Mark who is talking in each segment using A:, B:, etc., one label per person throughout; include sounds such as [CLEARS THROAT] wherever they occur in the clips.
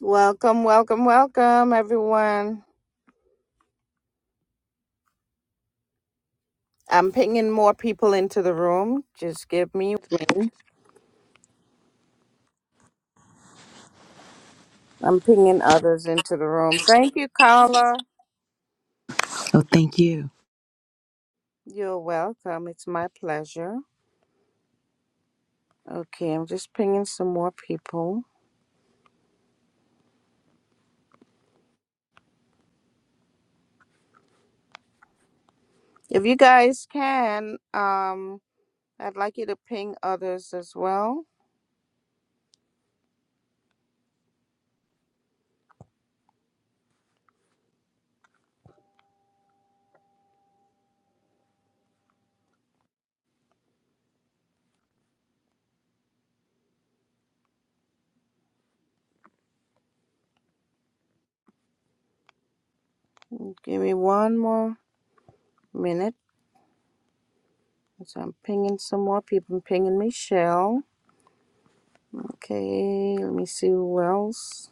A: Welcome, welcome, welcome, everyone. I'm pinging more people into the room. Just give me. a minute. I'm pinging others into the room. Thank you, Carla.
B: Oh, thank you.
A: You're welcome. It's my pleasure. Okay, I'm just pinging some more people. If you guys can, um, I'd like you to ping others as well. Give me one more minute. So I'm pinging some more people. I'm pinging Michelle. Okay, let me see who else.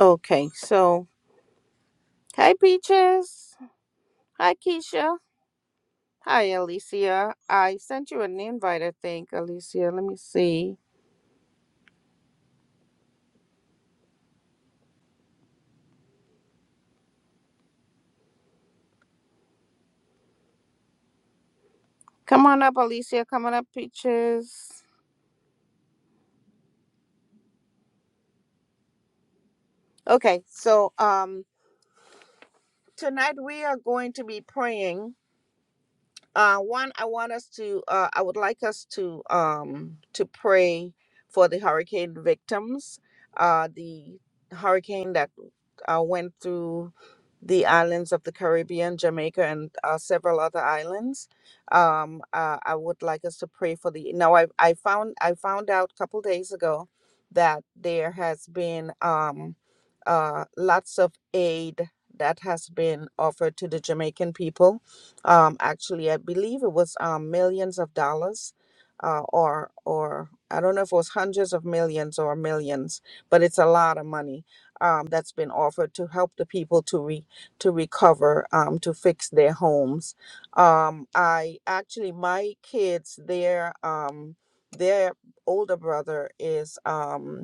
A: Okay, so Hi, Peaches. Hi, Keisha. Hi, Alicia. I sent you an invite, I think, Alicia. Let me see. Come on up, Alicia. Come on up, Peaches. Okay, so um, tonight we are going to be praying uh, one i want us to uh, i would like us to um, to pray for the hurricane victims uh, the hurricane that uh, went through the islands of the caribbean jamaica and uh, several other islands um, uh, i would like us to pray for the now i, I found i found out a couple days ago that there has been um, uh, lots of aid that has been offered to the jamaican people um, actually, I believe it was um, millions of dollars, uh, or or I don't know if it was hundreds of millions or millions, but it's a lot of money um, that's been offered to help the people to re to recover, um, to fix their homes. Um, I actually, my kids, their um, their older brother is. Um,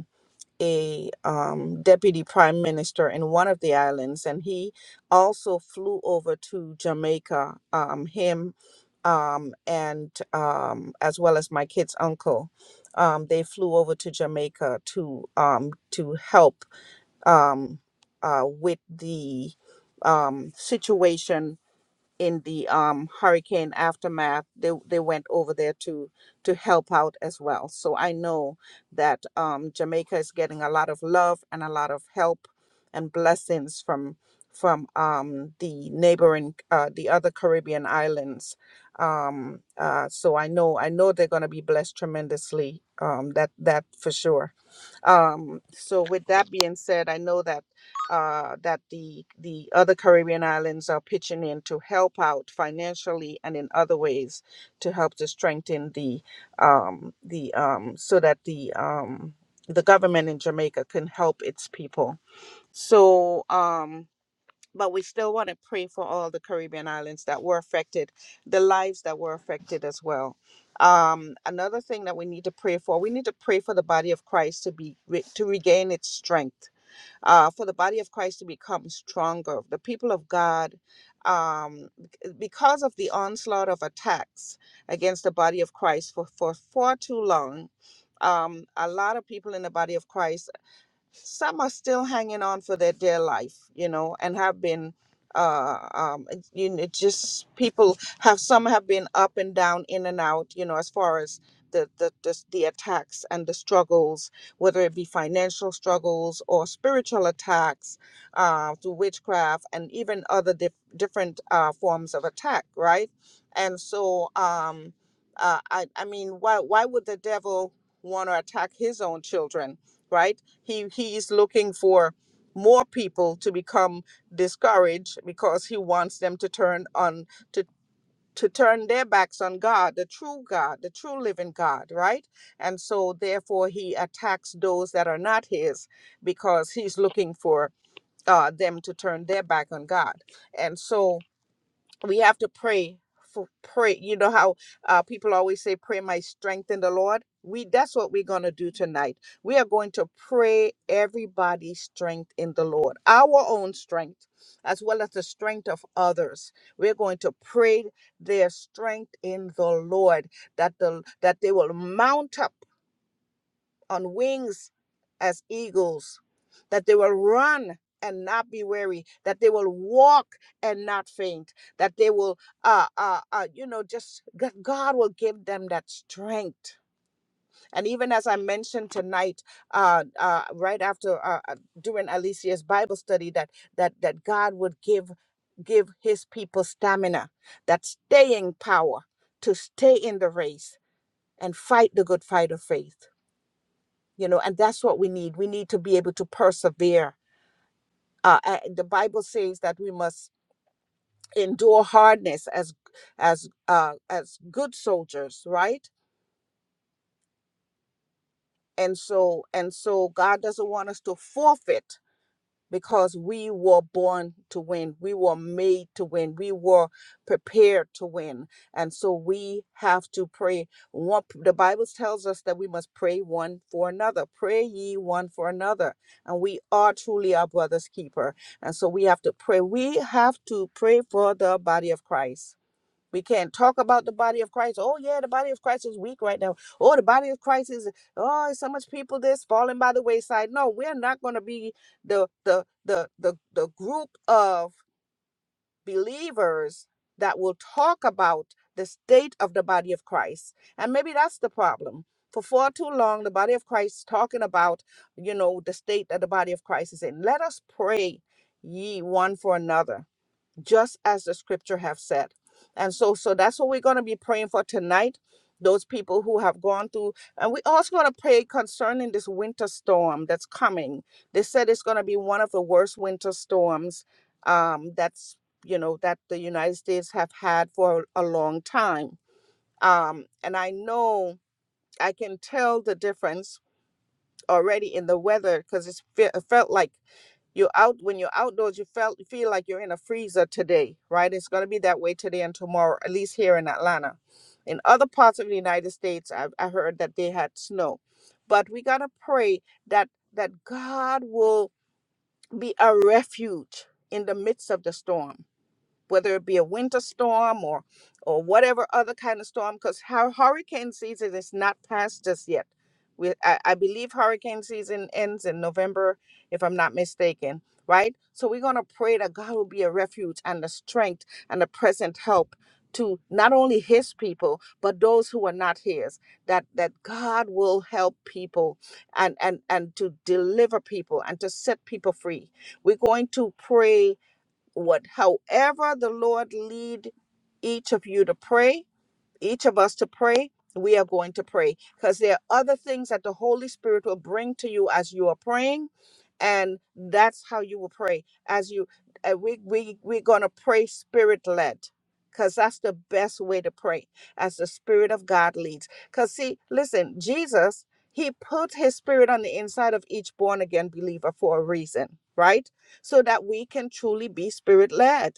A: a um, deputy prime minister in one of the islands, and he also flew over to Jamaica. Um, him um, and um, as well as my kid's uncle, um, they flew over to Jamaica to um, to help um, uh, with the um, situation in the um, hurricane aftermath, they they went over there to to help out as well. So I know that um, Jamaica is getting a lot of love and a lot of help and blessings from from um, the neighboring uh, the other Caribbean islands. Um, uh, so I know I know they're going to be blessed tremendously. Um, that that for sure um, so with that being said, I know that uh, that the the other Caribbean islands are pitching in to help out financially and in other ways to help to strengthen the um, the um, so that the um, the government in Jamaica can help its people. So um, but we still want to pray for all the Caribbean islands that were affected, the lives that were affected as well. Um, another thing that we need to pray for, we need to pray for the body of Christ to be re- to regain its strength, uh, for the body of Christ to become stronger. The people of God, um, because of the onslaught of attacks against the body of Christ for for far too long. Um, a lot of people in the body of Christ some are still hanging on for their dear life, you know, and have been. Uh, um, you know, just people have some have been up and down, in and out, you know, as far as the the the, the attacks and the struggles, whether it be financial struggles or spiritual attacks uh, through witchcraft and even other dif- different uh, forms of attack, right? And so, um, uh, I I mean, why why would the devil want to attack his own children? right? He he is looking for more people to become discouraged because he wants them to turn on to to turn their backs on God, the true God, the true living God, right? And so therefore he attacks those that are not his because he's looking for uh, them to turn their back on God. And so we have to pray for pray you know how uh, people always say pray my strength in the lord we that's what we're going to do tonight we are going to pray everybody's strength in the lord our own strength as well as the strength of others we're going to pray their strength in the lord that the that they will mount up on wings as eagles, that they will run and not be weary, that they will walk and not faint, that they will, uh, uh, uh, you know, just that God will give them that strength. And even as I mentioned tonight, uh, uh, right after uh, uh, during Alicia's Bible study, that that that God would give give His people stamina, that staying power to stay in the race and fight the good fight of faith you know and that's what we need we need to be able to persevere uh, uh, the bible says that we must endure hardness as as uh, as good soldiers right and so and so god doesn't want us to forfeit because we were born to win. We were made to win. We were prepared to win. And so we have to pray. One, the Bible tells us that we must pray one for another. Pray ye one for another. And we are truly our brother's keeper. And so we have to pray. We have to pray for the body of Christ we can't talk about the body of Christ. Oh, yeah, the body of Christ is weak right now. Oh, the body of Christ is oh, so much people that's falling by the wayside. No, we're not gonna be the the the the, the group of believers that will talk about the state of the body of Christ. And maybe that's the problem. For far too long, the body of Christ is talking about, you know, the state that the body of Christ is in. Let us pray ye one for another just as the scripture have said and so so that's what we're going to be praying for tonight those people who have gone through and we also going to pray concerning this winter storm that's coming they said it's going to be one of the worst winter storms um that's you know that the united states have had for a long time um and i know i can tell the difference already in the weather because it's fe- it felt like you're out when you're outdoors you felt feel like you're in a freezer today right it's going to be that way today and tomorrow at least here in atlanta in other parts of the united states i, I heard that they had snow but we got to pray that that god will be a refuge in the midst of the storm whether it be a winter storm or or whatever other kind of storm because hurricane season is not past us yet we, I, I believe hurricane season ends in november if i'm not mistaken right so we're going to pray that god will be a refuge and a strength and a present help to not only his people but those who are not his that that god will help people and and and to deliver people and to set people free we're going to pray what however the Lord lead each of you to pray, each of us to pray, we are going to pray because there are other things that the Holy Spirit will bring to you as you are praying, and that's how you will pray. As you, uh, we we we're gonna pray spirit led, because that's the best way to pray as the Spirit of God leads. Because see, listen, Jesus, He put His Spirit on the inside of each born again believer for a reason, right? So that we can truly be spirit led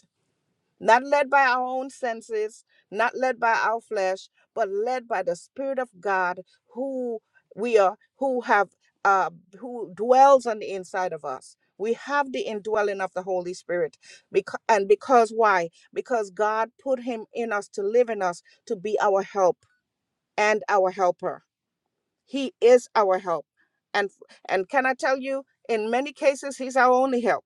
A: not led by our own senses, not led by our flesh, but led by the Spirit of God, who we are, who have, uh, who dwells on the inside of us. We have the indwelling of the Holy Spirit, because, and because why? Because God put Him in us to live in us, to be our help and our helper. He is our help, and and can I tell you, in many cases, He's our only help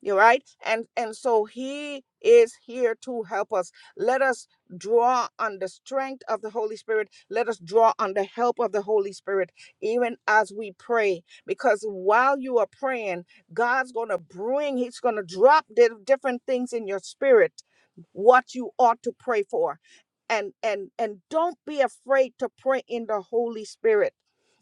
A: you are right and and so he is here to help us let us draw on the strength of the holy spirit let us draw on the help of the holy spirit even as we pray because while you are praying god's going to bring he's going to drop di- different things in your spirit what you ought to pray for and and and don't be afraid to pray in the holy spirit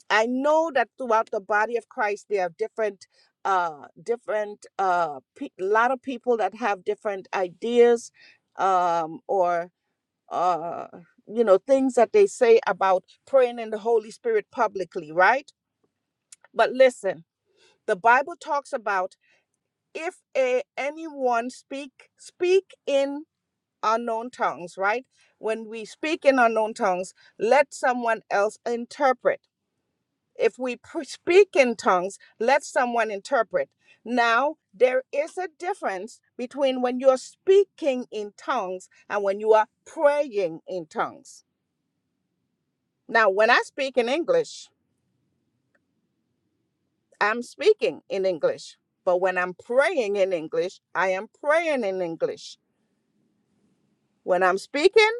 A: I know that throughout the body of Christ, there are different uh different a uh pe- lot of people that have different ideas um or uh you know things that they say about praying in the holy spirit publicly right but listen the bible talks about if a, anyone speak speak in unknown tongues right when we speak in unknown tongues let someone else interpret If we pr- speak in tongues, let someone interpret. Now, there is a difference between when you're speaking in tongues and when you are praying in tongues. Now, when I speak in English, I'm speaking in English. But when I'm praying in English, I am praying in English. When I'm speaking,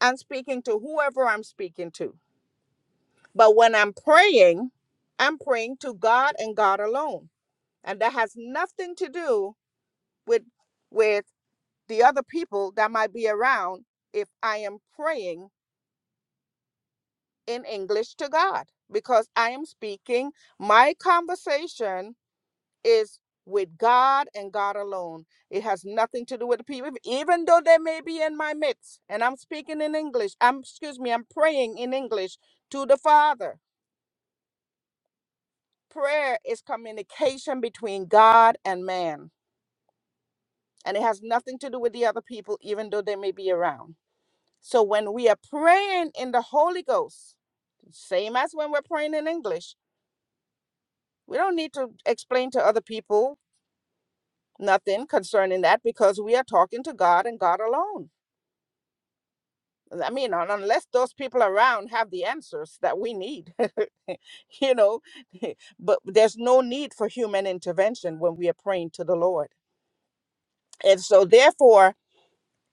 A: I'm speaking to whoever I'm speaking to. But when I'm praying, I'm praying to God and God alone. And that has nothing to do with with the other people that might be around if I am praying in English to God because I am speaking. My conversation is with God and God alone. It has nothing to do with the people, even though they may be in my midst and I'm speaking in English. I'm, excuse me, I'm praying in English to the Father. Prayer is communication between God and man, and it has nothing to do with the other people, even though they may be around. So when we are praying in the Holy Ghost, Same as when we're praying in English. We don't need to explain to other people nothing concerning that because we are talking to God and God alone. I mean, un- unless those people around have the answers that we need, [LAUGHS] you know, [LAUGHS] but there's no need for human intervention when we are praying to the Lord. And so, therefore,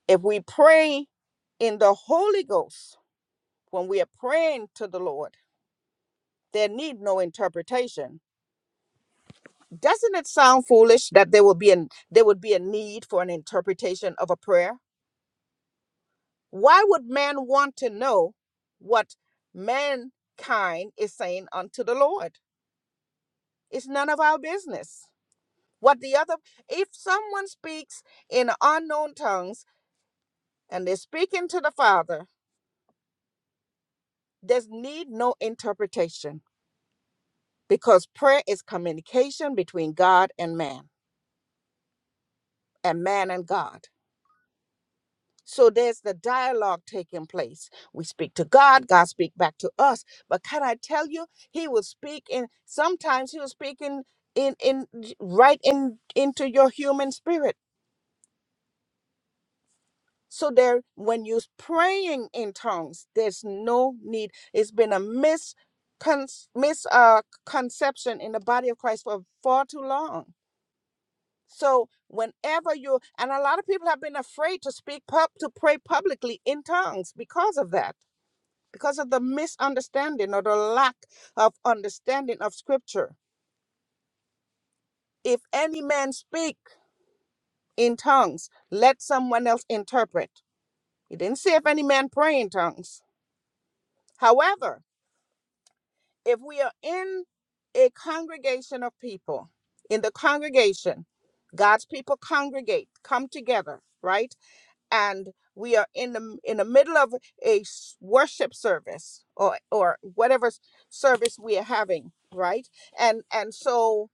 A: if we pray in the Holy Ghost, when we are praying to the Lord, there need no interpretation Doesn't it sound foolish that there will be an there would be a need for an interpretation of a prayer? Why would man want to know what mankind is saying unto the Lord? It's none of our business. What the other if someone speaks in unknown tongues and they're speaking to the Father, there's need no interpretation because prayer is communication between God and man and man and God. So there's the dialogue taking place. We speak to God, God speak back to us. But can I tell you, He will speak in sometimes He will speak in in, in right in into your human spirit. So there, when you're praying in tongues, there's no need. It's been a mis mis uh, conception in the body of Christ for far too long. So whenever you and a lot of people have been afraid to speak pub to pray publicly in tongues because of that because of the misunderstanding or the lack of understanding of scripture. If any man speak in tongues, let someone else interpret. He didn't say if any man pray in tongues. However, if we are in a congregation of people, in the congregation, God's people congregate, come together, right? and we are in the in the middle of a s- worship service or or whatever s- service we are having right and and so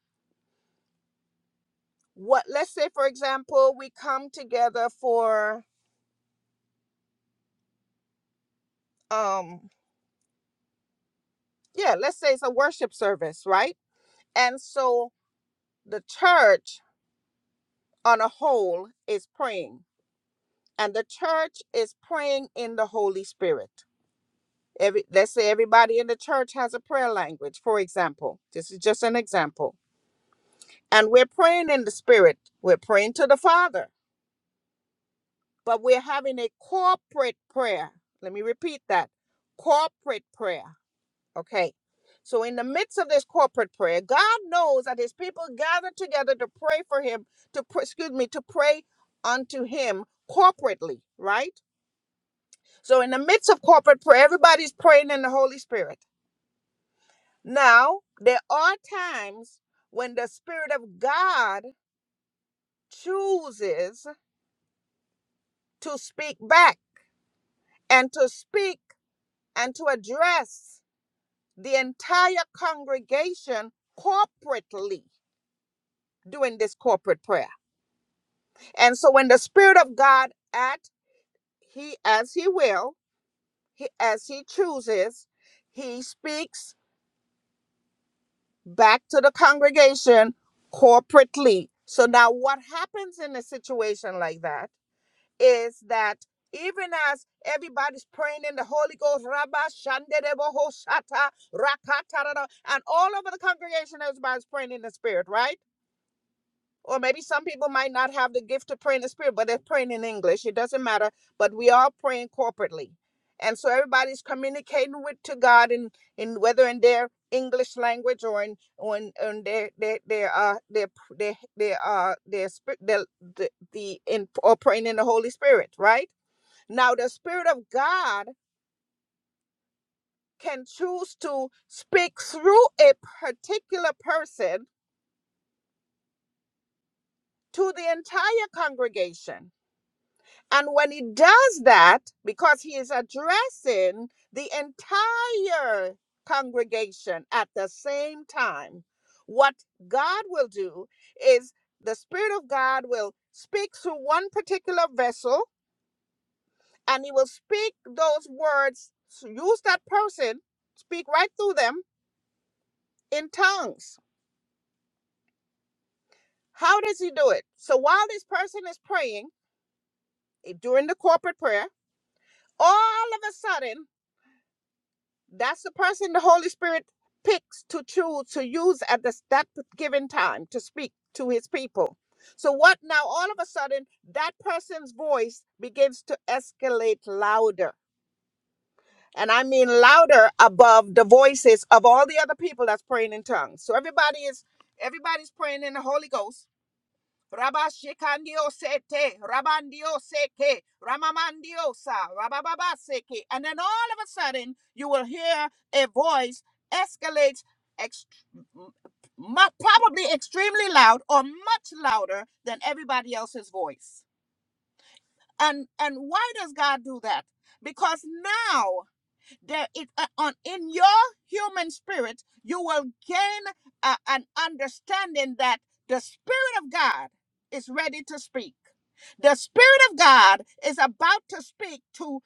A: what let's say for example we come together for um yeah let's say it's a worship service right and so the church on a whole is praying and the church is praying in the holy spirit every let's say everybody in the church has a prayer language for example this is just an example and we're praying in the spirit. We're praying to the Father, but we're having a corporate prayer. Let me repeat that corporate prayer. Okay. So, in the midst of this corporate prayer, God knows that his people gather together to pray for him, to, pr- excuse me, to pray unto him corporately, right? So, in the midst of corporate prayer, everybody's praying in the Holy Spirit. Now, there are times when the Spirit of God chooses to speak back and to speak and to address the entire congregation corporately during this corporate prayer. And so when the spirit of God act he as he will, he, as he chooses, he speaks back to the congregation corporately. So now what happens in a situation like that? is that even as everybody's praying in the Holy Ghost, Rabba Shanderebo Shata Rakata, and all over the congregation, everybody's praying in the spirit, right? Or maybe some people might not have the gift to pray in the spirit, but they're praying in English. It doesn't matter. But we are praying corporately. And so everybody's communicating with to God in, in whether in their English language or in or in, in their their their uh their their their uh their spirit the the in or praying in the Holy Spirit, right? Now, the Spirit of God can choose to speak through a particular person to the entire congregation. And when he does that, because he is addressing the entire congregation at the same time, what God will do is the Spirit of God will speak through one particular vessel and he will speak those words, use that person, speak right through them in tongues. How does he do it? So while this person is praying eh, during the corporate prayer, all of a sudden, that's the person the Holy Spirit picks to choose to use at this, that given time to speak to his people. So what now? All of a sudden, that person's voice begins to escalate louder. And I mean louder above the voices of all the other people that's praying in tongues. So everybody is everybody's praying in the Holy Ghost Rabashikandio sete, Rabandio seke, Ramamandiosa, Rabababaseke. And then all of a sudden, you will hear a voice escalates ext- probably extremely loud or much louder than everybody else's voice. And and why does God do that? Because now there is uh, on in your human spirit you will gain uh, an understanding that the spirit of god is ready to speak the spirit of god is about to speak to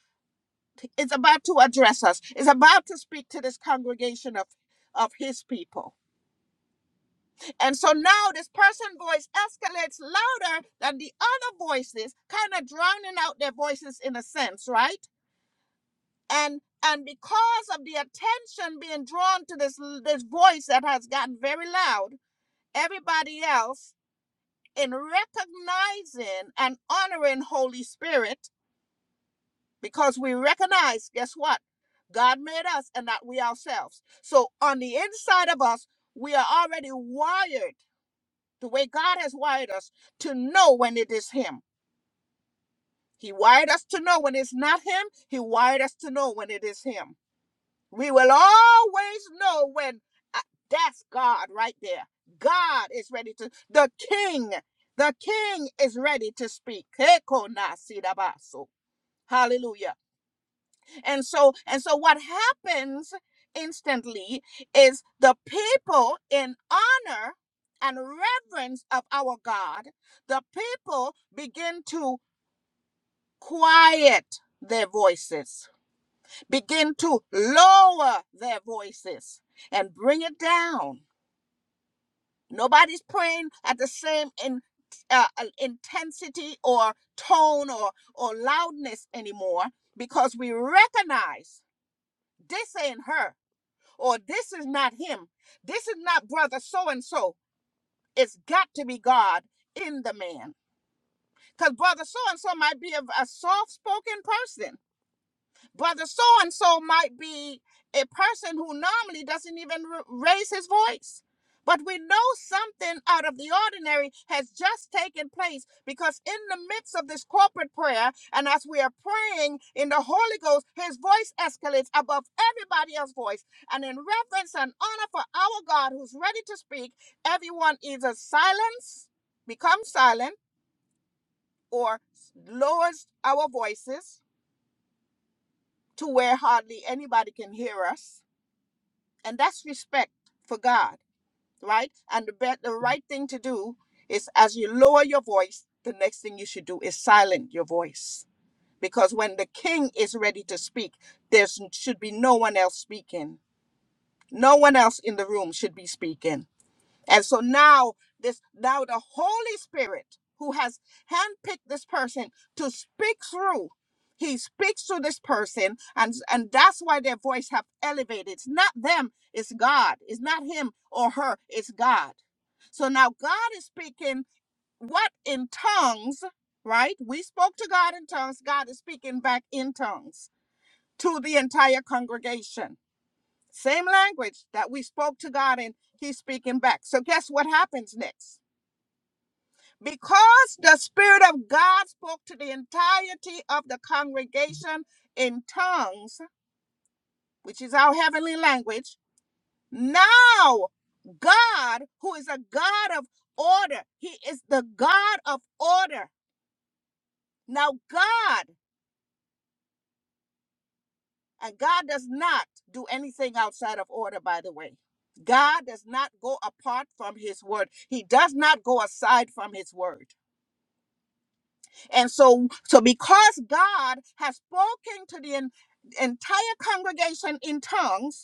A: is about to address us is about to speak to this congregation of of his people and so now this person voice escalates louder than the other voices kind of drowning out their voices in a sense right and and because of the attention being drawn to this this voice that has gotten very loud everybody else in recognizing and honoring holy spirit because we recognize guess what god made us and not we ourselves so on the inside of us we are already wired the way god has wired us to know when it is him he wired us to know when it's not him he wired us to know when it is him We will always know when uh, that's God right there. God is ready to, the king, the king is ready to speak. Hallelujah. And so, and so what happens instantly is the people in honor and reverence of our God, the people begin to quiet their voices begin to lower their voices and bring it down. Nobody's praying at the same in, uh, uh, intensity or tone or, or loudness anymore because we recognize this ain't her or this is not him. This is not brother so and so. It's got to be God in the man. Because brother so and so might be a, a soft spoken person Brother so and so might be a person who normally doesn't even r- raise his voice. But we know something out of the ordinary has just taken place because, in the midst of this corporate prayer, and as we are praying in the Holy Ghost, his voice escalates above everybody else's voice. And in reverence and honor for our God who's ready to speak, everyone either silence, becomes silent, or lowers our voices to where hardly anybody can hear us. And that's respect for God, right? And the, bet the right thing to do is as you lower your voice, the next thing you should do is silent your voice. Because when the king is ready to speak, there should be no one else speaking. No one else in the room should be speaking and so now this now the Holy Spirit who has handpicked this person to speak through, he speaks to this person, and and that's why their voice have elevated. It's not them, it's God. It's not him or her, it's God. So now God is speaking what in tongues, right? We spoke to God in tongues, God is speaking back in tongues to the entire congregation same language that we spoke to God and he's speaking back. So guess what happens next? Because the spirit of God spoke to the entirety of the congregation in tongues, which is our heavenly language, now God, who is a God of order, he is the God of order. Now God And God does not do anything outside of order, by the way. God does not go apart from his word. He does not go aside from his word. And so, so because God has spoken to the en- entire congregation in tongues,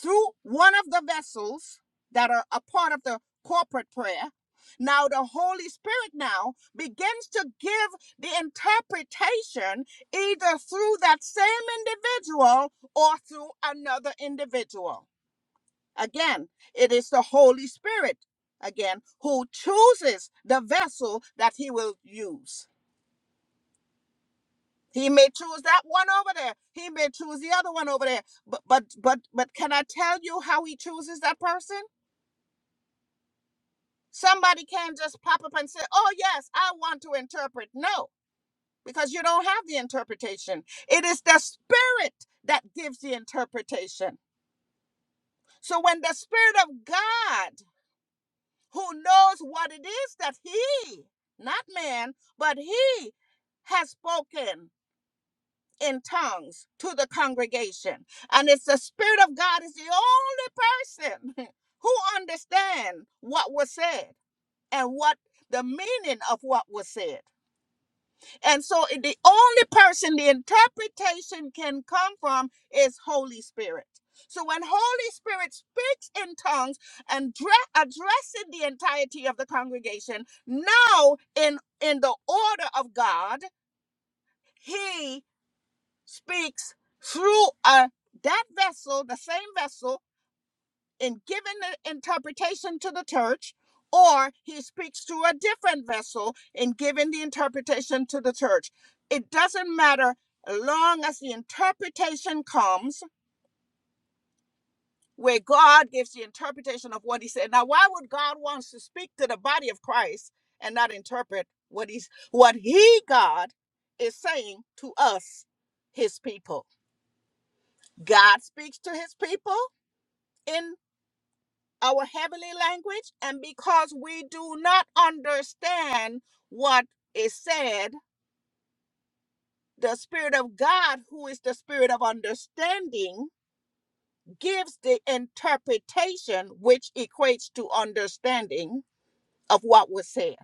A: through one of the vessels that are a part of the corporate prayer now the holy spirit now begins to give the interpretation either through that same individual or through another individual again it is the holy spirit again who chooses the vessel that he will use he may choose that one over there he may choose the other one over there but but but, but can i tell you how he chooses that person Somebody can't just pop up and say, Oh, yes, I want to interpret. No, because you don't have the interpretation. It is the Spirit that gives the interpretation. So when the Spirit of God, who knows what it is that He, not man, but He has spoken in tongues to the congregation, and it's the Spirit of God is the only person [LAUGHS] who understands what was said and what the meaning of what was said. And so the only person the interpretation can come from is Holy Spirit. So when Holy Spirit speaks in tongues and addressing the entirety of the congregation, now in in the order of God, he speaks through a that vessel, the same vessel in giving the interpretation to the church, or he speaks through a different vessel in giving the interpretation to the church. It doesn't matter as long as the interpretation comes where God gives the interpretation of what he said. Now, why would God want to speak to the body of Christ and not interpret what he's what he God is saying to us, his people? God speaks to his people in. our heavenly language and because we do not understand what is said the spirit of god who is the spirit of understanding gives the interpretation which equates to understanding of what was said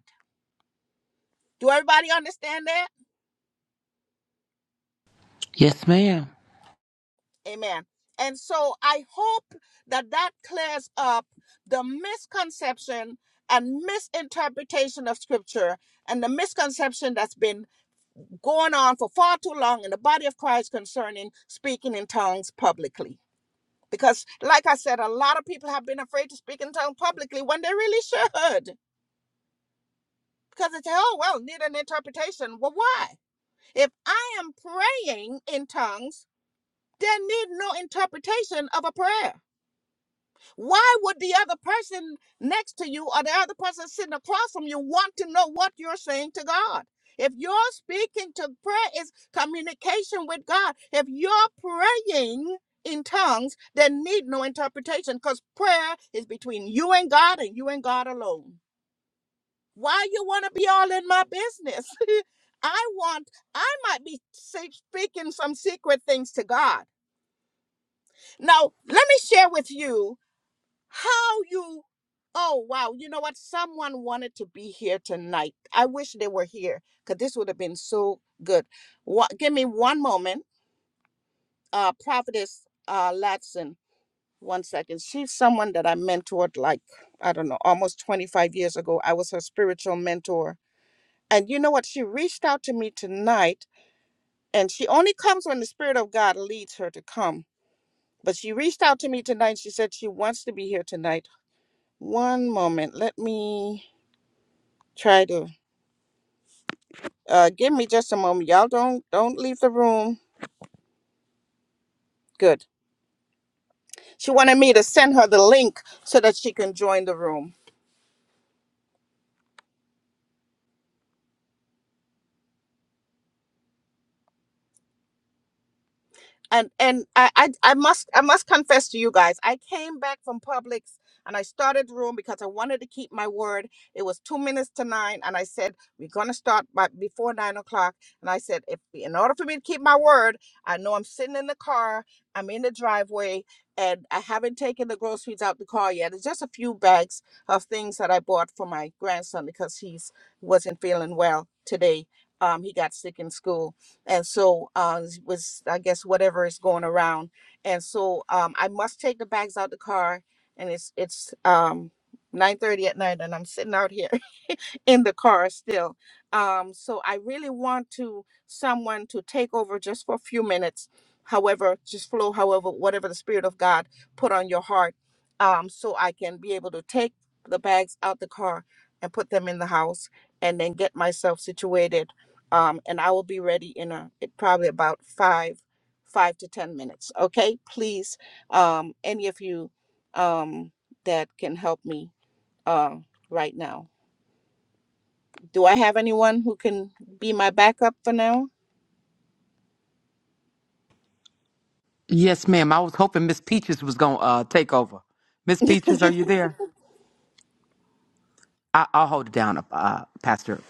A: do everybody understand that
B: Yes, ma'am.
A: amen and so i hope that that clears up the misconception and misinterpretation of scripture and the misconception that's been going on for far too long in the body of Christ concerning speaking in tongues publicly. Because, like I said, a lot of people have been afraid to speak in tongues publicly when they really should. Because they say, oh, well, need an interpretation. Well, why? If I am praying in tongues, there need no interpretation of a prayer. Why would the other person next to you or the other person sitting across from you want to know what you're saying to God? If you're speaking to prayer is communication with God. If you're praying in tongues, then need no interpretation because prayer is between you and God and you and God alone. Why you want to be all in my business? [LAUGHS] I want, I might be say- speaking some secret things to God. Now, let me share with you how you oh wow you know what someone wanted to be here tonight i wish they were here because this would have been so good what give me one moment uh prophetess uh latson one second she's someone that i mentored like i don't know almost 25 years ago i was her spiritual mentor and you know what she reached out to me tonight and she only comes when the spirit of god leads her to come but she reached out to me tonight she said she wants to be here tonight one moment let me try to uh, give me just a moment. Y'all don't don't leave the room. Good. She wanted me to send her the link so that she can join the room. and and I, I I must I must confess to you guys, I came back from Publix and I started the room because I wanted to keep my word. It was two minutes to nine, and I said we're gonna start by before nine o'clock. And I said if in order for me to keep my word, I know I'm sitting in the car, I'm in the driveway, and I haven't taken the groceries out the car yet. It's just a few bags of things that I bought for my grandson because he's wasn't feeling well today. Um, he got sick in school and so uh was i guess whatever is going around and so um i must take the bags out the car and it's it's um nine thirty at night and i'm sitting out here in the car still. Um, so I really want to someone to take over just for a few minutes, however, just flow, however, whatever the Spirit of God put on your heart, um, so I can be able to take the bags out the car and put them in the house, and then get myself situated. Um, and I will be ready in a it probably about five, five to ten minutes. Okay, please, um, any of you um, that can help me uh, right now. Do I have anyone who can be my backup for now?
B: Yes, ma'am. I was hoping Miss Peaches was going to uh, take over. Miss Peaches, are you there? I- I'll hold it down, uh, Pastor.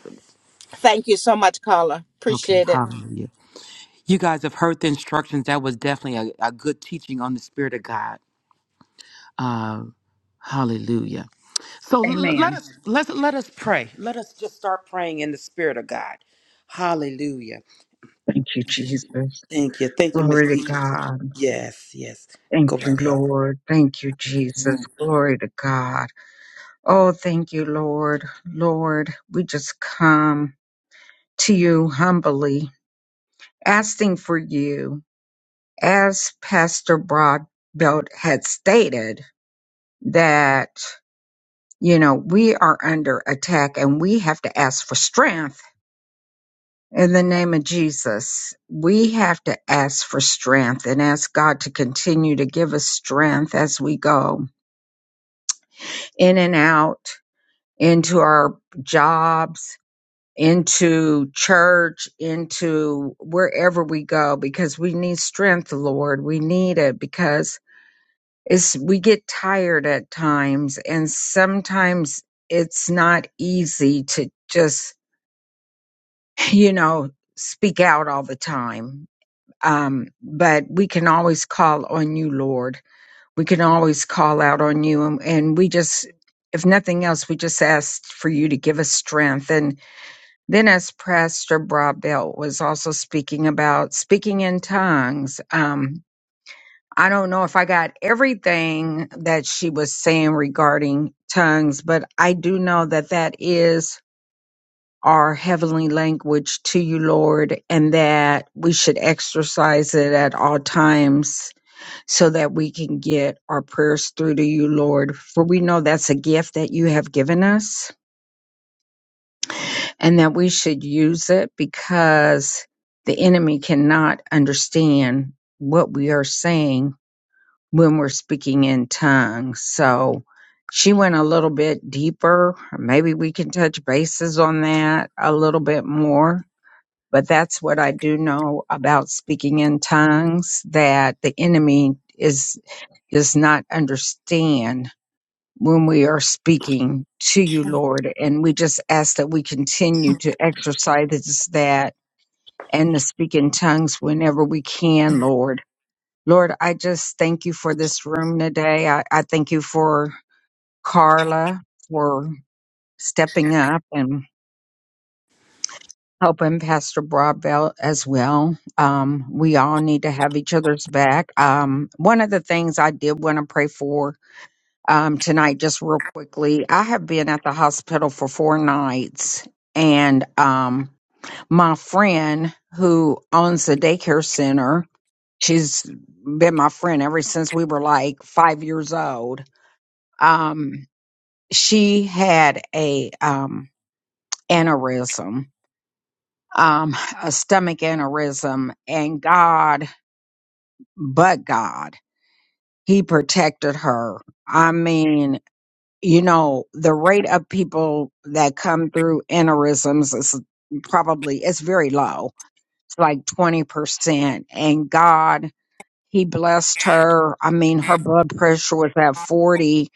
A: Thank you so much, Carla.
B: Okay,
A: Appreciate it
B: hallelujah. You guys have heard the instructions. That was definitely a, a good teaching on the Spirit of God. Uh, hallelujah. So l- l- let
C: Amen.
B: us let let us pray. Let us just start praying in the Spirit of God. Hallelujah.
C: Thank you, Jesus.
B: Thank you. Thank you, Miss
C: Glory to
B: Peaches.
C: God.
B: Yes, yes.
C: Thank
B: Go right
C: you, Lord. Thank you, Jesus. Glory to God. Oh, thank you, Lord. Lord, we just come to you humbly, asking for you, as Pastor Broadbelt had stated, that, you know, we are under attack and we have to ask for strength in the name of Jesus, we have to ask for strength and ask God to continue to give us strength as we go in and out into our jobs, into church, into wherever we go, because we need strength, Lord. We need it because it's, we get tired at times and sometimes it's not easy to just, you know, speak out all the time um, but we can always call on you, Lord. We can always call out on you, and, and we just, if nothing else, we just asked for you to give us strength. And then, as Pastor Brabell was also speaking about speaking in tongues, um, I don't know if I got everything that she was saying regarding tongues, but I do know that that is our heavenly language to you, Lord, and that we should exercise it at all times so that we can get our prayers through to you, Lord. For we know that's a gift that you have given us and that we should use it because the enemy cannot understand what we are saying when we're speaking in tongues. So she went a little bit deeper. Maybe we can touch bases on that a little bit more but that's what I do know about speaking in tongues that the enemy is does not understand when we are speaking to you, Lord. And we just ask that we continue to exercise that and to speak in tongues whenever we can, Lord. Lord, I just thank you for this room today. I, I thank you for Carla for stepping up and. helping Pastor Broadbelt as well. Um, we all need to have each other's back. Um, one of the things I did want to pray for um, tonight, just real quickly, I have been at the hospital for four nights, and um, my friend who owns the daycare center, she's been my friend ever since we were like five years old. Um, she had a um, aneurysm um, a stomach aneurysm, and God, but God, He protected her. I mean, you know, the rate of people that come through aneurysms is probably it's very low. It's like twenty percent, and God he blessed her. I mean, her blood pressure was at 40.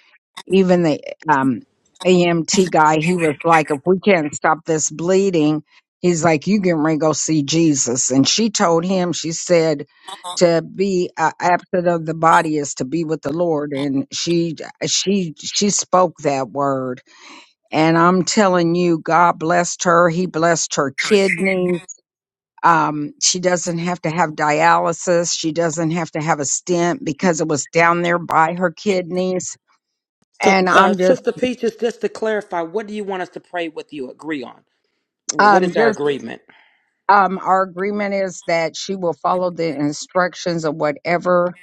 C: Even the um, EMT guy, he was
B: ahead.
C: like, if we can't stop this bleeding, he's like, you can ready to go see Jesus. And she told him, she said, to be uh, absent of the body is to be with the Lord. And she, she, she spoke that word. And I'm telling you, God blessed her. He blessed her kidneys um, she doesn't have to have dialysis. She doesn't have to have a stent because it was down there by her kidneys.
B: So,
C: And
B: uh,
C: I'm just,
B: Sister Peaches, just to clarify, what do you want us to pray with you agree on? What
C: um,
B: is our
C: just,
B: agreement?
C: um, our agreement is that she will follow the instructions of whatever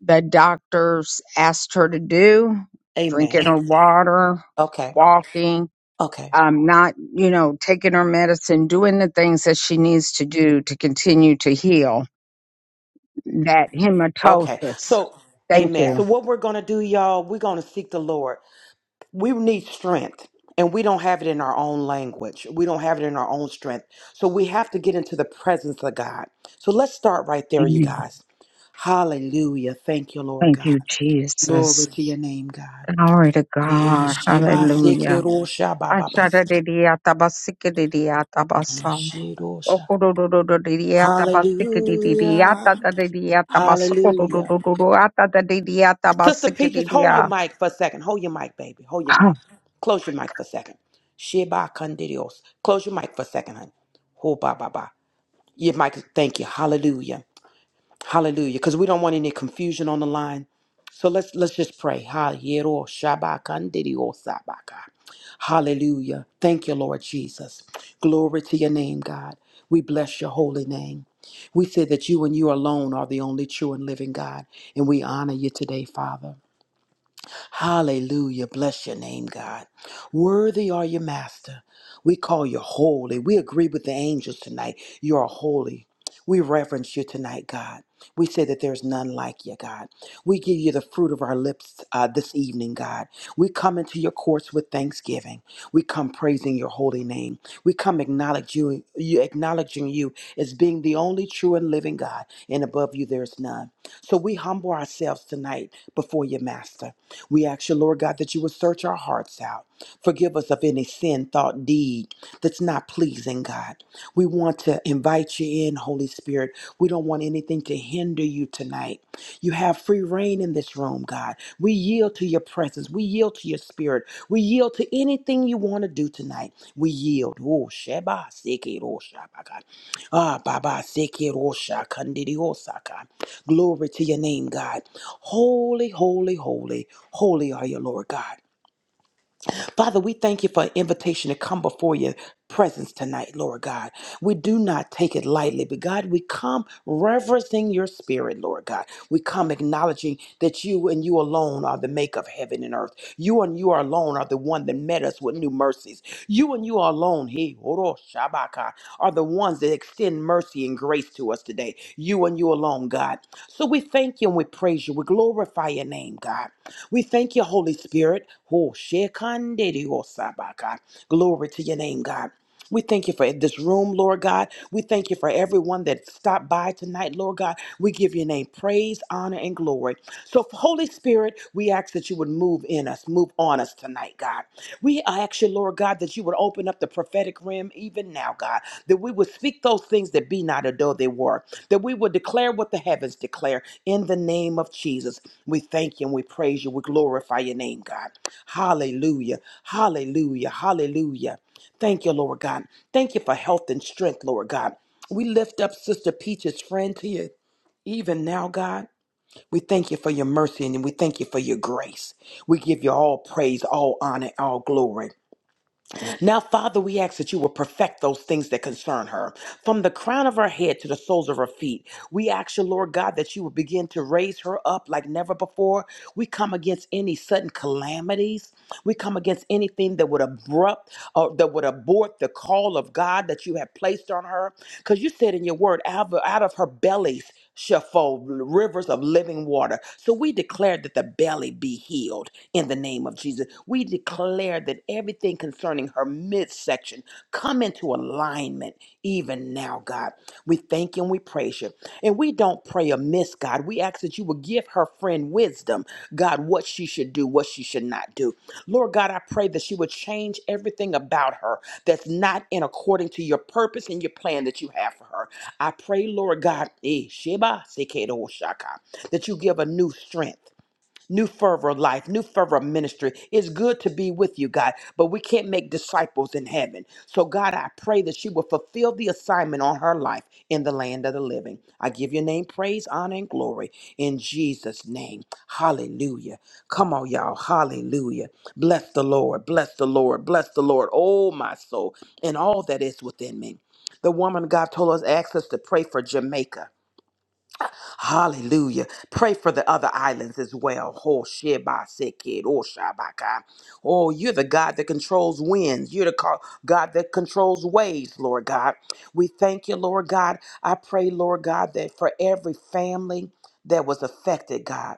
C: the doctors asked her to do, drinking
B: Amen.
C: her water,
B: Okay.
C: walking,
B: Okay.
C: um, not, you know, taking her medicine, doing the things that she needs to do to continue to heal that
B: Okay.
C: hematosis.
B: So,
C: Thank
B: amen. So,
C: you.
B: what we're going to do, y'all, we're going to seek the Lord. We need strength, and we don't have it in our own language. We don't have it in our own strength. So, we have to get into the presence of God. So, let's start right there, you guys. Hallelujah. Thank you, Lord
C: Thank
B: God.
C: you,
B: Glory
C: Jesus.
B: to your name, God.
C: Glory to God.
B: Yeshua,
C: Hallelujah.
B: Sekiro, Shabbat, Baba.
C: Ashadadidiyatabasikididiyatabaso.
B: Hallelujah. Hallelujah. Sister Peaches, hold your
C: Okododododidiyatabasikidididiyatadadidiyatabasokodododododododatatatadidiyatabasikididiyah.
B: mic for a second. Hold your mic, baby. Hold your mic.
C: Ah,
B: Close your mic for a second. Sheba condidios. Close your mic for a second, honey. Ho ba ba ba. Your mic. is- Thank you. Hallelujah. Hallelujah. Because we don't want any confusion on the line. So let's let's just pray. Ha yero shaba condidios sabaka. Hallelujah. Thank you, Lord Jesus. Glory to your name, God. We bless your holy name. We say that you and you alone are the only true and living God, and we honor you today, Father. Hallelujah. Bless your name, God. Worthy are you, Master. We call you holy. We agree with the angels tonight. You are holy. We reverence you tonight, God. We say that there's none like you, God. We give you the fruit of our lips uh, this evening, God. We come into your courts with thanksgiving. We come praising your holy name. We come acknowledge you, you acknowledging you as being the only true and living God, and above you there's none. So we humble ourselves tonight before your Master. We ask you, Lord God, that you would search our hearts out. Forgive us of any sin, thought, deed that's not pleasing, God. We want to invite you in, Holy Spirit. We don't want anything to hinder you tonight. You have free reign in this room, God. We yield to your presence. We yield to your spirit. We yield to anything you want to do tonight. We yield. Oh, Sheba, Seke, Rosha, God. Ah, Baba, Seke, Rosha, Kandidi, Osaka. Glory to your name, God. Holy, holy, holy, holy are you, Lord God. Father, we thank you for an invitation to come before your presence tonight, Lord God. We do not take it lightly, but God, we come reverencing your spirit, Lord God. We come acknowledging that you and you alone are the maker of heaven and earth. You and you alone are the one that met us with new mercies. You and you alone, He Oro Shabaka, are the ones that extend mercy and grace to us today. You and you alone, God. So we thank you and we praise you. We glorify your name, God. We thank you, Holy Spirit. Oh, shekandediosabaka. Glory to your name, God. We thank you for this room, Lord God. We thank you for everyone that stopped by tonight, Lord God. We give your name praise, honor, and glory. So, Holy Spirit, we ask that you would move in us, move on us tonight, God. We ask you, Lord God, that you would open up the prophetic realm even now, God, that we would speak those things that be not as though they were, that we would declare what the heavens declare in the name of Jesus. We thank you and we praise you. We glorify your name, God. Hallelujah. Hallelujah. Hallelujah. Thank you, Lord God. Thank you for health and strength, Lord God. We lift up Sister Peach's friend to you. Even now, God, we thank you for your mercy and we thank you for your grace. We give you all praise, all honor, all glory. Now, Father, we ask that you will perfect those things that concern her. From the crown of her head to the soles of her feet, we ask you, Lord God, that you will begin to raise her up like never before. We come against any sudden calamities. We come against anything that would abrupt or that would abort the call of God that you have placed on her. Because you said in your word, out of, out of her bellies shall flow rivers of living water. So we declare that the belly be healed in the name of Jesus. We declare that everything concerning her midsection come into alignment even now, God. We thank you and we praise you. And we don't pray amiss, God. We ask that you will give her friend wisdom, God, what she should do, what she should not do. Lord God, I pray that she would change everything about her that's not in according to your purpose and your plan that you have for her. I pray, Lord God, eh, Sheba, Sekedo, Shaka, that you give a new strength new fervor of life, new fervor of ministry. It's good to be with you, God, but we can't make disciples in heaven. So, God, I pray that she will fulfill the assignment on her life in the land of the living. I give your name praise, honor, and glory in Jesus' name. Hallelujah. Come on, y'all. Hallelujah. Bless the Lord. Bless the Lord. Bless the Lord. Oh, my soul, and all that is within me. The woman God told us, asked us to pray for Jamaica. Hallelujah. Pray for the other islands as well. Ho sheba seke, ro shabaka. Oh, you're the God that controls winds. You're the co- God that controls waves, Lord God. We thank you, Lord God. I pray, Lord God, that for every family that was affected, God.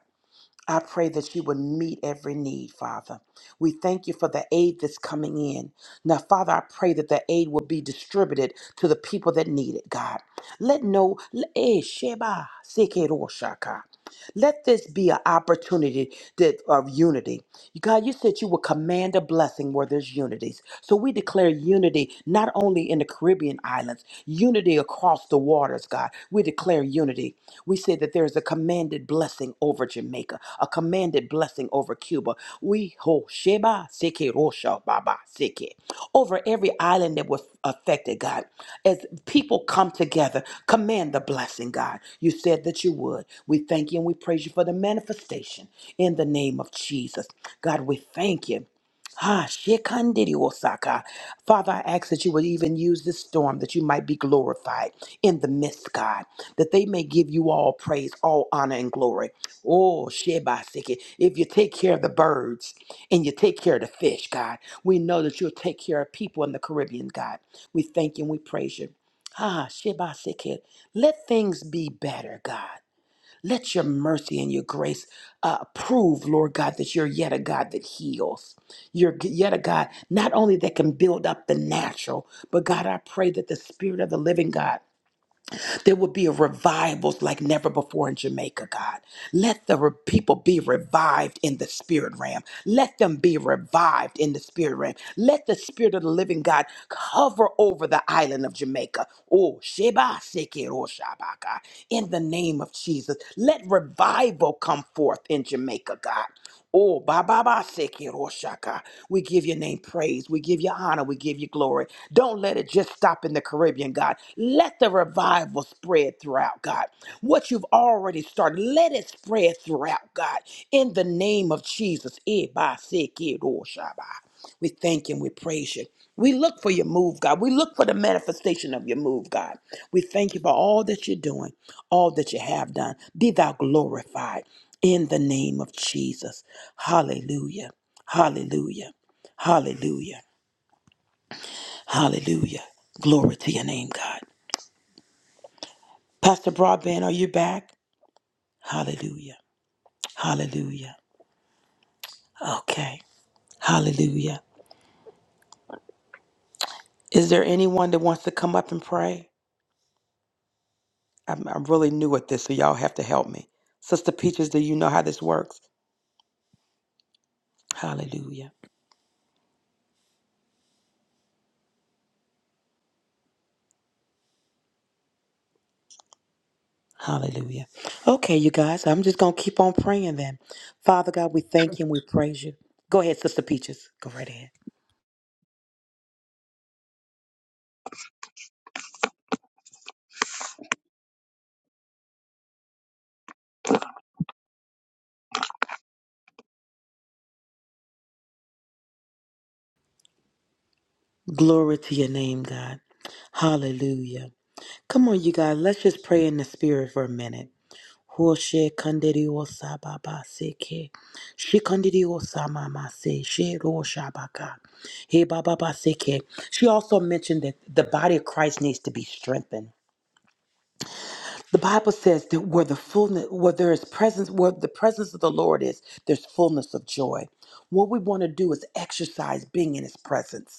B: I pray that you would meet every need, Father. We thank you for the aid that's coming in. Now, Father, I pray that the aid will be distributed to the people that need it, God. Let no, eh, sheba, seke ro shaka. Let this be an opportunity that, of unity. God, you said you would command a blessing where there's unities. So we declare unity not only in the Caribbean islands, unity across the waters, God. We declare unity. We say that there is a commanded blessing over Jamaica, a commanded blessing over Cuba. We ho sheba seke rosha baba seke over every island that was affected, God. As people come together, command the blessing, God. You said that you would. We thank you and we praise you for the manifestation in the name of Jesus. God, we thank you. Ah, shekandiri osaka. Father, I ask that you would even use this storm that you might be glorified in the midst, God, that they may give you all praise, all honor, and glory. Oh, shebasiki. If you take care of the birds and you take care of the fish, God, we know that you'll take care of people in the Caribbean, God. We thank you and we praise you. Ah, shebasiki. Let things be better, God. Let your mercy and your grace uh, prove, Lord God, that you're yet a God that heals. You're g- yet a God not only that can build up the natural, but God, I pray that the Spirit of the living God there will be a revivals like never before in Jamaica, God. Let the re- people be revived in the spirit realm. Let them be revived in the spirit realm. Let the spirit of the living God cover over the island of Jamaica. Oh, Sheba Sekiro Shabaka. In the name of Jesus, let revival come forth in Jamaica, God. Oh, Baba seki Roshaka. We give your name praise. We give you honor. We give you glory. Don't let it just stop in the Caribbean, God. Let the revival spread throughout, God. What you've already started, let it spread throughout, God. In the name of Jesus. Eh, ba, seki Roshaba. We thank you and we praise you. We look for your move, God. We look for the manifestation of your move, God. We thank you for all that you're doing, all that you have done. Be thou glorified in the name of Jesus. Hallelujah. Hallelujah. Hallelujah. Hallelujah. Glory to your name, God. Pastor Broadbent, are you back? Hallelujah. Hallelujah. Okay. Hallelujah. Is there anyone that wants to come up and pray? I'm, I'm really new at this, so y'all have to help me. Sister Peaches, do you know how this works? Hallelujah. Hallelujah. Okay, you guys, I'm just going to keep on praying then. Father God, we thank you and we praise you. Go ahead, Sister Peaches. Go right ahead. Glory to your name, God. Hallelujah. Come on, you guys, let's just pray in the spirit for a minute. Hoshe kandiri osa baba seke. She kandiri osa mama se. She ro shabaka. He baba ba seke. She also mentioned that the body of Christ needs to be strengthened. The Bible says that where the fullness, where there is presence, where the presence of the Lord is, there's fullness of joy. What we want to do is exercise being in His presence.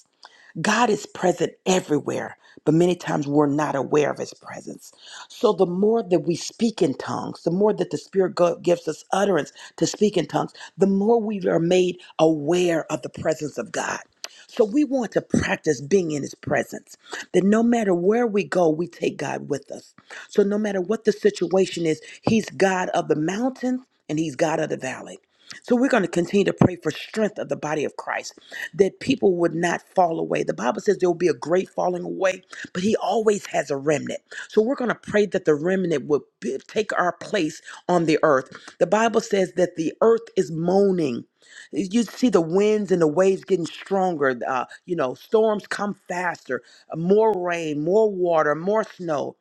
B: God is present everywhere, but many times we're not aware of his presence. So the more that we speak in tongues, the more that the Spirit go- gives us utterance to speak in tongues, the more we are made aware of the presence of God. So we want to practice being in his presence, that no matter where we go, we take God with us. So no matter what the situation is, he's God of the mountain and he's God of the valley. So we're going to continue to pray for strength of the body of Christ that people would not fall away. The Bible says there will be a great falling away, but He always has a remnant. So we're going to pray that the remnant would be- take our place on the earth. The Bible says that the earth is moaning. You see the winds and the waves getting stronger. Uh, you know, storms come faster, uh, more rain, more water, more snow.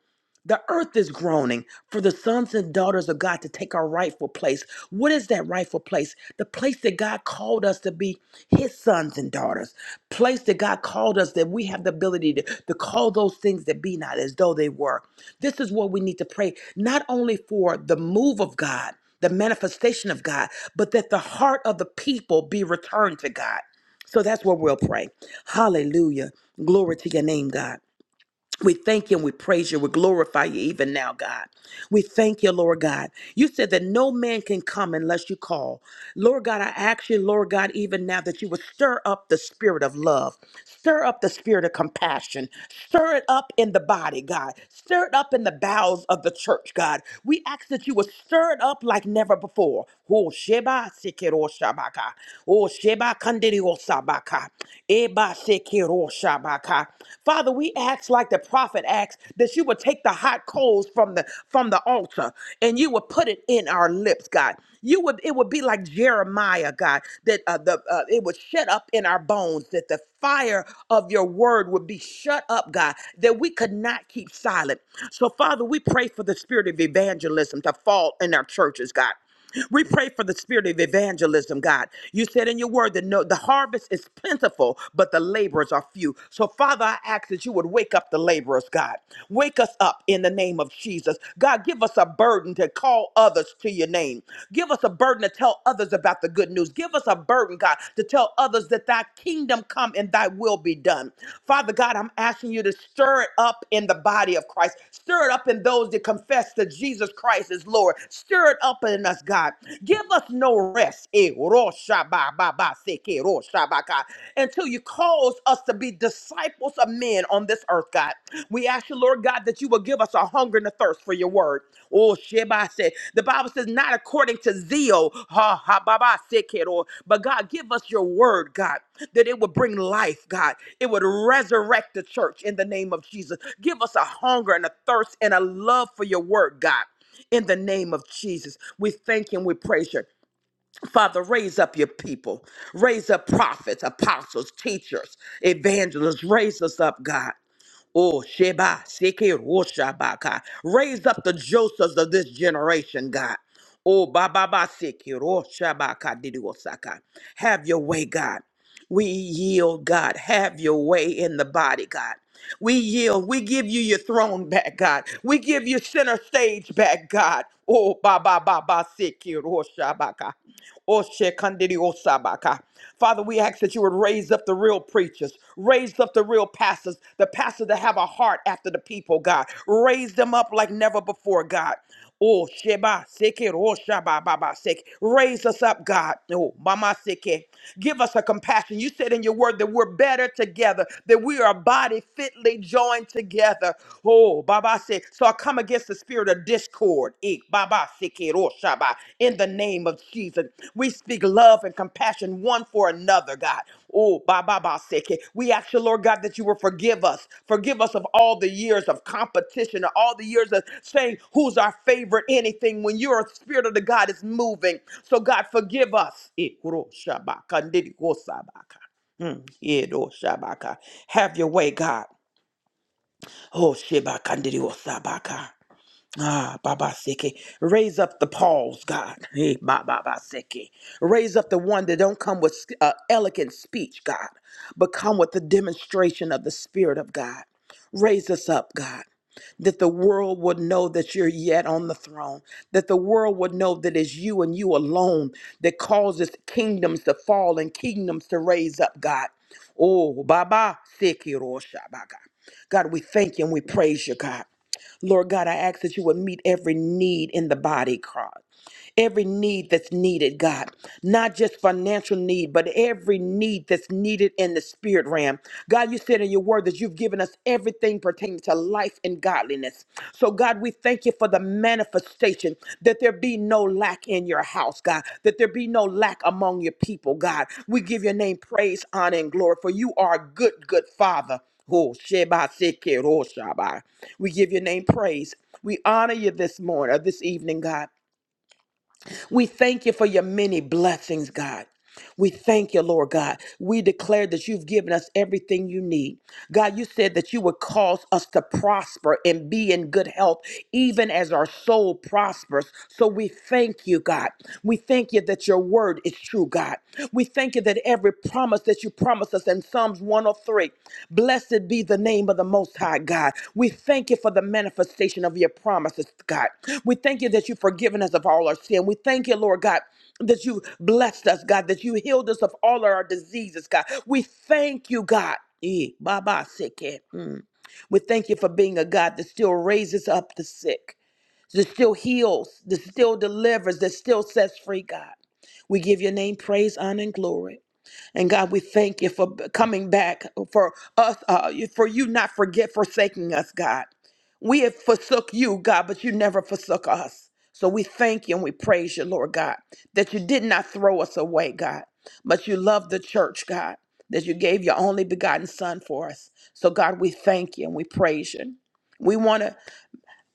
B: The earth is groaning for the sons and daughters of God to take our rightful place. What is that rightful place? The place that God called us to be his sons and daughters. Place that God called us that we have the ability to, to call those things that be not as though they were. This is what we need to pray, not only for the move of God, the manifestation of God, but that the heart of the people be returned to God. So that's what we'll pray. Hallelujah. Glory to your name, God. We thank you and we praise you. We glorify you even now, God. We thank you, Lord God. You said that no man can come unless you call. Lord God, I ask you, Lord God, even now that you would stir up the spirit of love, stir up the spirit of compassion, stir it up in the body, God, stir it up in the bowels of the church, God. We ask that you would stir it up like never before. Ho sheba sekero shabaka. O sheba kandirio sabaka. Eba sekero shabaka. Father, we ask like the prophet asked that you would take the hot coals from the from the altar and you would put it in our lips, God. You would it would be like Jeremiah, God, that uh, the uh, it would shut up in our bones that the fire of your word would be shut up, God, that we could not keep silent. So, Father, we pray for the spirit of evangelism to fall in our churches, God. We pray for the spirit of evangelism, God. You said in your word that no, the harvest is plentiful, but the laborers are few. So, Father, I ask that you would wake up the laborers, God. Wake us up in the name of Jesus. God, give us a burden to call others to your name. Give us a burden to tell others about the good news. Give us a burden, God, to tell others that thy kingdom kingdom come and thy will be done. Father God, I'm asking you to stir it up in the body of Christ. Stir it up in those that confess that Jesus Christ is Lord. Stir it up in us, God. Give us no rest eh, ro sha ba ba ba se ke ro sha ba ka, until you cause us to be disciples of men on this earth, God. We ask you, Lord God, that you will Give us a hunger and a thirst for your word. Oh, Sheba said, the Bible says, not according to zeal, ha, ha, Baba, ba, sick it, or, but God, give us your word, God, that it would bring life, God. It would resurrect the church in the name of Jesus. Give us a hunger and a thirst and a love for your word, God. In the name of Jesus, we thank you and we praise you. Father, raise up your people. Raise up prophets, apostles, teachers, evangelists. Raise us up, God. Oh, Sheba, Seke, Roshabaka. Raise up the Josephs of this generation, God. Oh, Baba, Ba, Seke, Roshabaka, Didiwosaka. Have your way, God. We yield, God. Have your way in the body, God. We yield. We give you your throne back, God. We give you center stage back, God. Oh, Baba, Baba, Seke, Roshabaka. Oshe kandiri osabaka. Father, we ask that you would raise up the real preachers, raise up the real pastors, the pastors that have a heart after the people, God. Raise them up like never before, God. Oh, Sheba, Seke, Rosha, Baba, Seke. Raise us up, God. Oh, Mama, Seke. Give us a compassion. You said in your word that we're better together, that we are a body fitly joined together. Oh, Baba said, so I come against the spirit of discord. Ik, Baba sikir, oh, Shaba. In the name of Jesus, we speak love and compassion one for another. Father God. Oh, Baba Baseke. We ask you, Lord God, that you will forgive us. Forgive us of all the years of competition, all the years of saying who's our favorite anything when your spirit of the God is moving. So, God, forgive us. Ikuro shabaka, ndidiko sabaka. Mm, yedo shabaka. Have your way, God. Oh, Sheba Kandirio Sabaka. Ah, Baba Seke. Raise up the Pauls, God. [LAUGHS] Hey, Ba- Baba Seke. Raise up the one that don't come with uh, elegant speech, God, but come with the demonstration of the Spirit of God. Raise us up, God, that the world would know that you're yet on the throne, that the world would know that it's you and you alone that causes kingdoms to fall and kingdoms to raise up, God. Oh, Baba Seke Rosha, Baga. God, we thank you and we praise you, God. Lord God, I ask that you would meet every need in the body, God every need that's needed, God, not just financial need, but every need that's needed in the spirit realm. God, you said in your word that you've given us everything pertaining to life and godliness. So, God, we thank you for the manifestation that there be no lack in your house, God, that there be no lack among your people, God. We give your name praise, honor, and glory, for you are a good, good Father. Oh, Sheba Seke Roshabai. We give your name praise. We honor you this morning or this evening, God. We thank you for your many blessings, God. We thank you, Lord God. We declare that you've given us everything you need. God, you said that you would cause us to prosper and be in good health, even as our soul prospers. So we thank you, God. We thank you that your word is true, God. We thank you that every promise that you promised us in Psalms 103, blessed be the name of the Most High, God. We thank you for the manifestation of your promises, God. We thank you that you've forgiven us of all our sin. We thank you, Lord God, that you blessed us, God, that you healed us of all of our diseases, God. We thank you, God. Eh, Baba seke. Mm. We thank you for being a God that still raises up the sick, that still heals, that still delivers, that still sets free, God. We give your name praise, honor, and glory. And God, we thank you for b- coming back for us, uh, you- for you not forget forsaking us, God. We have forsook you, God, but you never forsook us. So we thank you and we praise you, Lord God, that you did not throw us away, God, but you loved the church, God, that you gave your only begotten Son for us. So God, we thank you and we praise you. We wanna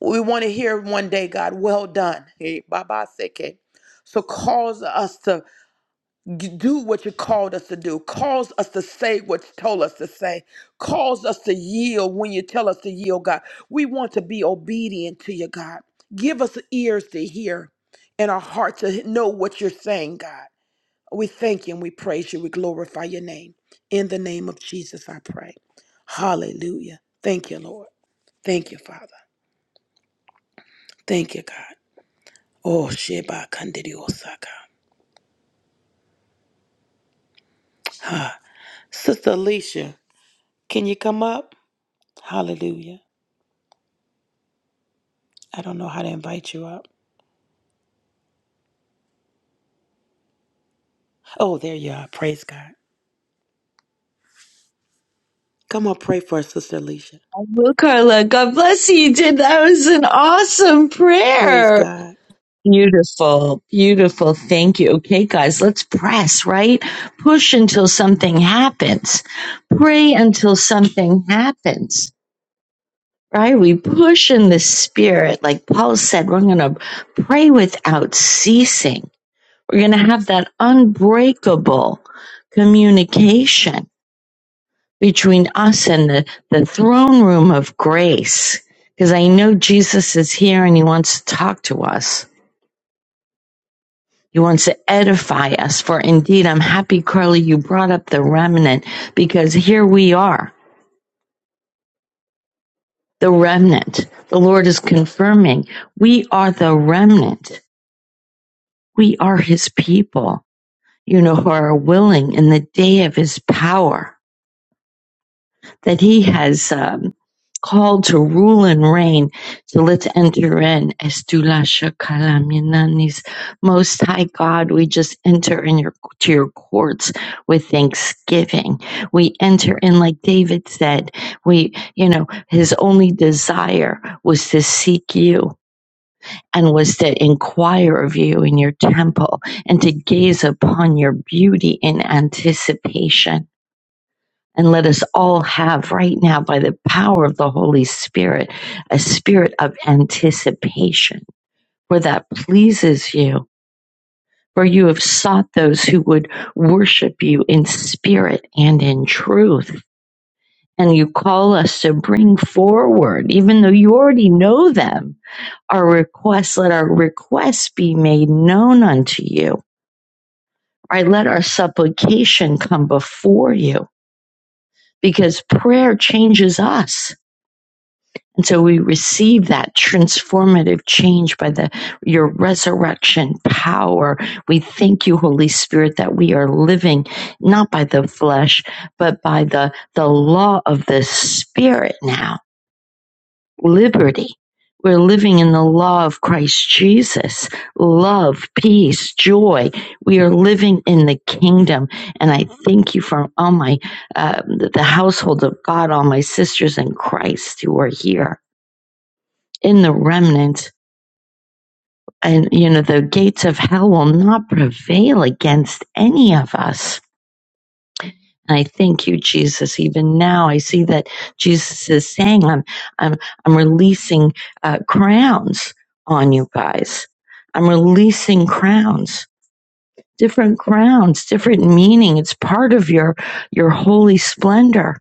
B: we wanna hear one day, God, well done. Hey, Baba Seke. So cause us to g- do what you called us to do, cause us to say what you told us to say, cause us to yield when you tell us to yield, God. We want to be obedient to you, God. Give us ears to hear and a heart to know what you're saying, God. We thank you and we praise you. We glorify your name. In the name of Jesus, I pray. Hallelujah. Thank you, Lord. Thank you, Father. Thank you, God. Oh, Sheba Kandidi Osaka. Sister Alicia, can you come up? Hallelujah. I don't know how to invite you up. Oh, there you are. Praise God. Come on, pray for us, Sister Alicia.
D: I will, Carla, God bless you. You Did that was an awesome
B: Praise
D: prayer.
B: God.
D: Beautiful, beautiful. Thank you. Okay, guys, let's press, right? Push until something happens. Pray until something happens. Right? We push in the spirit. Like Paul said, we're going to pray without ceasing. We're going to have that unbreakable communication between us and the, the throne room of grace. Because I know Jesus is here and he wants to talk to us. He wants to edify us. For indeed, I'm happy, Carly, you brought up the remnant because here we are, the remnant. The Lord is confirming we are the remnant. We are his people, you know, who are willing in the day of his power. that he has um, called to rule and reign. So let's enter in. Estulasha kalaminanis. Most High God, we just enter in your to your courts with thanksgiving. We enter in, like David said. We, you know, his only desire was to seek you. And was to inquire of you in your temple and to gaze upon your beauty in anticipation. And let us all have right now, by the power of the Holy Spirit, a spirit of anticipation, for that pleases you. For you have sought those who would worship you in spirit and in truth. And you call us to bring forward, even though you already know them, our requests. Let our requests be made known unto you. Right? Let our supplication come before you because prayer changes us And so we receive that transformative change by the your resurrection power. We thank you, Holy Spirit, that we are living not by the flesh, but by the, the law of the Spirit now. Liberty. We're living in the law of Christ Jesus. Love, peace, joy. We are living in the kingdom. And I thank you for all my, uh, the household of God, all my sisters in Christ who are here in the remnant. And, you know, the gates of hell will not prevail against any of us. And I thank you, Jesus. Even now, I see that Jesus is saying, I'm, I'm, I'm releasing uh, crowns on you guys. I'm releasing crowns, different crowns, different meaning. It's part of your, your holy splendor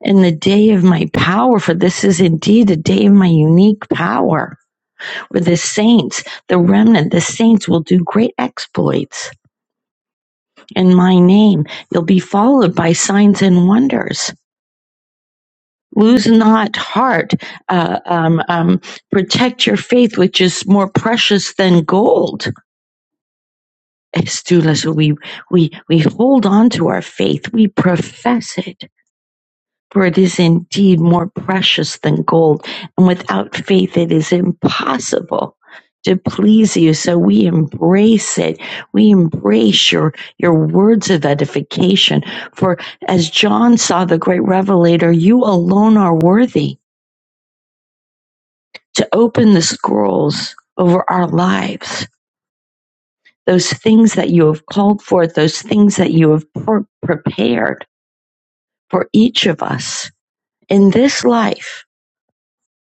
D: in the day of my power, for this is indeed a day of my unique power. for the saints, the remnant, the saints will do great exploits. In my name, you'll be followed by signs and wonders. Lose not heart. Uh, um, um, protect your faith, which is more precious than gold. Estulas, we we we hold on to our faith. We profess it For it is indeed more precious than gold, and without faith it is impossible to please you. So we embrace it. We embrace your, your words of edification. For as John saw the great revelator, you alone are worthy to open the scrolls over our lives. Those things that you have called forth, those things that you have pre- prepared for each of us in this life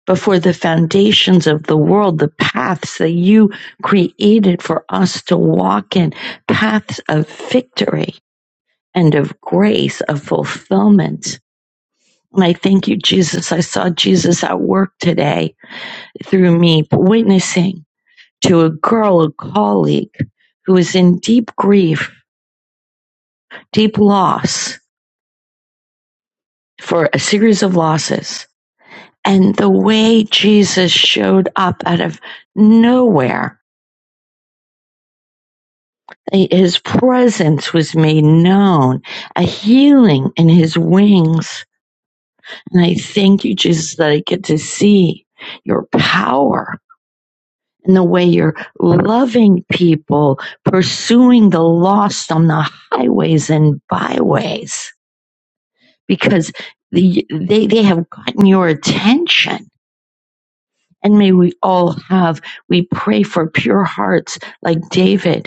D: before the foundations of the world, the paths that you created for us to walk in, paths of victory and of grace, of fulfillment. And I thank you, Jesus. I saw Jesus at work today through me, witnessing to a girl, a colleague who is in deep grief, deep loss for a series of losses. And the way Jesus showed up out of nowhere His presence was made known, a healing in his wings. And I thank you, Jesus, that I get to see your power and the way you're loving people, pursuing the lost on the highways and byways, because the, they, they have gotten your attention. And may we all have, we pray for pure hearts like David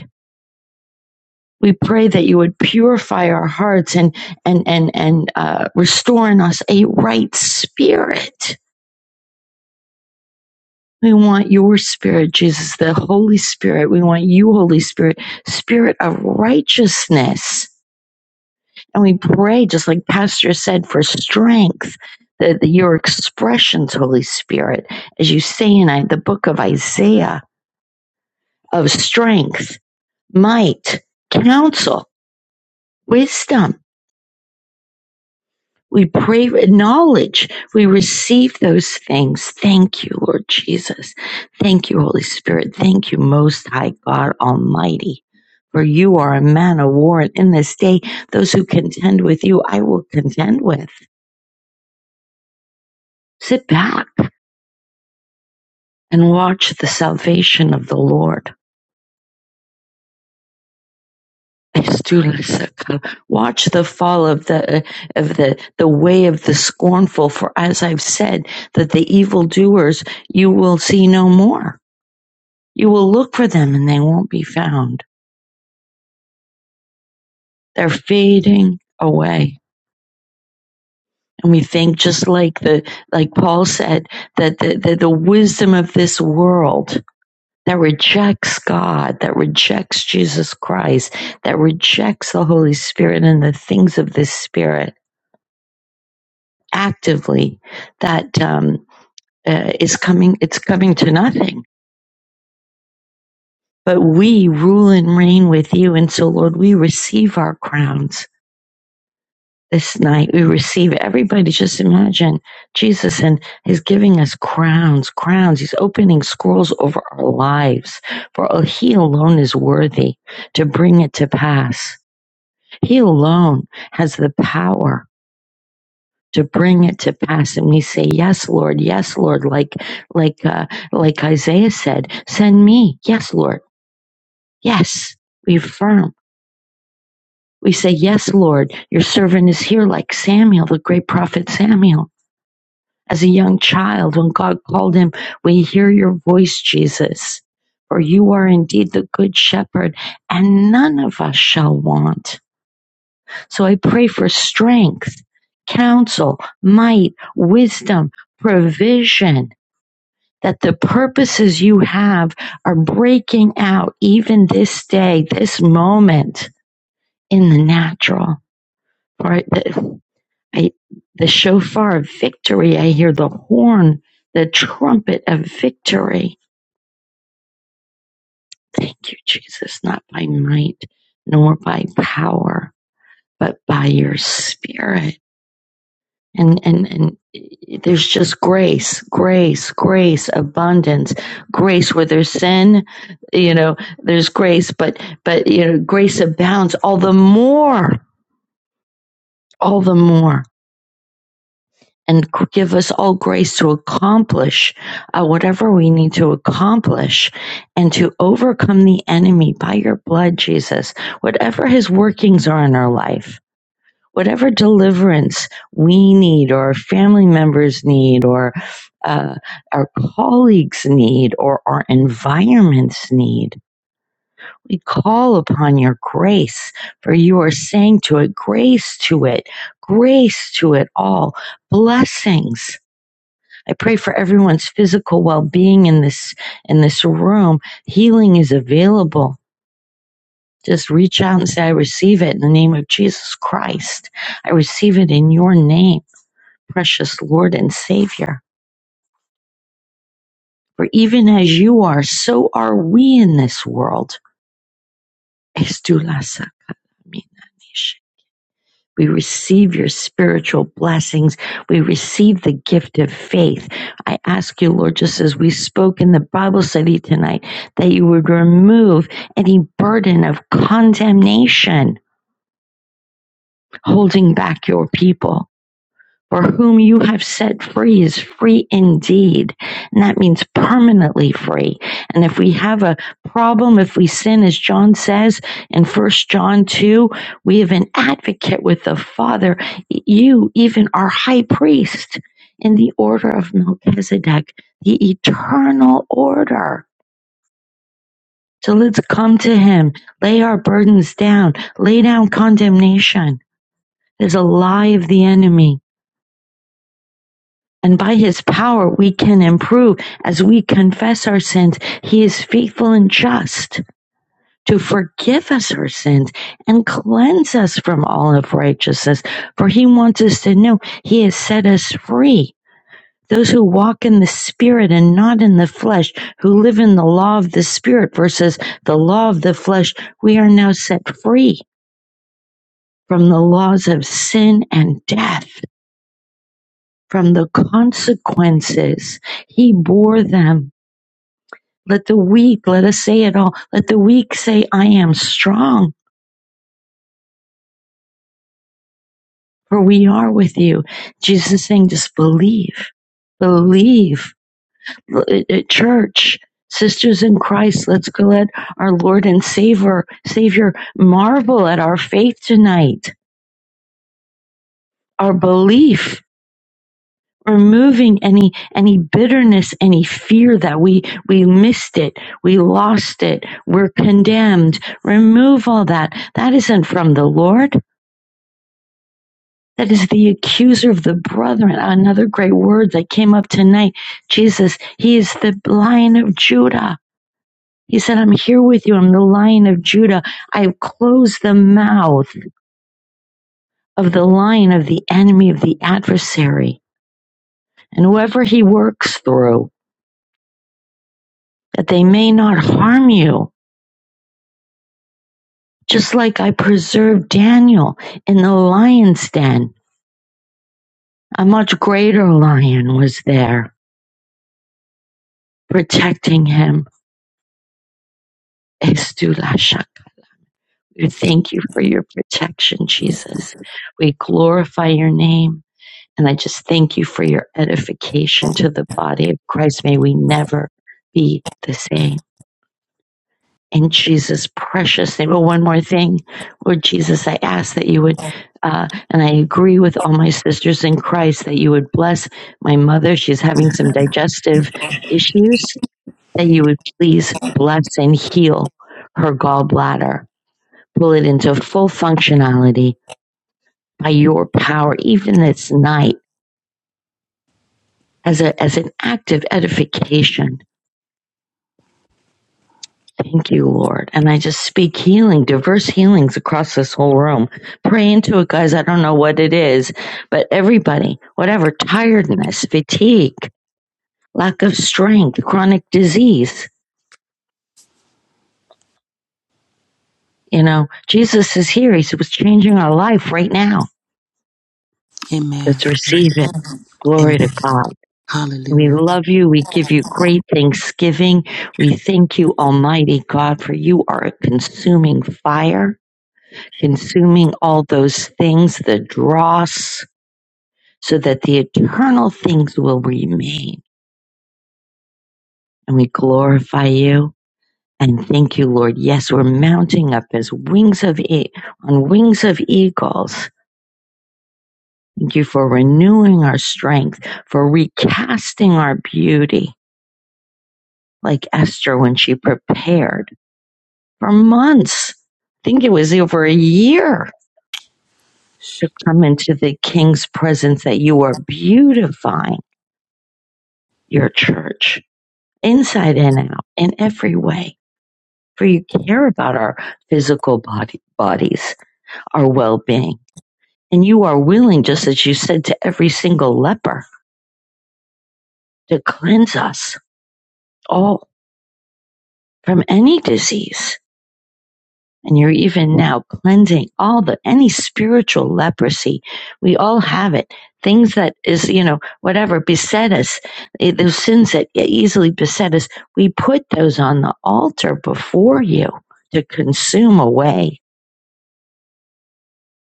D: We pray that you would purify our hearts and and and and uh, restore in us a right spirit. We want your spirit, Jesus, the Holy Spirit. We want you, Holy Spirit, spirit of righteousness. And we pray, just like Pastor said, for strength, that your expressions, Holy Spirit, as you say in I- the book of Isaiah, of strength, might, counsel, wisdom. We pray, acknowledge we receive those things. Thank you, Lord Jesus. Thank you, Holy Spirit. Thank you, Most High God Almighty. For you are a man of war, and in this day, those who contend with you, I will contend with. Sit back and watch the salvation of the Lord. Watch the fall of the of the the way of the scornful, for as I've said, that the evildoers you will see no more You will look for them and they won't be found. They're fading away. And we think just like the like Paul said that the, the, the wisdom of this world that rejects God, that rejects Jesus Christ, that rejects the Holy Spirit and the things of this Spirit actively, that um, uh, is coming. It's coming to nothing. But we rule and reign with you, and so Lord, we receive our crowns this night. We receive it. Everybody just imagine Jesus and He's giving us crowns, crowns. He's opening scrolls over our lives. For He alone is worthy to bring it to pass. He alone has the power to bring it to pass. And we say, Yes, Lord, yes, Lord, like like uh, like Isaiah said, send me. Yes, Lord. Yes. We affirm. We say, Yes, Lord, your servant is here, like Samuel, the great prophet Samuel. as a young child when God called him, We hear your voice, Jesus, for you are indeed the good shepherd, and none of us shall want. So I pray for strength, counsel, might, wisdom, provision. That the purposes you have are breaking out even this day, this moment in the natural. Right? I, the shofar of victory. I hear the horn, the trumpet of victory. Thank you, Jesus, not by might nor by power, but by your spirit. And, and, and there's just grace, grace, grace, abundance, grace where there's sin, you know, there's grace, but, but, you know, grace abounds all the more, all the more and give us all grace to accomplish uh, whatever we need to accomplish and to overcome the enemy by your blood, Jesus, whatever his workings are in our life. Whatever deliverance we need, or our family members need, or uh, our colleagues need, or our environments need, we call upon your grace, for you are saying to it, grace to it, grace to it all, blessings I pray for everyone's physical well-being in this in this room. Healing is available. Just reach out and say, "I receive it in the name of Jesus Christ. I receive it in your name, precious Lord and Savior. For even as you are, so are we in this world." Es tu la sacramina, We receive your spiritual blessings. We receive the gift of faith. I ask you, Lord, just as we spoke in the Bible study tonight, that you would remove any burden of condemnation holding back your people. For whom you have set free is free indeed. And that means permanently free. And if we have a problem, if we sin, as John says in First John 2, we have an advocate with the Father, you, even our high priest, in the order of Melchizedek, the eternal order. So let's come to him, lay our burdens down, lay down condemnation. There's a lie of the enemy And by his power, we can improve as we confess our sins. He is faithful and just to forgive us our sins and cleanse us from all of righteousness. For he wants us to know he has set us free. Those who walk in the spirit and not in the flesh, who live in the law of the spirit versus the law of the flesh, we are now set free from the laws of sin and death, from the consequences. He bore them Let the weak, let us say it all. Let the weak say, I am strong, for we are with you. Jesus is saying, just believe, believe. at Church, sisters in Christ, let's go let our Lord and Savior, Savior marvel at our faith tonight, our belief. Removing any any bitterness, any fear that we we missed it, we lost it, we're condemned. Remove all that. That isn't from the Lord. That is the accuser of the brethren. Another great word that came up tonight. Jesus, he is the lion of Judah. He said, I'm here with you. I'm the lion of Judah. I have closed the mouth of the lion of the enemy of the adversary and whoever he works through that they may not harm you. Just like I preserved Daniel in the lion's den. A much greater lion was there protecting him. Estulashakataya. We thank you for your protection, Jesus. We glorify your name. And I just thank you for your edification to the body of Christ. May we never be the same. In Jesus' precious name. Oh, one more thing. Lord Jesus, I ask that you would, uh, and I agree with all my sisters in Christ, that you would bless my mother. She's having some digestive issues. That you would please bless and heal her gallbladder pull it into full functionality by your power, even this night, as, a, as an act of edification. Thank you, Lord. And I just speak healing, diverse healings across this whole room. Pray into it, guys. I don't know what it is, but everybody, whatever tiredness, fatigue, lack of strength, chronic disease, you know, Jesus is here. He was changing our life right now.
B: Amen.
D: Let's receive it. Glory
B: Amen.
D: to God. We
B: Hallelujah.
D: love you. We give you great thanksgiving. We thank you, Almighty God, for you are a consuming fire, consuming all those things, the dross, so that the eternal things will remain. And we glorify you and thank you, Lord. Yes, we're mounting up as wings of e- on wings of eagles. Thank you for renewing our strength, for recasting our beauty, like Esther when she prepared. for months. I think it was over a year to come into the King's presence that you are beautifying your church inside and out in every way. For you care about our physical body, bodies, our well being. And you are willing, just as you said to every single leper, to cleanse us all from any disease and you're even now cleansing all the any spiritual leprosy we all have it things that is you know whatever beset us eh, those sins that e-, easily beset us we put those on the altar before you to consume away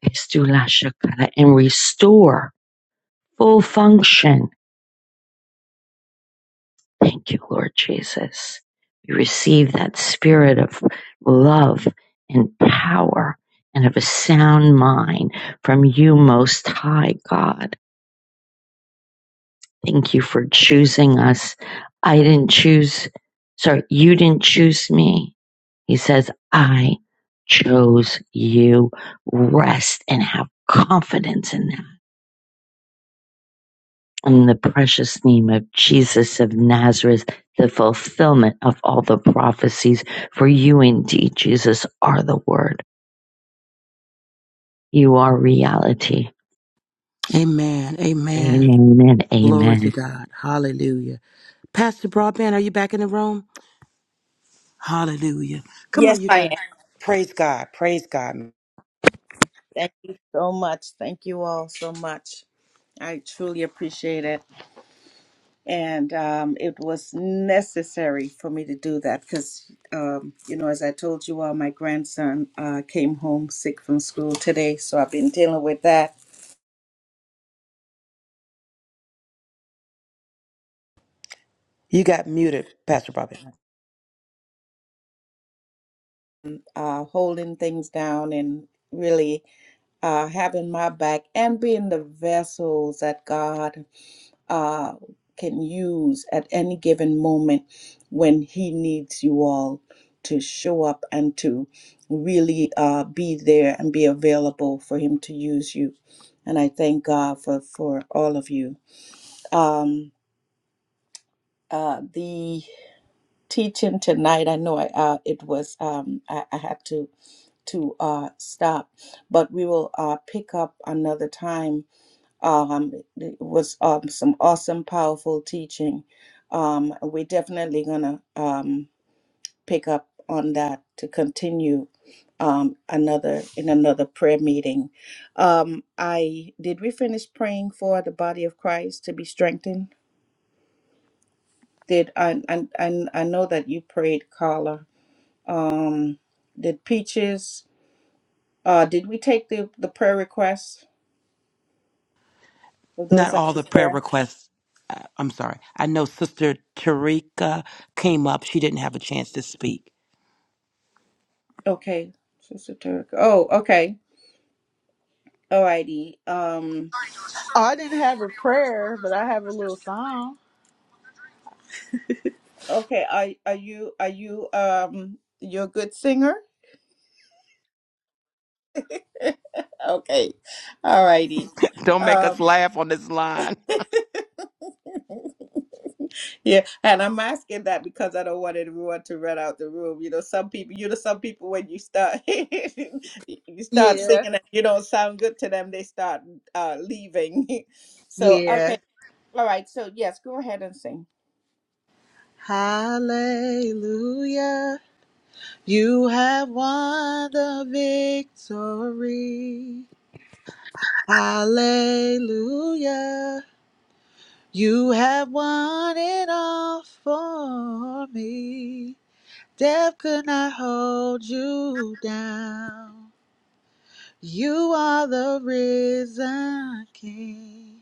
D: Estula and restore full function Thank you, Lord Jesus. We receive that spirit of love and power and of a sound mind from you, Most High God. Thank you for choosing us. I didn't choose, sorry, you didn't choose me. He says, I chose you. Rest and have confidence in that. in the precious name of Jesus of Nazareth, the fulfillment of all the prophecies. For you indeed, Jesus, are the Word. You are reality.
B: Amen. Amen.
D: Amen and
B: Glory to
D: amen.
B: God. Hallelujah. Pastor Broadband, are you back in the room? Hallelujah. Come on,
A: Yes,
B: you
A: I
B: guys.
A: am.
B: Praise God. Praise God.
A: Thank you. so much. Thank you all so much. I truly appreciate it. And um, it was necessary for me to do that because, um, you know, as I told you all, my grandson uh, came home sick from school today. So I've been dealing with that,
B: You got muted, Pastor Broadband.
A: uh, holding things down and really uh, having my back and being the vessels that God uh, can use at any given moment when He needs you all to show up and to really uh, be there and be available for Him to use you. And I thank God for, for all of you. Um, uh, the teaching tonight, I know I, uh, it was um, I, I had to to uh, stop, but we will uh, pick up another time Um, it was um, some awesome, powerful teaching. Um, we're definitely going to um, pick up on that to continue um, another in another prayer meeting. Um, I did we finish praying for the body of Christ to be strengthened? Did I I, I, I know that you prayed, Carla. Um, did Peaches? Uh, did we take the the prayer requests of those
B: Not
A: at
B: all the
A: the
B: prayer
A: prayer?
B: requests. uh, I'm sorry. I know Sister Tarika came up. She didn't have a chance to speak.
A: Okay, Sister Turk. Oh, okay. Alrighty. Um
E: Oh, I didn't have a prayer, but I have a little song.
A: okay, are are you are you um you're a good singer? [LAUGHS] Okay. Alrighty.
B: [LAUGHS] Don't make us
A: Um
B: laugh on this line.
A: [LAUGHS] Yeah, and I'm asking that because I don't want everyone to run out the room. You know, some people, you know, some people when you start [LAUGHS] you start singing
E: Yeah.
A: and you don't sound good to them, they start uh leaving. [LAUGHS] So,
E: Yeah.
A: okay. All right. So, yes, go ahead and sing.
E: Hallelujah. You have won the victory. Hallelujah. You have won it all for me. Death could not hold you down. You are the risen King.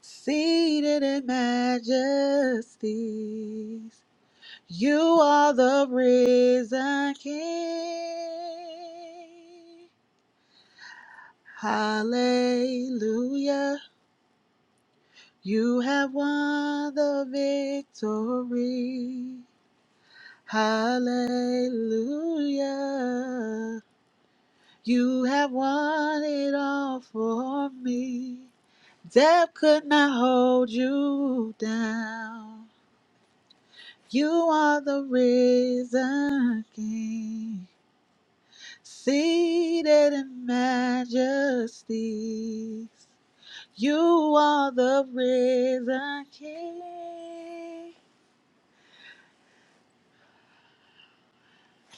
E: Seated in majesties, you are the risen King. Hallelujah, you have won the victory. Hallelujah, you have won it all for me. Death could not hold you down. You are the risen King, seated in majesty. You are the risen King.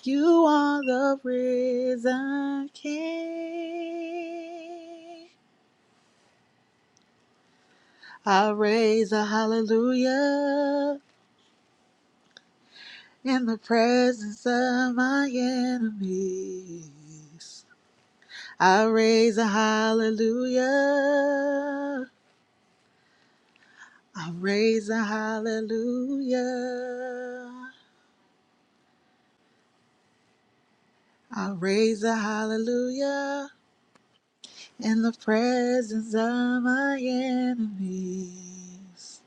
E: You are the risen King. I raise a hallelujah in the presence of my enemies. I raise a hallelujah I raise a hallelujah. I raise a hallelujah in the presence of my enemies.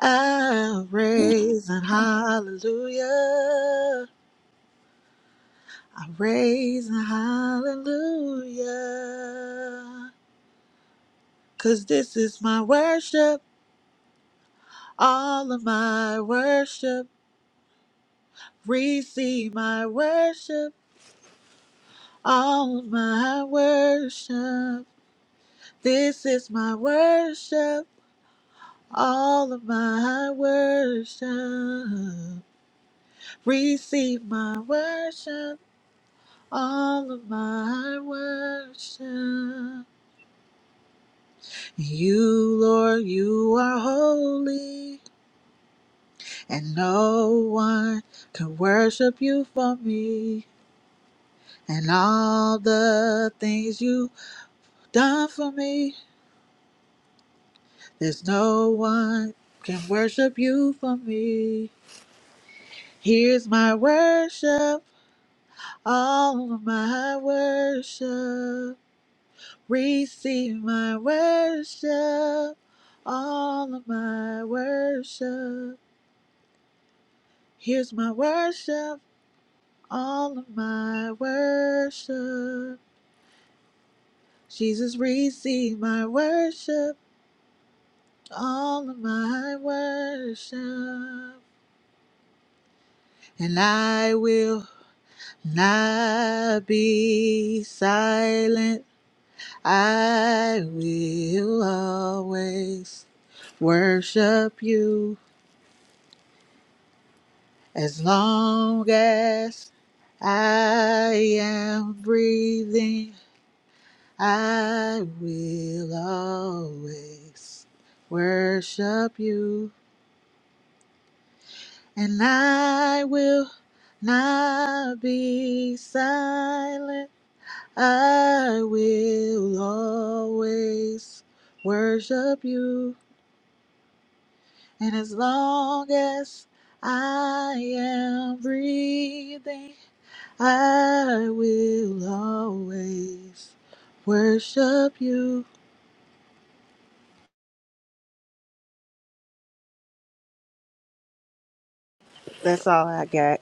E: I raise a hallelujah. I raise a hallelujah. 'Cause this is my worship, all of my worship. Receive my worship, all of my worship. This is my worship, all of my worship. Receive my worship, all of my worship. You, Lord, you are holy, and no one can worship you for me. And all the things you've done for me, there's no one can worship you for me. Here's my worship. All of my worship, receive my worship. All of my worship, here's my worship. All of my worship, Jesus, receive my worship. All of my worship, and I will not be silent. I will always worship you as long as I am breathing. I will always worship you, and I will not be silent. I will always worship you, and as long as I am breathing. I will always worship you. That's all I got.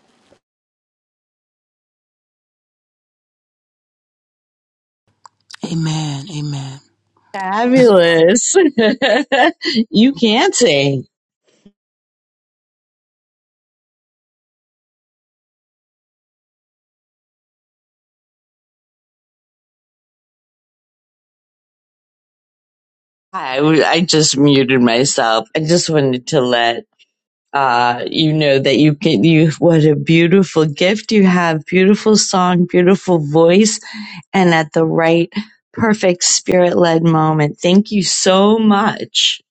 B: Amen. Amen.
D: Fabulous. [LAUGHS] you can sing. I, w- I just muted myself. I just wanted to let uh, you know that you can, you, what a beautiful gift you have. Beautiful song, beautiful voice. and at the right, perfect spirit led moment. Thank you so much.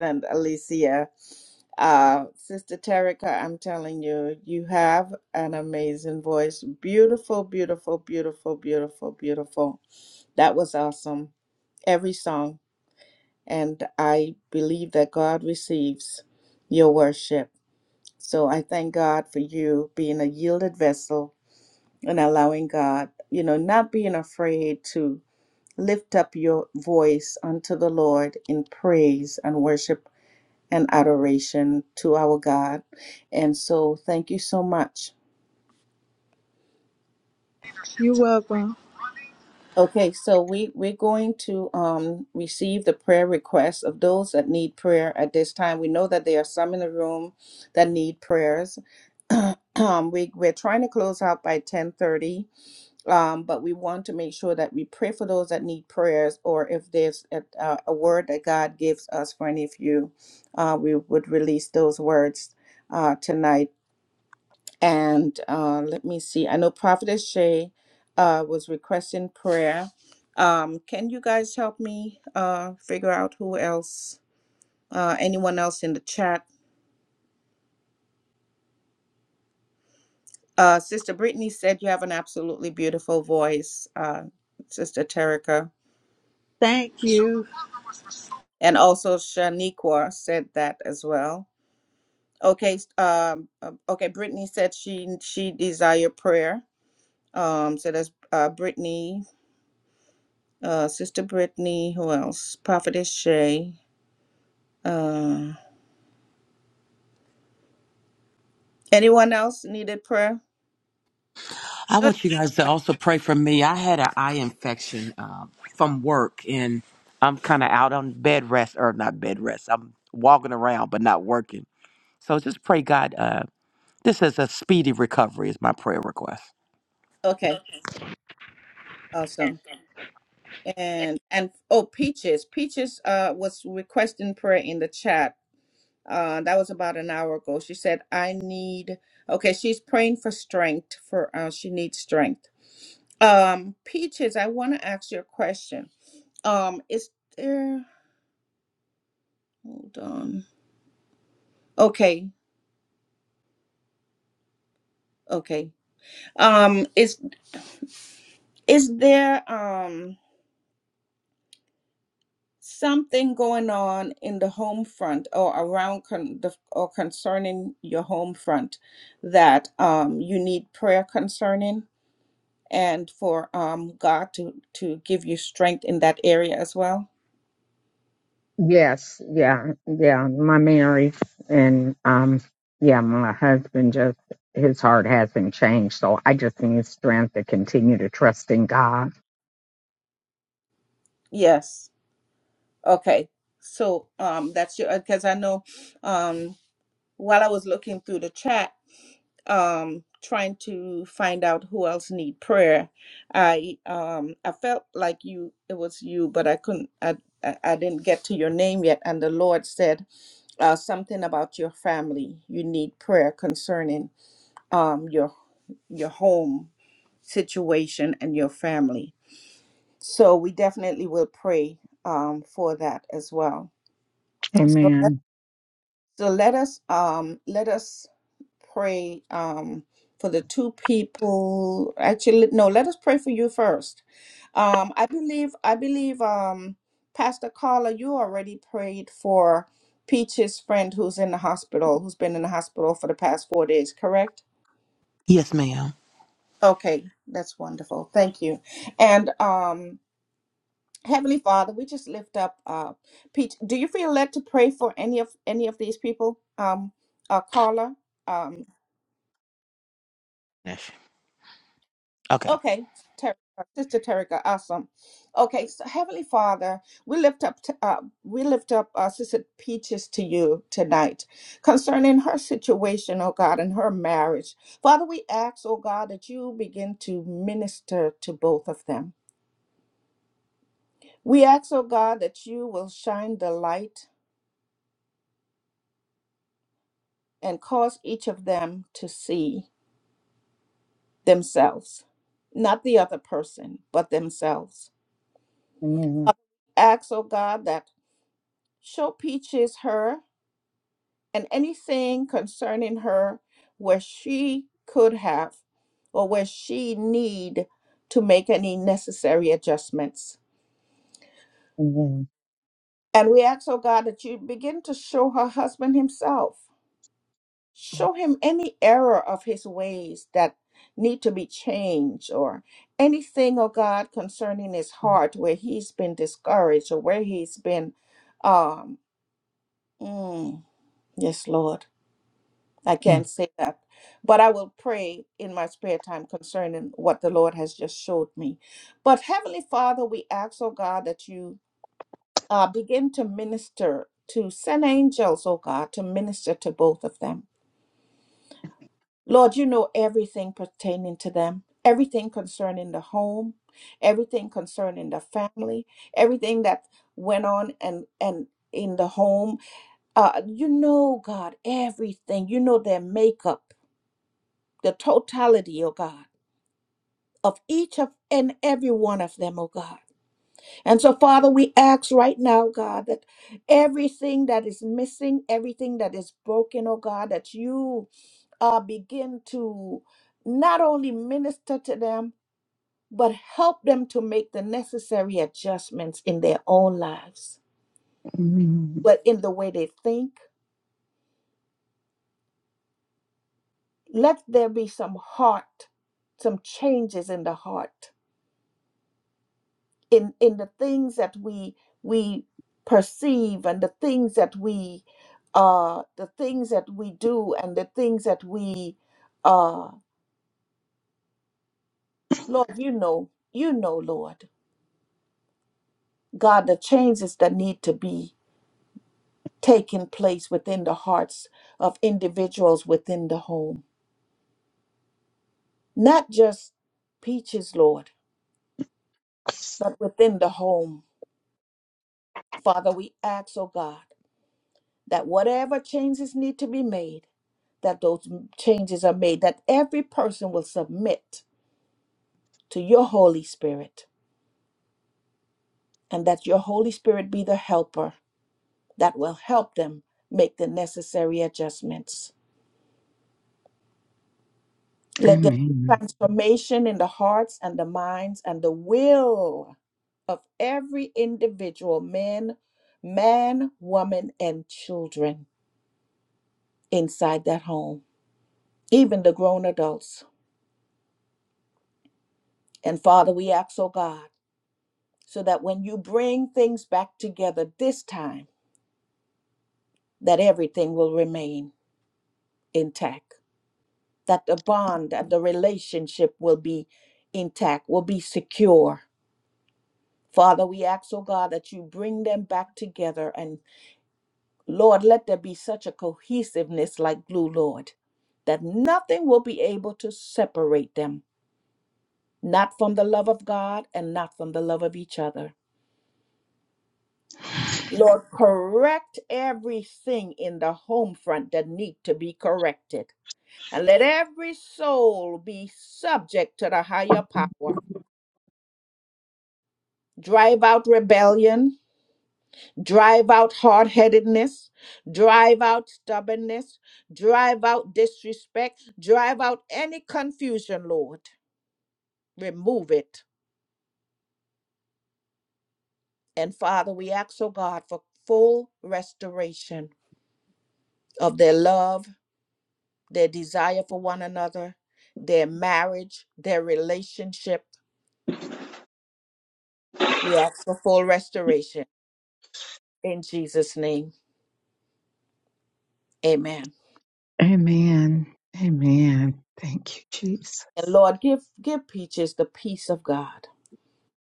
A: and Alicia. Uh, Sister Terica, I'm telling you, you have an amazing voice. Beautiful, beautiful, beautiful, beautiful, beautiful. That was awesome. Every song. And I believe that God receives your worship. So I thank God for you being a yielded vessel and allowing God, you know, not being afraid to lift up your voice unto the Lord in praise and worship and adoration to our God. And so thank you so much.
E: You're welcome.
A: Okay, so we, we're going to um, receive the prayer requests of those that need prayer at this time. We know that there are some in the room that need prayers. [CLEARS THROAT] um, we, we're trying to close out by 1030, um, but we want to make sure that we pray for those that need prayers or if there's a, a a word that God gives us for any of you, uh, we would release those words uh, tonight And uh, let me see. I know Prophetess Shay uh, was requesting prayer. Um, can you guys help me uh, figure out who else, uh, anyone else in the chat? Uh, Sister Brittany said you have an absolutely beautiful voice, uh, Sister Terica.
E: Thank you.
A: And also Shaniqua said that as well. Okay, s- um, uh, okay. Brittany said she she desire prayer. Um, so that's uh, Brittany, uh, Sister Brittany. Who else? Prophetess Shay. Um, anyone else needed prayer?
B: I
A: Good.
B: want you guys to also pray for me. I had an eye infection uh, from work, and I'm kind of out on bed rest, or not bed rest. I'm walking around, but not working. So just pray, God. Uh, this is a speedy recovery. Is my prayer request?
A: Okay, awesome. And and oh, Peaches, Peaches uh was requesting prayer in the chat. Uh, that was about an hour ago. She said, "I need." Okay, she's praying for strength. For uh, she needs strength. Um, Peaches, I want to ask you a question. um is there hold on okay okay um is is there um something going on in the home front or around con- the, or concerning your home front that um you need prayer concerning and for um god to to give you strength in that area as well
C: Yes, yeah, yeah. My marriage and um yeah, my husband just his heart hasn't changed, so I just need strength to continue to trust in God.
A: yes okay so um that's your because i know um. while I was looking through the chat, um, trying to find out who else need prayer, I um, I felt like you it was you, but I couldn't. I, I I didn't get to your name yet, and the Lord said uh, something about your family. You need prayer concerning um, your your home situation and your family. So we definitely will pray um, for that as well. So.
C: Amen.
A: So let us um let us pray um for the two people. Actually, no, let us pray for you first. Um, I believe I believe um Pastor Carla, you already prayed for Peach's friend who's in the hospital, who's been in the hospital for the past four days, correct?
B: Yes, ma'am.
A: Okay, that's wonderful. Thank you. And um Heavenly Father, we just lift up uh Peach. Do you feel led to pray for any of any of these people? Um uh Carla? Um,
B: Yes. Okay.
A: Okay, Ter- Sister Terika, awesome. Okay, so Heavenly Father, we lift up uh, we lift up uh, Sister Peaches to you tonight concerning her situation, oh God, and her marriage. Father, we ask, oh God, that you begin to minister to both of them. We ask, oh God, that you will shine the light and cause each of them to see themselves, not the other person, but themselves.
C: Amen.
A: Ask, oh God, that show Peaches her. and anything concerning her where she could have or where she need to make any necessary adjustments.
C: Amen.
A: And we ask, oh God, that you begin to show her husband himself. Show him any error of his ways that need to be changed or anything, oh God, concerning his heart where he's been discouraged or where he's been um mm, yes, Lord I can't say that. But I will pray in my spare time concerning what the Lord has just showed me. But Heavenly Father, we ask, oh God, that you uh, begin to minister to send angels, oh God, to minister to both of them. Lord, you know everything pertaining to them, everything concerning the home, everything concerning the family, everything that went on and and in the home. Uh, you know, God, everything. You know their makeup. the totality, oh God, of each of and every one of them, oh God. And so, Father, we ask right now, God, that everything that is missing, everything that is broken, oh God, that you uh, begin to not only minister to them, but help them to make the necessary adjustments in their own lives,
C: Amen.
A: but in the way they think. Let there be some heart, some changes in the heart in in the things that we we perceive and the things that we uh the things that we do and the things that we uh lord you know you know lord god the changes that need to be taking place within the hearts of individuals within the home not just peaches lord but within the home father we ask oh god that whatever changes need to be made, that those m- changes are made, that every person will submit to your Holy Spirit, and that your Holy Spirit be the helper that will help them make the necessary adjustments. Let the
C: Amen.
A: transformation in the hearts and the minds and the will of every individual man, man, woman, and children inside that home, even the grown adults. And Father, we ask, oh God. so that when you bring things back together this time that everything will remain intact that the bond and the relationship will be intact will be secure father we ask oh god that you bring them back together and lord let there be such a cohesiveness like glue lord that nothing will be able to separate them not from the love of god and not from the love of each other Lord, correct everything in the home front that need to be corrected. And let every soul be subject to the higher power. Drive out rebellion, drive out hard headedness, drive out stubbornness, drive out disrespect, drive out any confusion, Lord. Remove it. And Father, we ask, oh God, for full restoration of their love their desire for one another, their marriage, their relationship. We ask for full restoration in Jesus' name. Amen.
C: Amen. Amen. Thank you,
A: And
C: Jesus.
A: Lord, give give Peaches the peace of God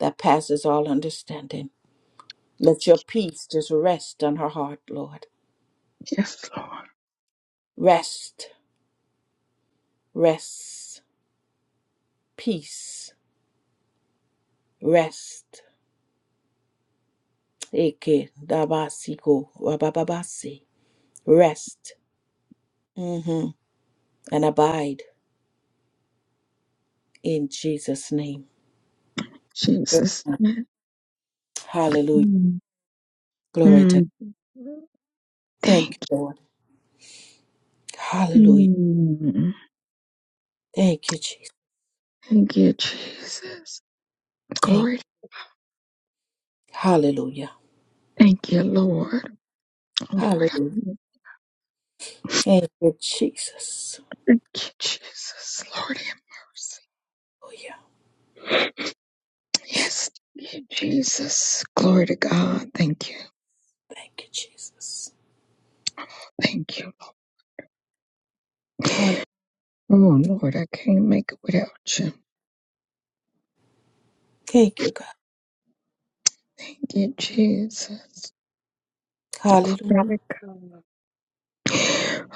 A: that passes all understanding. Let your peace just rest on her heart, Lord.
C: Yes, Lord
A: Rest, rest, peace, rest. Eke dabasiko wabababasi. Rest mhm, and abide in Jesus' name.
C: Jesus. Amen.
A: Hallelujah. Glory to God.
C: Mm. Thank
A: Thank you, Lord. Hallelujah.
C: you.
A: Thank you, Jesus.
C: Thank you, Jesus.
A: Thank
C: Glory.
A: Hallelujah.
C: Thank you, Lord. Lord, I
A: Hallelujah. Thank you, Jesus.
C: thank you, Jesus. Lord, have
A: Oh yeah.
C: mercy. Yes, thank you, Jesus. Glory to God. Thank you.
A: Thank you, Jesus.
C: Thank you.
A: Hallelujah.
C: Oh, Lord, I can't make it without you.
A: Thank you, God.
C: Thank you, Jesus.
A: Hallelujah.
C: Father God.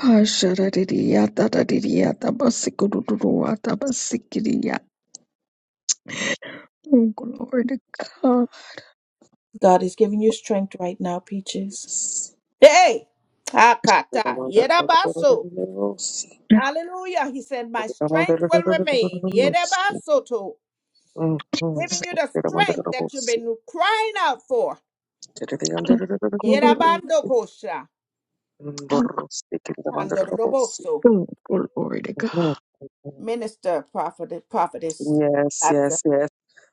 C: Ah, shadadidiyata, dadidiyata, basikudududuwata, basikidiyata. Oh, glory to God.
A: God is giving you strength right now, Peaches.
F: Yes,
A: Hey! Akata. Yedabaso. Hallelujah. He said, My strength will remain. Yedabasoto.
C: Yes.
A: Giving you the strength that you've been crying out for.
C: Glory. to
A: Yerabando kosha.
C: God.
A: Handoroboso.
C: Oh, glory to God.
A: Minister Prophet Prophetess Latson.
F: yes, yes.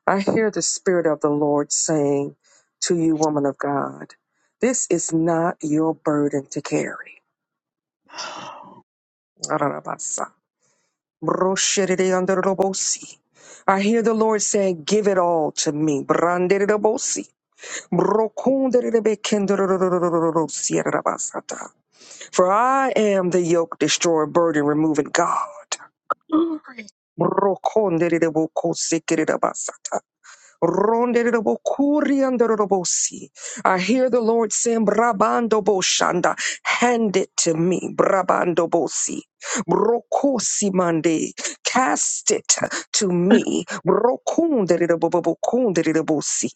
F: I hear the Spirit of the Lord saying to you, woman of God, this is not your burden to carry. Brosheredeandoroboosi. I hear the Lord saying, Give it all to me. Branderebosi. Brokonderebekendororororororosierabasata. For I am the yoke destroyer, burden removing God.
C: Glory,
F: Ronderobokuriandorobosi. I hear the Lord saying, Brabando Boshanda, hand it to me, Brabando Bosi. Brokosi mande, cast it to me. Brokunderobobokunderibosi.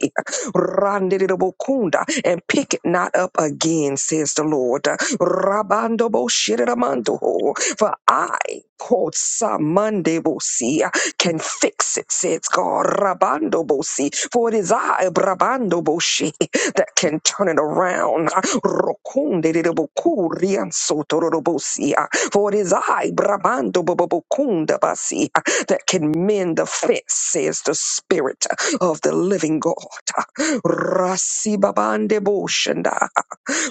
F: Randerobokunda, and pick it not up again, says the Lord. Rabando Boshiramandoho. For I, quote Samande Bosi, can fix it, says God. Rabando bosi, for it is I, Brabando boshi, that can turn it around. Rokunde de boku riansoto robosi, for it is I, Brabando bobokunda basi, that can mend the fence, says the Spirit of the Living God. Rasi babande boshanda,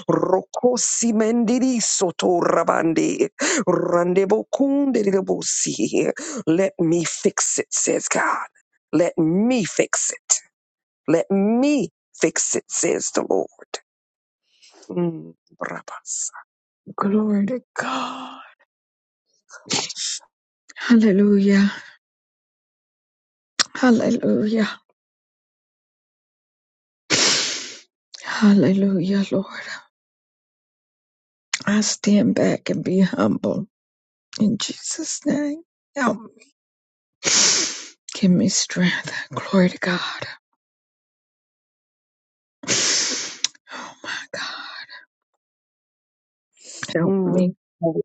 F: rokosi mendiri soto rabande, randebo kunde de bosi. Let me fix it, says God. Let me fix it. Let me fix it, says the Lord. Mm, rabasa.
C: glory to God. Hallelujah. Hallelujah. Hallelujah, Lord. I stand back and be humble in Jesus' name. Help me. Give me strength. Glory to God. Oh my God. Help
F: Mm,
C: me.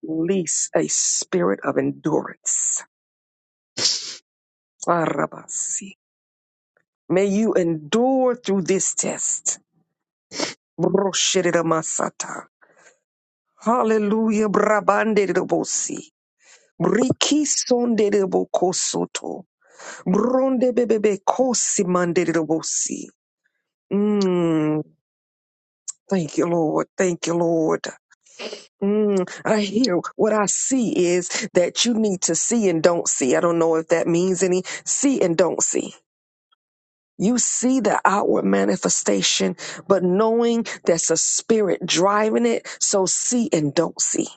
F: release a spirit of endurance. Ah, May you endure through this test. Broshididamasata. Hallelujah. Brabandedidobosi. Brikisondedidobokosoto. Brondebebebe kosimandedidobosi. Thank you, Lord. Thank you, Lord. Mm, I hear what I see is that you need to see and don't see. I don't know if that means any. See and don't see. You see the outward manifestation, but knowing that's a spirit driving it. So see and don't see.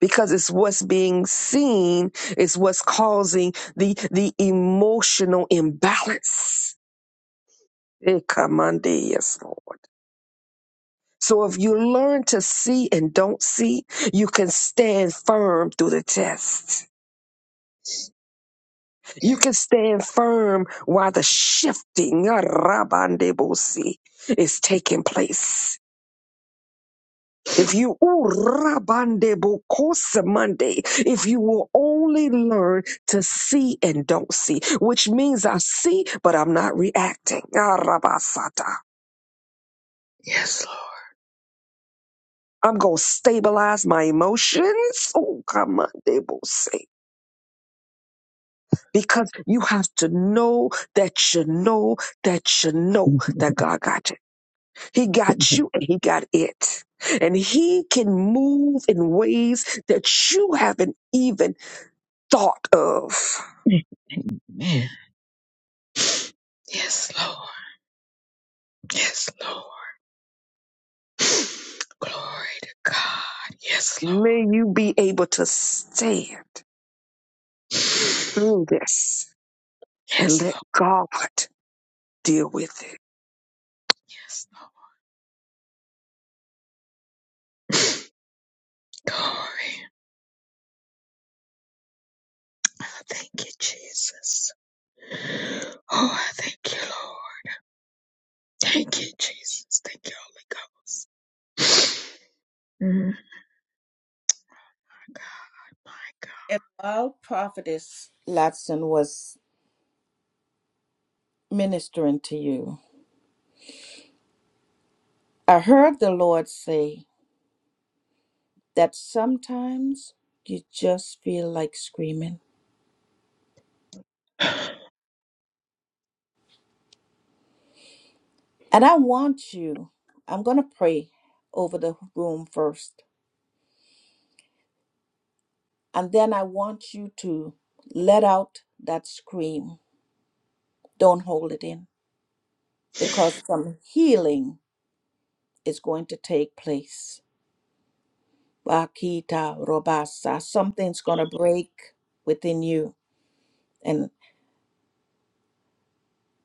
F: Because it's what's being seen is what's causing the the emotional imbalance. Eh, come on, dear, Yes, Lord. So if you learn to see and don't see, you can stand firm through the test. You can stand firm while the shifting uh, rabandebosi, is taking place. If you ooh, rabandebokosamande, if you will only learn to see and don't see, which means I see, but I'm not reacting. Ah, rabasata.
C: Yes,
F: I'm going to stabilize my emotions. Oh, come on, because you have to know that you know that you know
C: Lord.
F: that God got you. He got you and He got it. And He can move in ways that you haven't even thought of.
C: [LAUGHS] Amen. Yes, Lord. Yes, Lord. Glory to God. Yes, Lord.
F: May you be able to stand through this and
C: Yes,
F: let
C: Lord.
F: God deal with it.
C: Yes, Lord. Glory. Oh, thank you, Jesus. Oh, I thank you, Lord. Thank you, Jesus. Thank you, Holy Ghost. Mm, my
A: And while Prophetess Latson was ministering to you, I heard the Lord say that sometimes you just feel like screaming.
C: God. [LAUGHS]
A: And I want you, I'm going to pray over the room first. And then I want you to let out that scream. Don't hold it in because some healing is going to take place. Bakita Robasa. Something's going to break within you and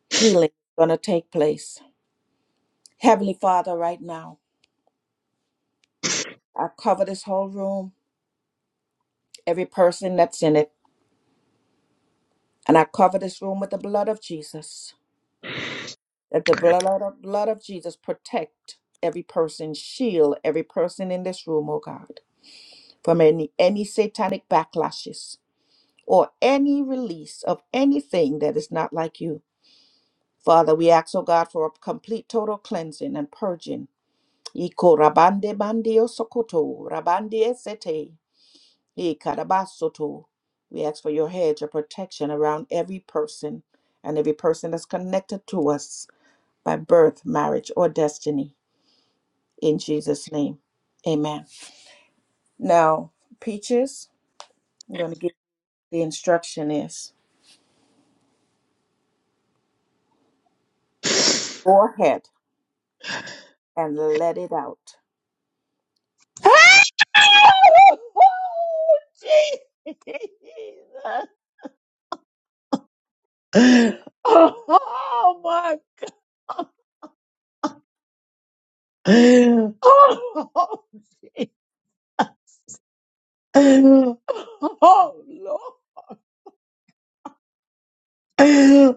A: healing is going to take place. Heavenly Father, right now, I cover this whole room, every person that's in it, and I cover this room with the blood of Jesus. That the blood of, blood of Jesus protect every person, shield every person in this room, oh God, from any, any satanic backlashes or any release of anything that is not like you. Father, we ask, O God, for a complete total cleansing and purging. Iko rabande bandio sokoto, rabande esete, ikarabasoto. We ask for your hedge of protection around every person and every person that's connected to us by birth, marriage, or destiny. In Jesus' name, amen. Now, Peaches, I'm going to give you the instruction is go ahead and let it out.
C: Oh, oh my. [LAUGHS] Oh, oh, oh, Lord.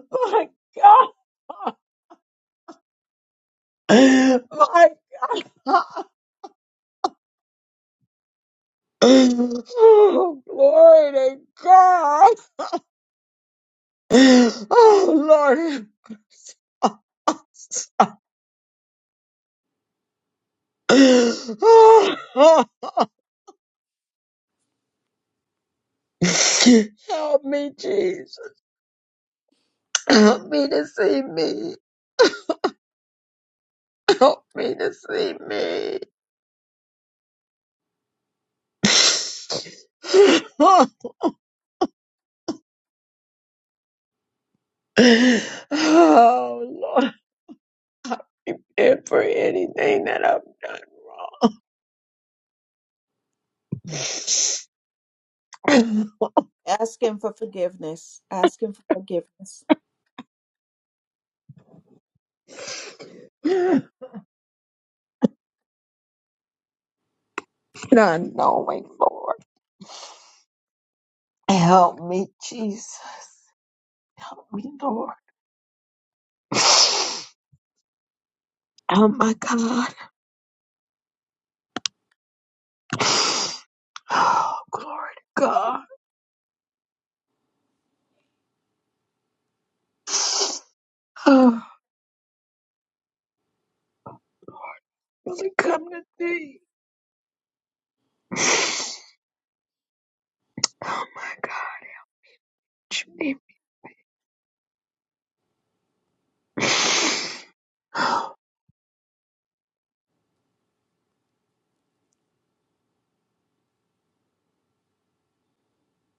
C: [LAUGHS] My [SIGHS] Oh, glory to God. Oh, Lord. [SIGHS] Oh, help me, Jesus. Help me to see me. Help me to see me. Oh, Lord, and for anything that I've done
A: Ask him for forgiveness. Ask him for forgiveness.
C: wrong. Not knowing, Lord. Help me, Jesus. Help me, Lord. [SIGHS] Oh my God. [SIGHS] Oh, glory to God. [SIGHS] Oh, really come to thee. [SIGHS] Oh my God, you Oh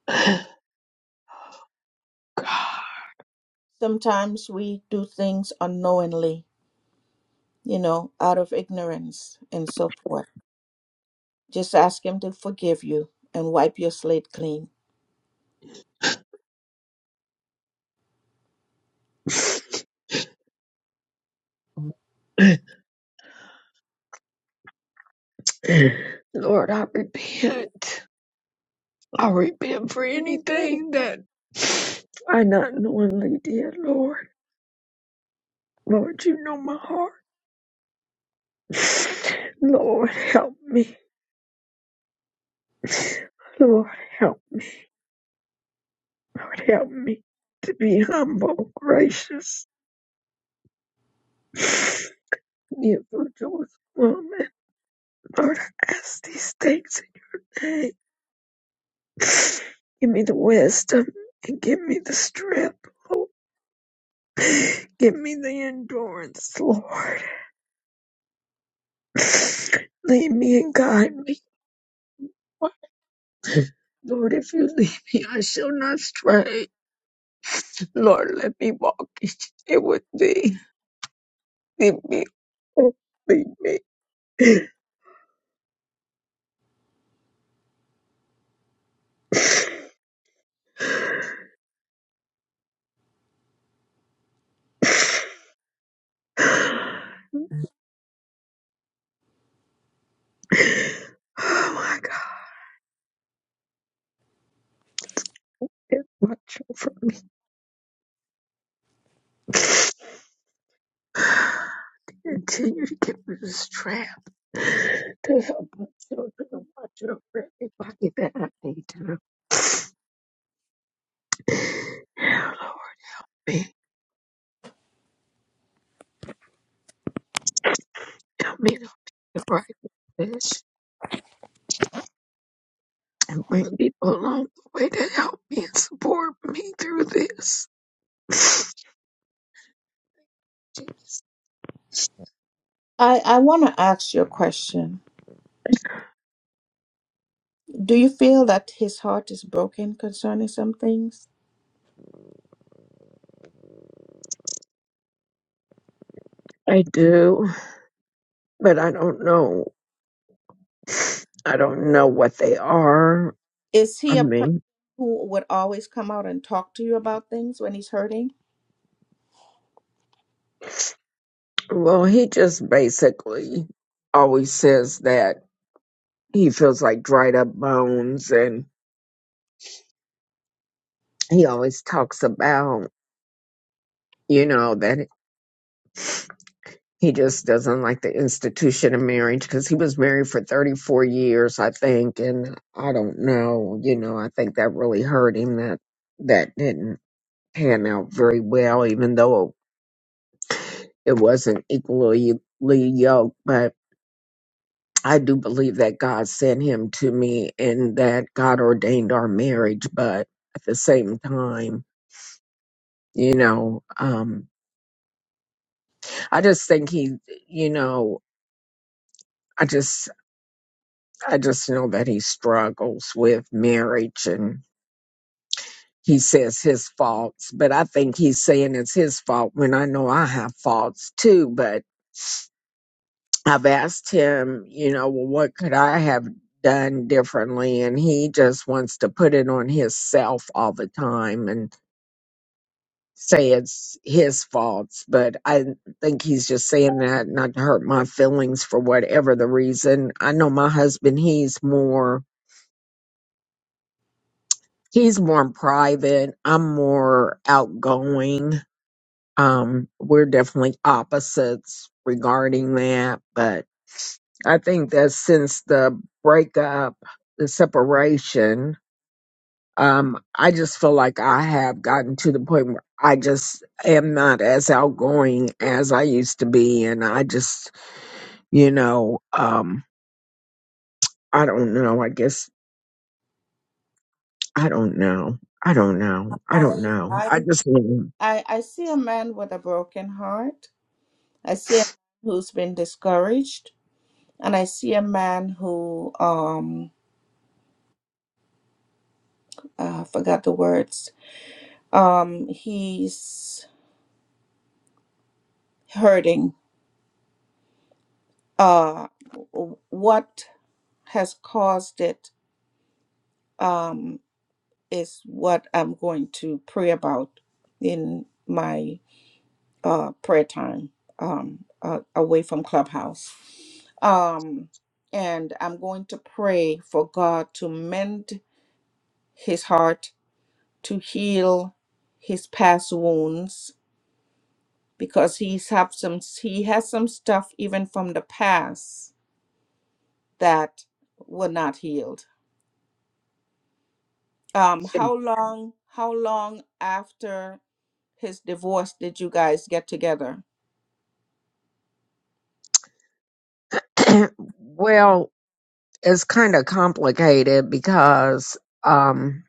C: [SIGHS] God.
A: Sometimes we do things unknowingly, you know, out of ignorance and so forth. Just ask Him to forgive you and wipe your slate clean.
C: Lord, I repent. I repent for anything that [SIGHS] I not knowingly did, Lord. Lord, you know my heart. [SIGHS] Lord, help me. [SIGHS] Lord, help me. Lord, help me to be humble, gracious, be a virtuous woman. Lord, I ask these things in your name. Give me the wisdom and give me the strength, Lord. Give me the endurance, Lord. Lead me and guide me. Lord, if you lead me, I shall not stray. Lord, let me walk each day with thee. Lead me, oh, lead me. Oh my God, it's much for me. To Continue to get me this trap to help my children and my children if I get that I need to. Now, Lord, me, help me to make the right this and bring people along the way to help me and support me through this. Jesus.
A: I, I want to ask you a question. Do you feel that His heart is broken concerning some things?
C: I do, but I don't know. I don't know what they are.
A: Is
C: I
A: He a person
C: mean,
A: who would always come out and talk to you about things when He's hurting?
C: well, he just basically always says that he feels like dried up bones, and he always talks about, you know, that he just doesn't like the institution of marriage because he was married for 34 years, I think, and I don't know, you know, I think that really hurt him that that didn't pan out very well, even though it wasn't equally yoked, but. I do believe that God sent him to me and that God ordained our marriage, but at the same time, you know, um, I just think he, you know, I just, I just know that he struggles with marriage and he says his faults, but I think he's saying it's his fault when I know I have faults too. But I've asked him, you know, well, what could I have done differently? And he just wants to put it on himself all the time. And say it's his faults, but I think he's just saying that not to hurt my feelings for whatever the reason. I know my husband, he's more he's more private. I'm more outgoing. Um, we're definitely opposites regarding that, but I think that since the breakup, the separation, Um, I just feel like I have gotten to the point where I just am not as outgoing as I used to be. And I just, you know, um, I don't know. I guess I don't know. I don't know. I don't
A: I
C: know.
A: I
C: I just,
A: I I see a man with a broken heart. I see a man who's been discouraged. and I see a man who um uh, forgot the words. Um, he's hurting. Uh, w- what has caused it um is what I'm going to pray about in my uh prayer time um uh, away from clubhouse. Um, and I'm going to pray for God to mend his heart to heal his past wounds because he's have some he has some stuff even from the past that were not healed. Um, how
C: [CLEARS THROAT]
A: long how long after his divorce did you guys get together?
C: well, it's kind of complicated because, um,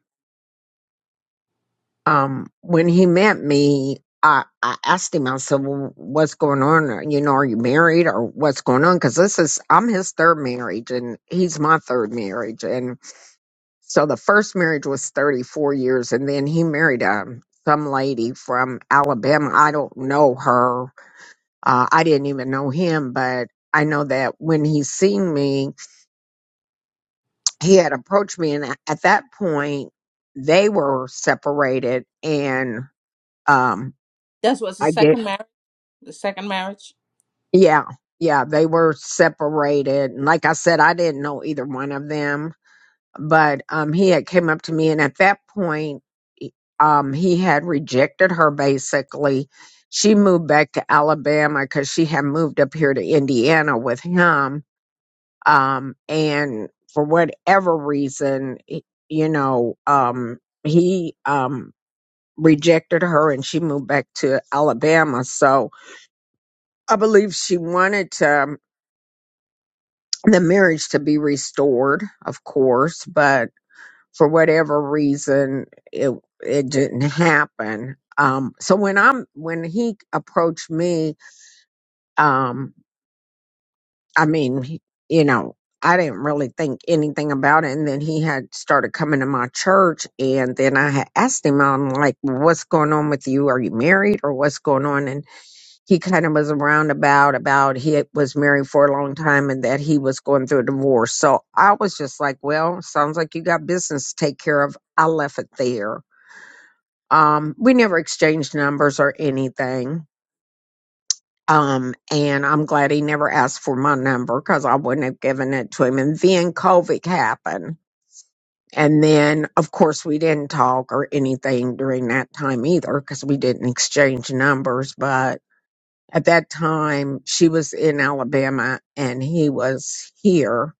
C: um, when he met me, I, I asked him, I said, well, what's going on? You know, are you married or what's going on? Cause this is, I'm his third marriage and he's my third marriage. And so the first marriage was 34 years and then he married um, some lady from Alabama. I don't know her. Uh, I didn't even know him, but I know that when he seen me, he had approached me. And at that point, they were separated and, um,
A: This was the
C: I guess.
A: second marriage. The second marriage.
C: Yeah, yeah, they were separated. And like I said, I didn't know either one of them, but um he had came up to me and at that point he- um he had rejected her basically. She moved back to Alabama cuz she had moved up here to Indiana with him um and for whatever reason, y- you know, um he um rejected her and she moved back to Alabama. So I believe she wanted to. um, the marriage to be restored, of course, but for whatever reason, it it didn't happen. Um, so when I'm when he approached me, um, I mean, he- you know, I didn't really think anything about it, and then he had started coming to my church, and then I had asked him, I'm like, "Well, "What's going on with you? Are you married, or what's going on?" he kind of was a roundabout about he was married for a long time and that he was going through a divorce. So I was just like, well, sounds like you got business to take care of. I left it there. Um, we never exchanged numbers or anything. Um, and I'm glad he never asked for my number because I wouldn't have given it to him. And then COVID happened. And then, of course, we didn't talk or anything during that time either because we didn't exchange numbers. But at that time she was in Alabama and he was here.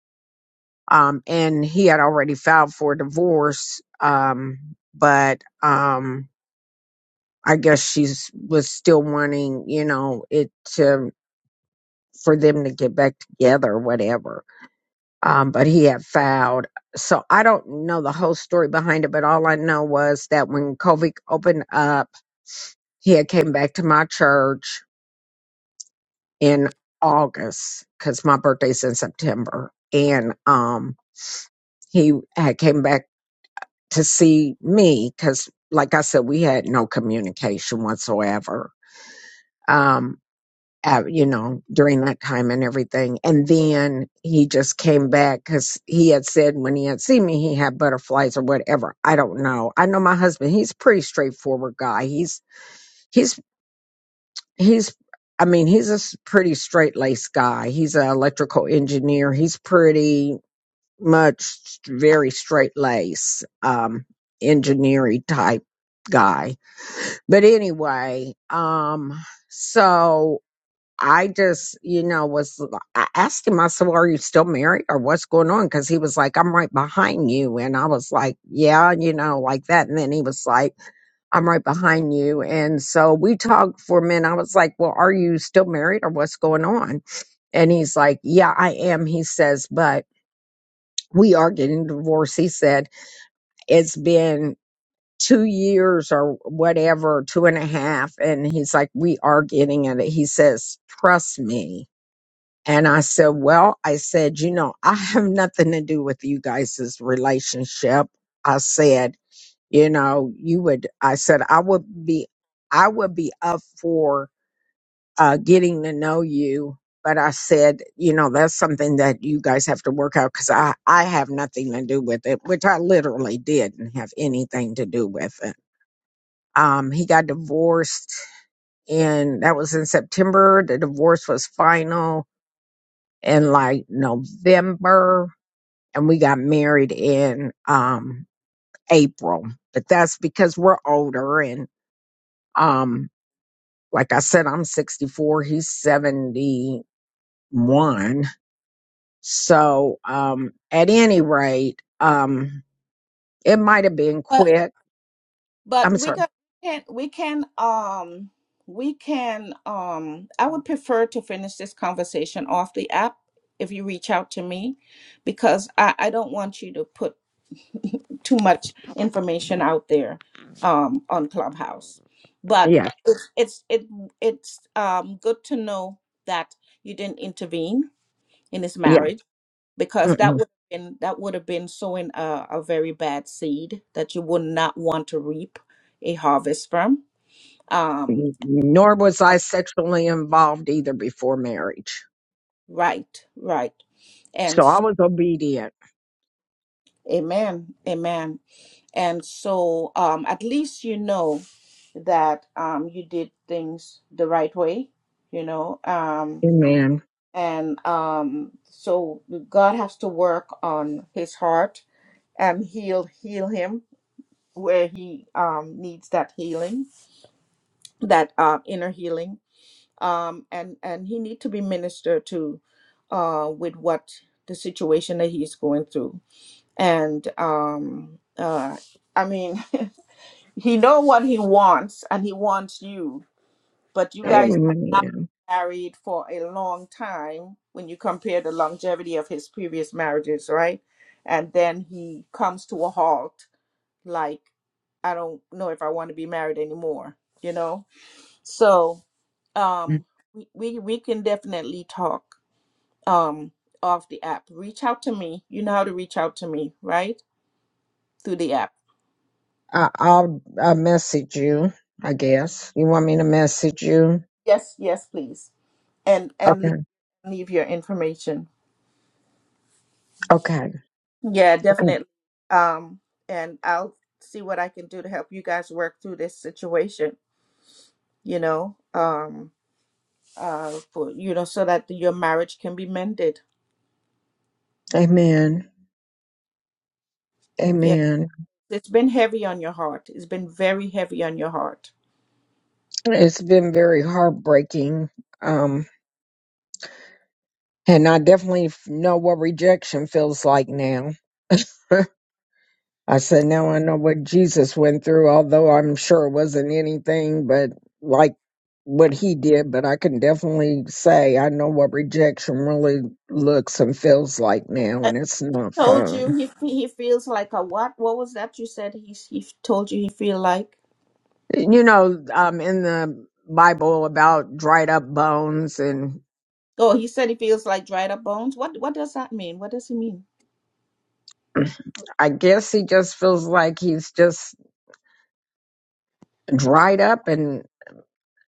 C: Um, and he had already filed for divorce. Um, but, um, I guess she's was still wanting, you know, it to, for them to get back together or whatever. Um, but he had filed. So I don't know the whole story behind it, but all I know was that when Kovic opened up, he had came back to my church in August because my birthday's in September, and um, he had came back to see me because, like I said, we had no communication whatsoever. Um, uh, you know, during that time and everything, and then he just came back because he had said when he had seen me, he had butterflies or whatever. I don't know. I know my husband; he's a pretty straightforward guy. He's he's he's i mean he's a s- pretty straight laced guy he's an electrical engineer he's pretty much very straight laced um engineering type guy but anyway um so i just you know was i asked him i said well are you still married or what's going on because he was like i'm right behind you and i was like yeah you know like that and then he was like I'm right behind you. And so we talked for a minute. I was like, Well, are you still married or what's going on? And he's like, Yeah, I am. He says, But we are getting divorced. He said, It's been two years or whatever, two and a half. And he's like, We are getting it. He says, Trust me. And I said, Well, I said, You know, I have nothing to do with you guys' relationship. I said, you know you would i said i would be i would be up for uh getting to know you but i said you know that's something that you guys have to work out because i i have nothing to do with it which i literally didn't have anything to do with it um he got divorced and that was in september the divorce was final in like november and we got married in um april but that's because we're older and um like I said, I'm 64, he's 71. So, um, at any rate, um, it might have been
A: But
C: quick.
A: but
C: I'm
A: we
C: sorry.
A: got, can we can um we can um I would prefer to finish this conversation off the app if you reach out to me because I, I don't want you to put too much information out there um on Clubhouse. But
C: Yeah.
A: it's it's it, it's um good to know that you didn't intervene in his
C: Yeah.
A: marriage because that
C: Mm-mm.
A: would have been that would have been sowing a, a very bad seed that you would not want to reap a harvest from. Um,
C: Nor was
A: um,
C: I sexually involved either before marriage.
A: right, right, and
C: So I
A: so,
C: was obedient.
A: amen, amen, and so um, at least you know that um, you did things the right way, you know, um,
C: Amen.
A: and um, so God has to work on his heart and heal heal him where he um, needs that healing that uh, inner healing um, and and he need to be ministered to uh, with what the situation that he's going through and um, uh, i mean [LAUGHS] he know what he wants and he wants you but you guys have not
C: Amen.
A: been married for a long time when you compare the longevity of his previous marriages right and then he comes to a halt like i don't know if i want to be married anymore you know so um we, we we can definitely talk um off the app reach out to me you know how to reach out to me right through the app
C: I, I'll, I'll message you, I guess. You want me to message you?
A: yes yes please and and leave,
C: Okay.
A: leave your information
C: Okay.
A: yeah
C: Okay.
A: definitely um and i'll see what i can do to help you guys work through this situation you know um uh for you know so that your marriage can be mended
C: Amen.
A: yeah
C: Amen.
A: it's been heavy on your heart it's been very heavy on your heart
C: It's been very heartbreaking. Um, and I definitely f- know what rejection feels like now. [LAUGHS] I said, now I know what Jesus went through, although I'm sure it wasn't anything but like what he did. But I can definitely say I know what rejection really looks and feels like now, and it's not
A: told you
C: fun.
A: he fe- he feels like a what? What was that you said? He he told you he feel like.
C: You know, um, in the Bible about dried up bones and
A: Oh, he said he feels like dried up bones. What what does that mean? What does he mean?
C: [CLEARS THROAT] I guess he just feels like he's just dried up and.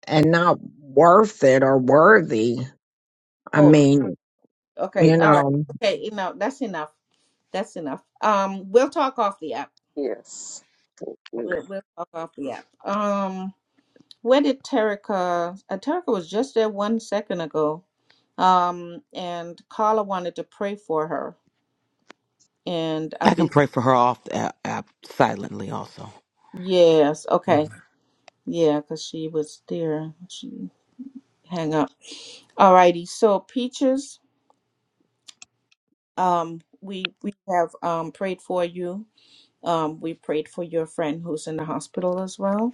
C: and not worth it or worthy. I
A: Oh,
C: mean,
A: okay,
C: you
A: all right,
C: know,
A: okay. Enough. That's enough. That's enough. Um, we'll talk off the app.
F: Yes. Thank you.
A: We'll we'll talk off the app. Um, where did Terica? Uh, Terica was just there one second ago. Um, and Carla wanted to pray for her, and I
B: I can
A: believe
B: pray for her off uh, uh, silently. Also,
A: yes. Okay,
B: Mhm.
A: yeah, because she was there. She. hang up. All righty. So peaches, um, we we have um prayed for you. Um, we prayed for your friend who's in the hospital as well,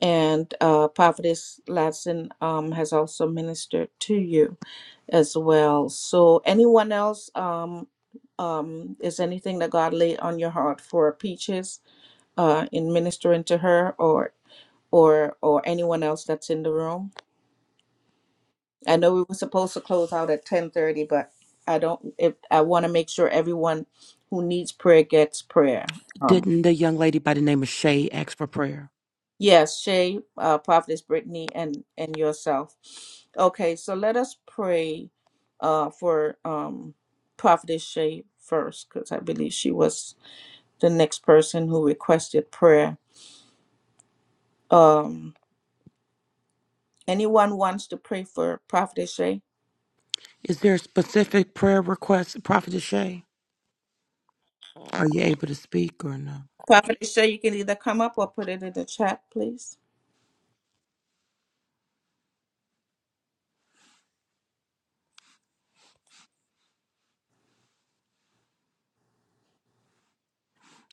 A: and uh, Prophetess Ladson um has also ministered to you as well. So anyone else um. Um, is anything that God laid on your heart for Peaches uh, in ministering to her, or or or anyone else that's in the room? I know we were supposed to close out at 10:30, but I don't if I want to make sure everyone who needs prayer gets prayer. Um
B: didn't the young lady by the name of Shay ask for prayer?
A: yes, Shay, uh Prophetess Brittany and and yourself. Okay, so let us pray uh for um Prophetess Shay first cuz I believe she was the next person who requested prayer. Um anyone wants to pray for Prophetess Shay?
B: Is there a specific prayer request, Prophet Shay? Are you able to speak or no?
A: Prophetess Shay, you can either come up or put it in the chat, please.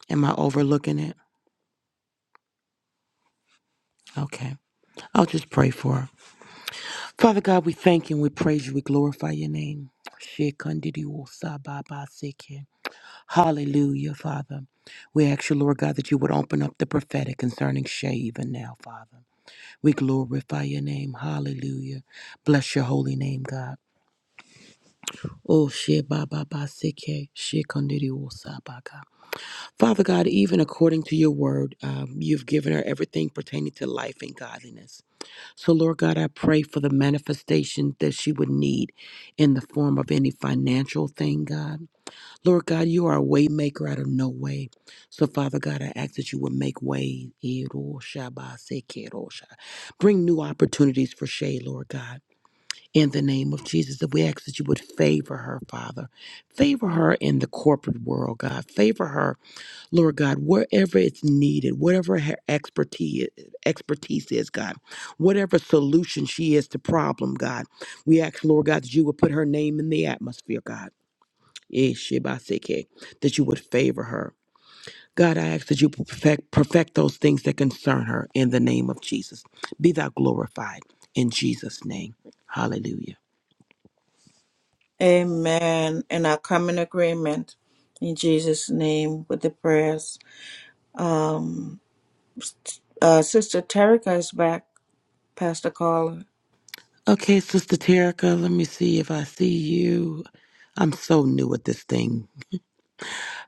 B: Am I overlooking it? Okay. I'll just pray for her. Father God, we thank you and we praise you. We glorify your name. Shekindidiwosababaseke. Hallelujah, Father. We ask you, Lord God, that you would open up the prophetic concerning Shay even now, Father. We glorify your name. Hallelujah. Bless your holy name, God. Oh, Shebababaseke, Shekindidiwosabaka. Father God, even according to your word, um, you've given her everything pertaining to life and godliness. So, Lord God, I pray for the manifestation that she would need in the form of any financial thing, God. Lord God, you are a way maker out of no way. So, Father God, I ask that you would make way. Bring new opportunities for Shay, Lord God. In the name of Jesus, that we ask that you would favor her, Father. Favor her in the corporate world, God. Favor her Lord God, wherever it's needed, whatever her expertise expertise is, God, whatever solution she is to problem, God, we ask, Lord God, that you would put her name in the atmosphere, God. Eh, shibaseke, That you would favor her. God, I ask that you perfect, perfect those things that concern her in the name of Jesus. Be thou glorified in Jesus' name. Hallelujah.
A: Amen. And I come in agreement in Jesus' name with the prayers. Um, uh, Sister Terica is back, Pastor Caller.
B: Okay, Sister Terica, let me see if I see you. I'm so new at this thing.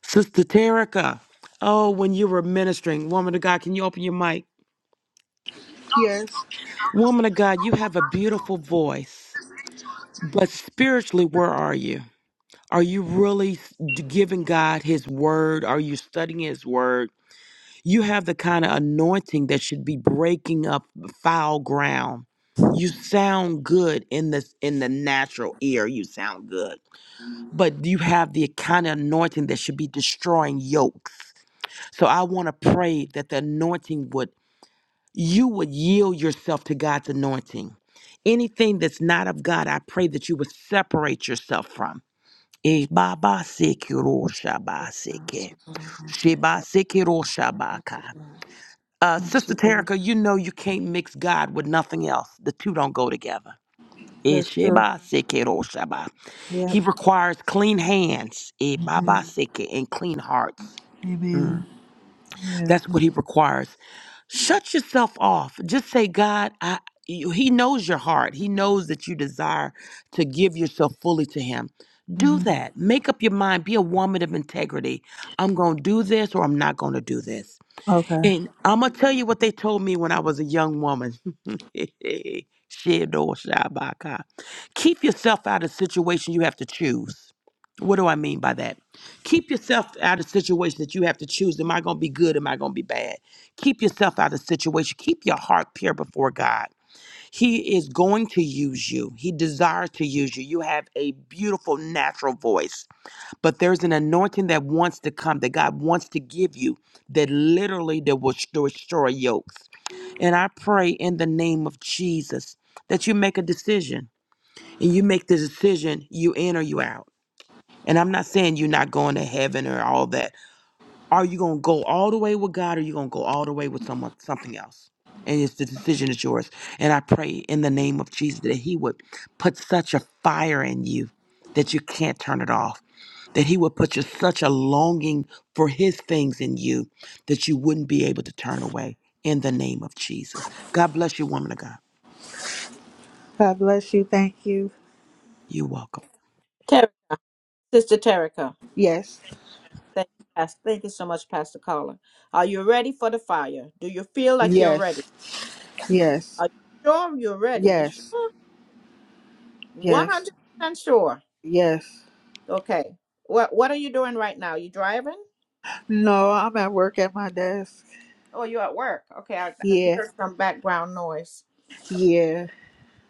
B: Sister Terica, oh, when you were ministering, woman of God, can you open your mic?
E: Yes.
B: Woman of God, you have a beautiful voice, but spiritually, where are you? Are you really s- giving God His word? Are you studying His word? You have the kind of anointing that should be breaking up foul ground. You sound good in this in the natural ear. You sound good, but you have the kind of anointing that should be destroying yokes. So I want to pray that the anointing would, you would yield yourself to God's anointing. Anything that's not of God, I pray that you would separate yourself from. Eh, ba, ba, se, ki, ro, sha, ba, se, ke. She, ba, se, ki, ro, sha, ba, ka. Uh, Sister Terica, you know you can't mix God with nothing else. The two don't go together. Eh,
E: That's
B: she,
E: true.
B: ba, se, ki, ro, sha, ba.
E: Yep.
B: He requires clean hands eh, ba, ba,
E: Amen.
B: se, ke, and clean hearts. Mm.
E: Amen. Yeah.
B: That's what he requires. shut yourself off. Just say, God, I. You, he knows your heart. He knows that you desire to give yourself fully to Him. Do
E: hmm
B: that. Make up your mind. Be a woman of integrity. I'm going to do this or I'm not going to do this
E: Okay.
B: and I'm gonna tell you what they told me when I was a young woman. [LAUGHS] Shit shabaka. Keep yourself out of situations you have to choose. What do I mean by that? Keep yourself out of situations that you have to choose. Am I gonna be good? Am I gonna be bad? Keep yourself out of situation. Keep your heart pure before God. He is going to use you. He desires to use you. You have a beautiful natural voice but there's an anointing that wants to come that God wants to give you that literally that will sh- destroy yokes. And I pray in the name of Jesus that you make a decision and you make the decision you in or you out. And I'm not saying you're not going to heaven or all that. Are you going to go all the way with God or you going to go all the way with someone something else? And it's the decision is yours. And I pray in the name of Jesus that he would put such a fire in you that you can't turn it off that he would put you such a longing for his things in you that you wouldn't be able to turn away in the name of Jesus. God bless you, woman of God.
E: God bless you. Thank you.
B: You're welcome.
A: Ter- Sister Terica,
E: Yes.
A: thank you, Pastor. Thank you so much, Pastor Caller. Are you ready for the fire? Do you feel like you're ready?
E: Yes. Yes.
A: Are you sure you're ready? You
E: Yes.
A: sure? One
E: Yes.
A: hundred percent sure.
E: Yes.
A: Okay. What What are you doing right now? You driving?
E: No, I'm at work at my desk.
A: Oh, you're at work. Okay, I, I
E: Yeah.
A: heard some background noise.
E: Yeah.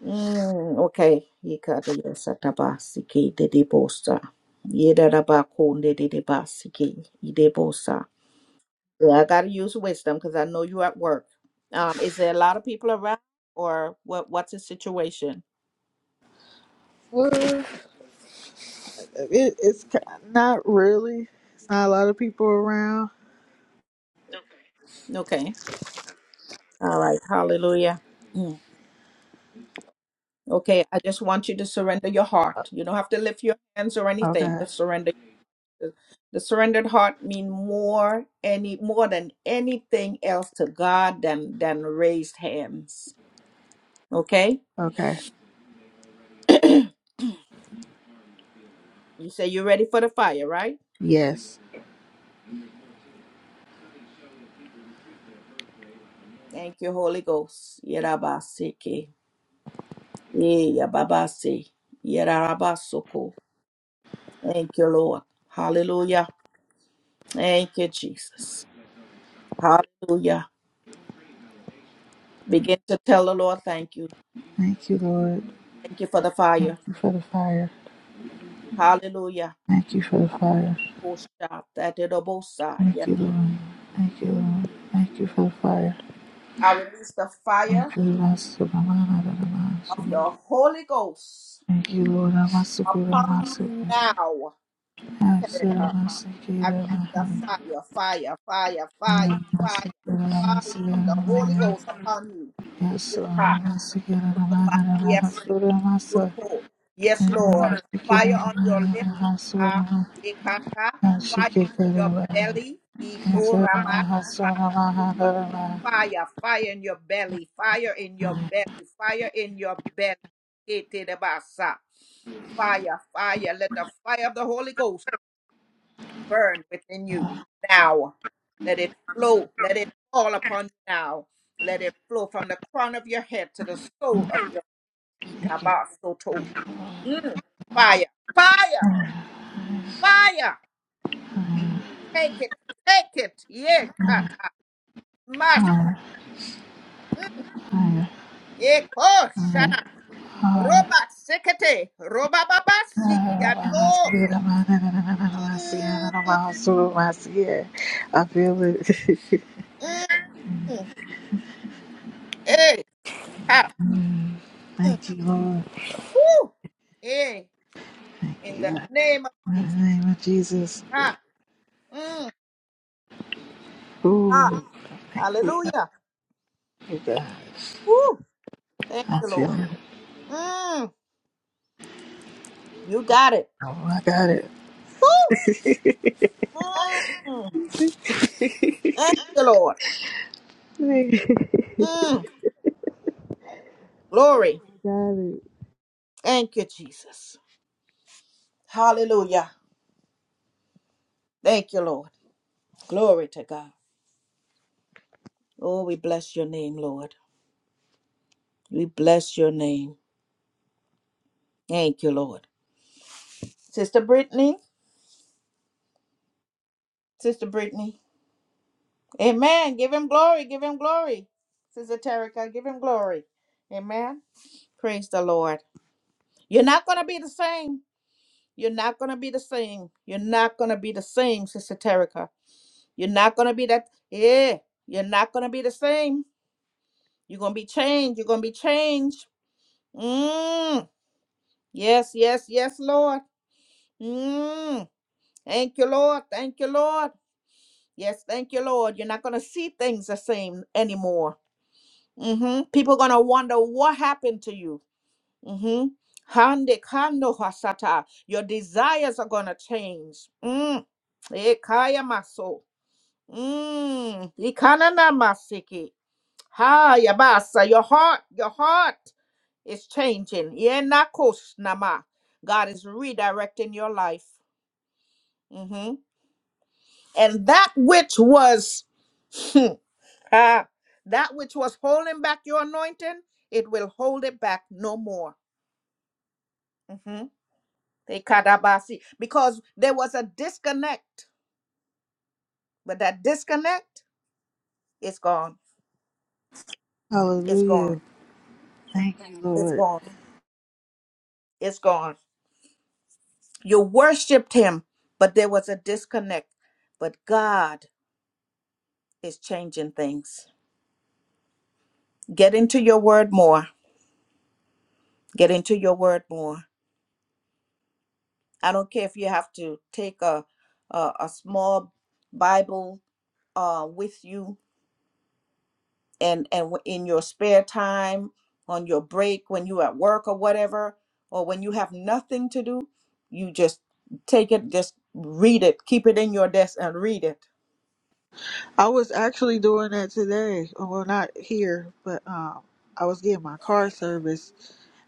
A: Mm, okay. Ikada yasatabaski dedebosa. Yedarabako dedebaski idebosa. Yeah, I gotta use wisdom because I know you're at work. Um, is there a lot of people around or what what's the situation?
E: Well, it, it's ki- not really. It's not a lot of people around.
A: Okay. All right. Hallelujah. Mm. Okay, I just want you to surrender your heart. You don't have to lift your hands or anything,
E: Okay.
A: but surrender. The surrendered heart mean more any more than anything else to God than than raised hands Okay?
E: Okay.
A: [CLEARS THROAT] you say you're ready for the fire, right?
E: Yes.
A: Thank you, Holy Ghost. Yerabaseke. Yeyababase. Yerabasoko. Thank you, Lord. Hallelujah. Thank you, Jesus. Hallelujah. Begin to tell the Lord thank you.
E: Thank you, Lord.
A: Thank you for the
E: Thank
A: fire.
E: you for the fire.
A: Hallelujah.
E: Thank you for the fire. Thank you, Lord. Thank you, Lord. Thank you for the fire.
A: I release the fire
E: Thank you, Lord. Thank you,
A: of
E: Lord.
A: the Holy Ghost
E: I'm a secure, I'm
A: upon you now,
E: I said,
A: Terica.
E: I'm a secure,
A: I
E: I'm a
A: release the fire, fire, fire, fire,
E: I'm a
A: fire,
E: secure, I'm
A: fire of the Holy Ghost upon you.
E: Yes,
A: Ha. Roba, Yes, Roko. Yes, Lord. Fire on your lips. Ha. Ekata. Fire in your belly. Ito raba. Ka. Fire, fire in your belly, fire in your belly, fire in your belly. Ete de basa. Fire, fire, let the fire of the Holy Ghost burn within you now. Let it flow. Let it fall upon you now. Let it flow from the crown of your head to the sole of your feet.
E: I
A: Tabasoto. Mm. Fire, fire, fire. Take it, take it. Yekata. Mash. Yeko. Shana. Roba sekete. Roba baba sikiato. Mm,
E: feel it. [LAUGHS]
A: mm, mm. Eh. Ha. Mm.
E: Thank you, Lord.
A: Woo. Eh.
E: Thank
A: In the
E: you. In
A: name of Jesus.
E: the name of Jesus.
A: Ha. Mm. God.
E: Ooh, okay.
A: Hallelujah.
E: thank you guys.
A: Woo. Thank
E: I'm
A: you, Lord.
E: feeling.
A: Mm, you got it.
E: Oh, I got it.
A: Woo. Mm,
E: [LAUGHS]
A: thank you, Lord.
E: I
A: Mm, glory.
E: got it.
A: Thank you, Jesus. Hallelujah. Thank you, Lord. Glory to God. Oh, we bless your name, Lord. We bless your name. Thank you, Lord. Sister Brittany. Sister Brittany. Amen. Give him glory. Give him glory. Sister Terica, give him glory. Amen. Praise the Lord. You're not going to be the same. You're not gonna be the same. You're not gonna be the same, Sister Terica. You're not gonna be that. Yeah, you're not gonna be the same. You're gonna be changed. You're gonna be changed. Mm. Yes, yes, yes, Lord. Mm. Thank you, Lord. Thank you, Lord. Yes, thank you, Lord. You're not gonna see things the same anymore. hmm People are gonna wonder what happened to you. hmm Hande kando hasata. Your desires are gonna change. Mm. Ekaya maso. Mm, ikananamasiki. Ha, yabasa. Your heart, your heart is changing. Yenakos Nama. God is redirecting your life. hmm And that which was, [LAUGHS] ah, that which was holding back your anointing, it will hold it back no more. hmm Because there was a disconnect, but that disconnect is gone. It's gone.
E: Hallelujah. Thank you,
A: It's
E: Lord.
A: gone. It's gone. You worshiped him, but there was a disconnect. But God is changing things. Get into your word more. Get into your word more. I don't care if you have to take a a, a small Bible uh, with you and and w- in your spare time, on your break, when you're at work or whatever, or when you have nothing to do, you just take it, just read it, keep it in your desk and read it.
E: I was actually doing that today. Well, not here, but um, I was getting my car service,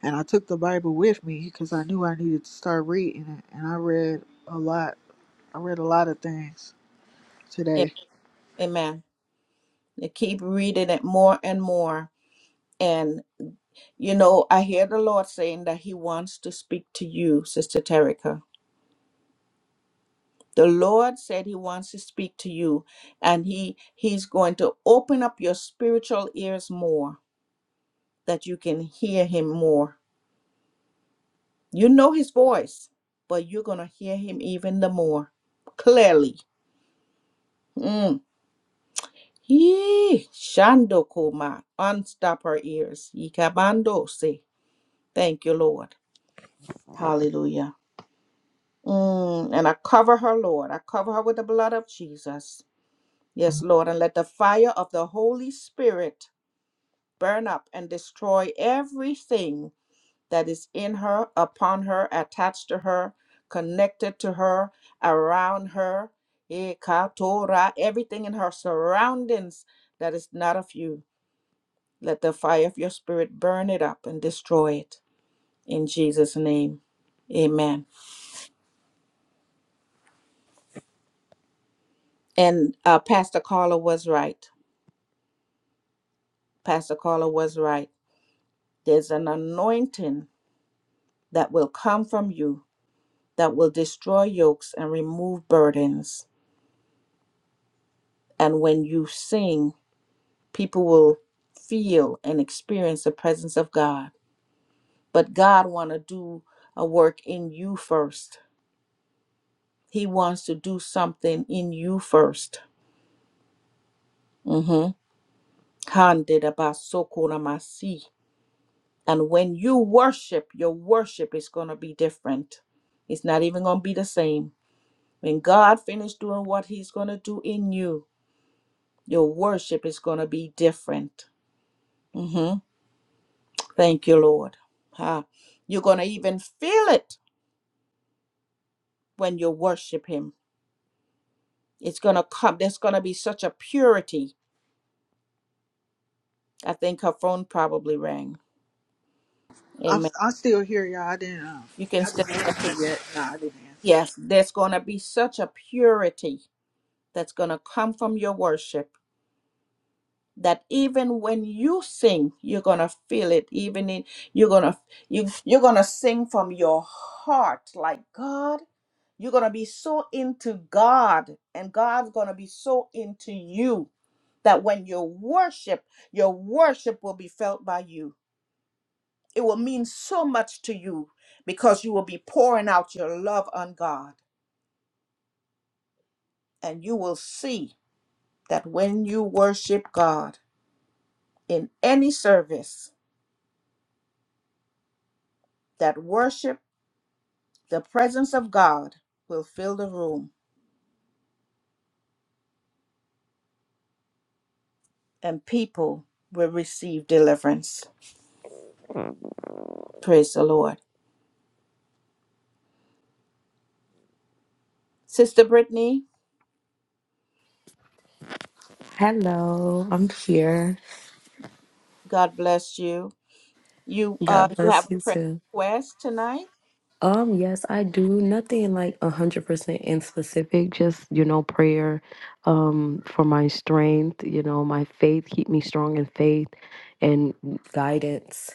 E: and I took the Bible with me because I knew I needed to start reading it, and I read a lot. I read a lot of things
A: Am-
E: today.
A: Amen. I keep reading it more and more. And, you know, I hear the Lord saying that He wants to speak to you, Sister Terica. The Lord said He wants to speak to you, and He He's going to open up your spiritual ears more, that you can hear Him more. You know His voice, but you're gonna hear Him even the more clearly. Mm. Yee, Shando Koma, unstop our ears. Yikabando se. Thank you, Lord. Hallelujah. Mm, and I cover her, Lord. I cover her with the blood of Jesus. Yes, Lord. And let the fire of the Holy Spirit burn up and destroy everything that is in her, upon her, attached to her, connected to her, around her. Eh, katora, Everything in her surroundings that is not of you. Let the fire of your spirit burn it up and destroy it. In Jesus' name. Amen. And uh, Pastor Carla was right Pastor Carla was right. There's an anointing that will come from you that will destroy yokes and remove burdens. And when you sing, people will feel and experience the presence of God. But God want to do a work in you first. He wants to do something in you first. Mhm. Handidabasokoramasi. And when you worship, your worship is going to be different. It's not even going to be the same When God finished doing what He's going to do in you, your worship is going to be different. Mhm. Thank you, Lord. Ah, You're going to even feel it when you worship Him. It's going to come. There's going to be such a purity. I think her phone probably rang.
E: I'm
A: Amen.
E: I'm still here, y'all. I didn't. Um,
A: You can
E: I
A: still
E: didn't
A: hear.
E: answer yet. No, I didn't answer.
A: Yes, there's going to be such a purity that's going to come from your worship that even when you sing you're gonna feel it even in you're gonna you, you're gonna sing from your heart like god you're gonna be so into god and god's gonna be so into you that when you worship your worship will be felt by you it will mean so much to you because you will be pouring out your love on god and you will see that when you worship god in any service that worship The presence of God will fill the room and people will receive deliverance. Praise the Lord. Sister Brittany,
G: Hello, I'm here.
A: God bless you. You uh
G: God
A: you have
G: bless you
A: a prayer
G: too.
A: request tonight?
G: Um, yes, I do nothing like a hundred percent in specific, just you know, prayer, um, for my strength, you know, my faith, keep me strong in faith and guidance.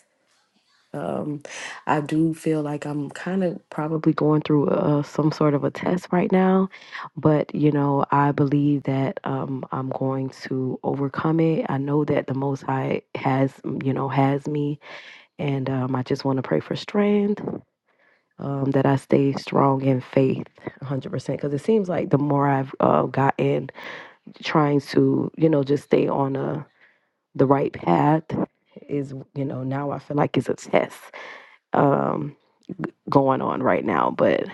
G: Um, I do feel like I'm kind of probably going through uh, some sort of a test right now, but you know, I believe that um, I'm going to overcome it. I know that the Most High has, you know, has me And um, I just want to pray for strength, um, that I stay strong in faith 100%. Because it seems like the more I've uh, gotten trying to, you know, just stay on uh the right path is, you know, now I feel like it's a test um, going on right now. But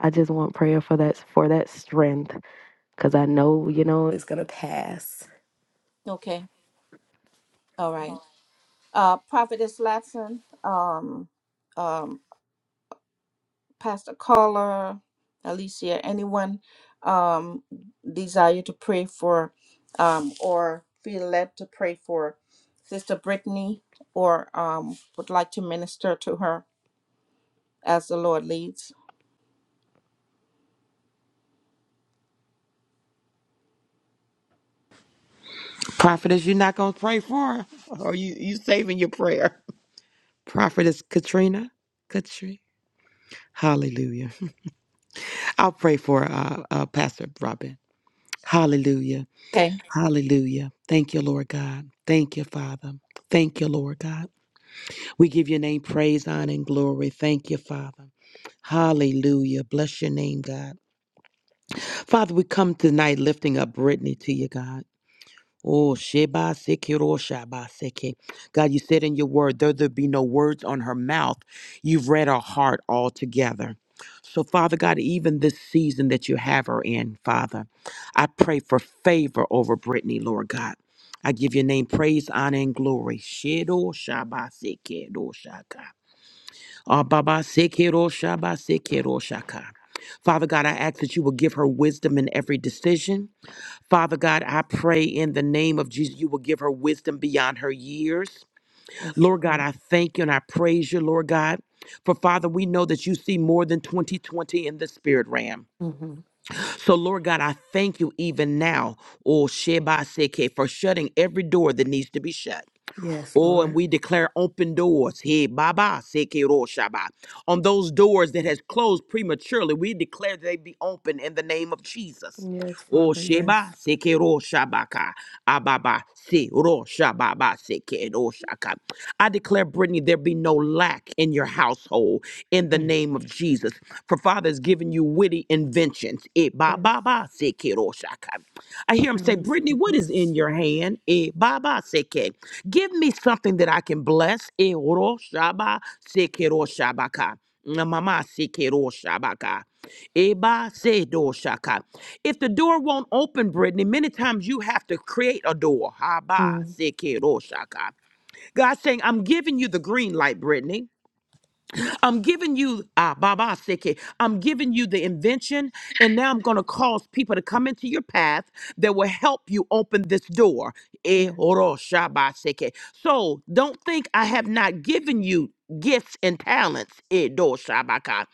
G: I just want prayer for that, for that strength. Because I know, you know, it's going to pass.
A: Okay. All right. Uh Prophetess Latson, um um Pastor Carla, Alicia, anyone um, desire to pray for um, or feel led to pray for Sister Brittany or um, would like to minister to her as the Lord leads?
B: Prophetess, you're not going to pray for her? Or you, you saving your prayer? Prophetess Katrina? Katrina? Hallelujah. I'll pray for uh, uh, Pastor Robin. Hallelujah.
A: Okay,
B: Hallelujah. Thank you, Lord God. Thank you, Father. Thank you, Lord God. We give your name praise, honor, and glory. Thank you, Father. Hallelujah. Bless your name, God. Father, we come tonight lifting up Brittany to you, God. Oh, Sheba Sekiro Shaba Seke. God, you said in your word, though there be no words on her mouth, you've read her heart altogether. So, Father God, even this season that you have her in, Father, I pray for favor over Brittany, Lord God. I give your name praise, honor, and glory. Shedo Shaba Seke Do Shaka. Ah, Baba, Sekiro Shaba, Sekiro Shaka. Father God, I ask that you will give her wisdom in every decision. Father God, I pray in the name of Jesus, you will give her wisdom beyond her years.
G: Yes,
B: Lord God,
G: Lord.
B: I thank you and I praise you, Lord God. For Father, we know that you see more than 2020 in the spirit realm.
G: hmm
B: So, Lord God, I thank you even now, oh Sheba Seke, for shutting every door that needs to be shut.
G: Yes,
B: Oh, and
G: Lord.
B: we declare open doors. Hey, Baba, Sekiro Shaba. On those doors that has closed prematurely, we declare they be open in the name of Jesus.
G: Yes.
B: Oh,
G: Father, yes.
B: Sheba, Sekiro Shabaka. Ababa, Sekiro Shababa, Sekiro Shaka. I declare, Brittany, there be no lack in your household in the
G: Mm.
B: name of Jesus. For Father has given you witty inventions. Eh,
G: Yes.
B: Baba, Sekiro Shaka. I hear him
G: I
B: say,
G: Um, receive
B: Brittany, what is
G: it.
B: in your hand? Eh, Baba Seke. Give me something that I can bless. Eh, Oro Shaba Seke Ro Shabaka. Na Mama Seke Ro Shabaka. Eh, Ba Se Do Shaka. If the door won't open, Brittany, many times you have to create a door. Haba Ba
G: Mm,
B: Seke Ro Shaka. God's saying, I'm giving you the green light, Brittany. I'm giving you ah Baba Seke. I'm giving you the invention, and now I'm gonna cause people to come into your path that will help you open this door. Eh,
G: yeah.
B: oro shaba seke. So don't think I have not given you gifts and talents. Eh, do shabaka.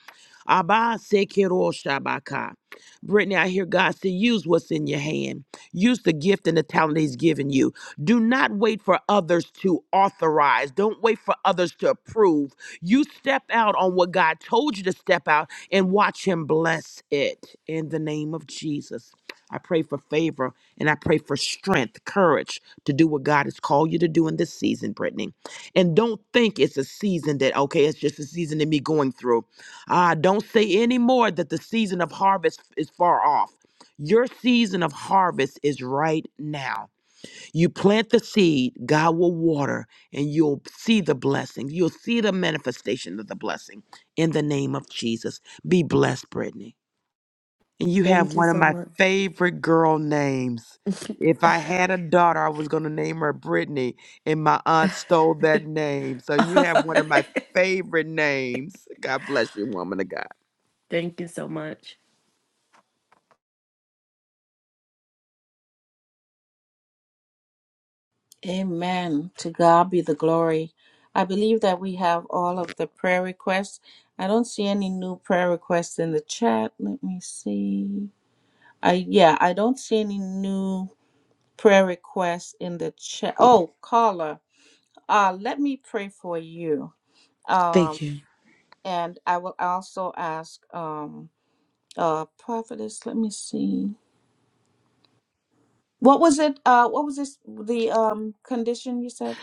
B: Abba sekiro shabaka. Brittany, I hear God say, use what's in your hand. Use the gift and the talent He's given you. Do not wait for others to authorize. Don't wait for others to approve. You step out on what God told you to step out and watch Him bless it in the name of Jesus. I pray for favor and I pray for strength, courage to do what God has called you to do in this season, Brittany. And don't think it's a season that, okay, it's just a season of me going through. Ah, don't say anymore that the season of harvest is far off. Your season of harvest is right now. You plant the seed, God will water, and you'll see the blessing. You'll see the manifestation of the blessing in the name of Jesus. Be blessed, Brittany. And you have
G: Thank you
B: one of
G: so
B: my
G: much.
B: favorite girl names. If I had a daughter, I was going to name her Brittany, and my aunt stole that name. So you have one of my favorite names. God bless you, woman of God.
G: Thank you so much.
A: amen. To God be the glory. I believe that we have all of the prayer requests. I don't see any new prayer requests in the chat. Let me see. I yeah, I don't see any new prayer requests in the chat. Oh, caller, uh, let me pray for you. Um,
B: Thank you.
A: and I will also ask um, uh, prophetess. Let me see. What was it? Uh, what was this? The um condition you said?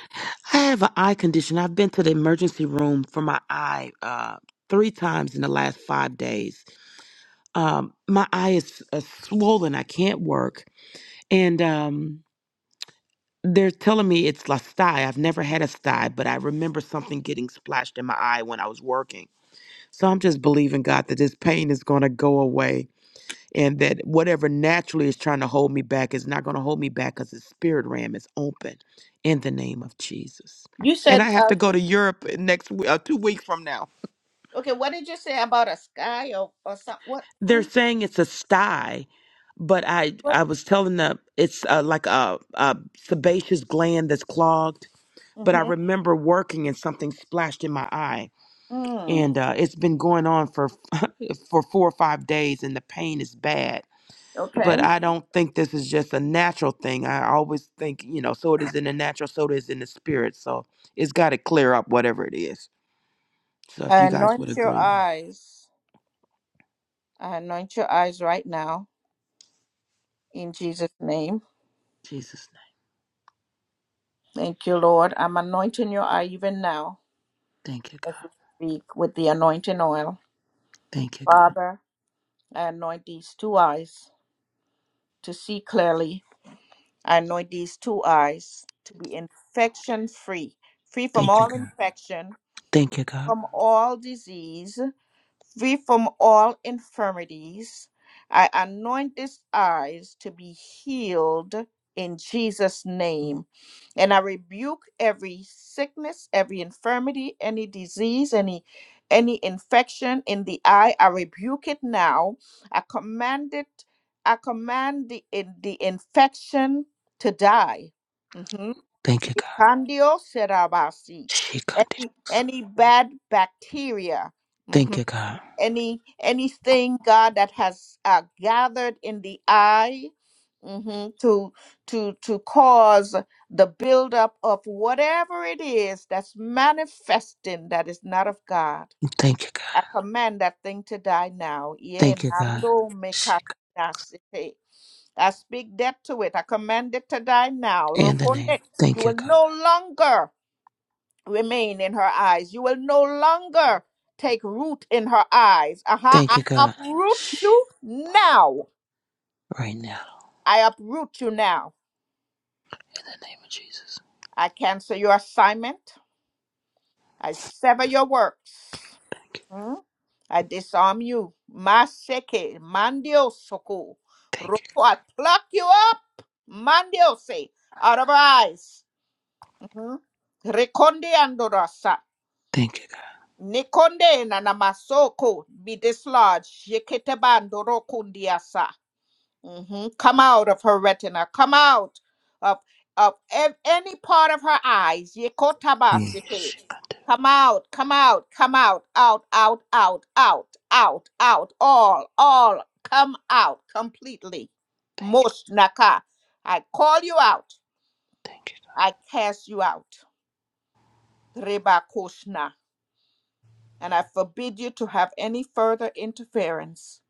B: I have an eye condition. I've been to the emergency room for my eye uh, three times in the last five days. Um, my eye is uh, swollen. I can't work. And um, they're telling me it's la sty. I've never had a sty, but I remember something getting splashed in my eye when I was working. So I'm just believing God that this pain is going to go away. and that whatever naturally is trying to hold me back is not going to hold me back because the spirit ram is open in the name of Jesus.
A: You
B: And
A: said
B: I have
A: uh,
B: to go to Europe next week, uh, two weeks from now.
A: okay. What did you say about a sky or or something? What?
B: They're
A: huh?
B: saying it's a sty, but I
A: What?
B: I was telling them it's uh, like a, a sebaceous gland that's clogged. But I
A: Mm-hmm.
B: remember working and something splashed in my eye,
A: Mm,
B: and uh, it's been going on for for four or five days, and the pain is bad but
A: okay.
B: I don't think this is just a natural thing. I always think, you know, so it is in the natural, so it is in the spirit. So it's got to clear up whatever it is. So if
A: I
B: you guys
A: anoint
B: would
A: your
B: agree,
A: eyes. I anoint your eyes right now in Jesus' name.
B: Jesus' name.
A: Thank you, Lord. I'm anointing your eye even now
B: Thank you, God.
A: as we speak with the anointing oil.
B: Thank you, God.
A: Father, I anoint these two eyes to see clearly. I anoint these two eyes to be infection free, free from
B: Thank you,
A: all
B: God.
A: infection,
B: Thank you, God.
A: from all disease, free from all infirmities. I anoint his eyes to be healed in Jesus' name. And I rebuke every sickness, every infirmity, any disease, any any infection in the eye. I rebuke it now. I command it, I command the, in, the infection to die. Mhm.
B: Thank you, God.
A: Ikandio serabasi.
B: She counted.
A: Any, any bad bacteria. Mm-hmm
B: Thank you, God.
A: any anything god that has uh, gathered in the eye mhm, to to to cause the buildup of whatever it is that's manifesting that is not of god
B: Thank you, God.
A: i command that thing to die now Yeah,
B: Thank you, God.
A: nando
B: She con-
A: mekasete. i speak death to it i command it to die now
B: in the
A: rokonde
B: name.
A: you
B: Thank you,
A: will
B: God.
A: no longer remain in her eyes. You will no longer take root in her eyes. Aha,
B: Thank
A: I
B: you, God.
A: uproot
B: She
A: you now.
B: right now
A: I uproot you now.
B: in the name of Jesus.
A: I cancel your assignment. I sever your works.
B: Thank you.
A: Hmm? I disarm you. Maseke, mandio soko.
B: Thank
A: Roko,
B: you.
A: I pluck you up. Mandio se, out of her eyes. Mhm. Rekonde andorasa.
B: Thank you, God.
A: Nikonde na namasoko be dislodged. Yeketebando rokundiasa. Mhm. Come out of her retina. Come out of of ev- any part of her eyes.
B: Mm.
A: Yekotabasite.
B: She counted.
A: Come out, come out, come out, out, out, out, out, out, out, all, all, come out completely.
B: Thank you.
A: Moshnaka. I call you out.
B: Thank you. God.
A: I cast you out. Reba and I forbid you to have any further interference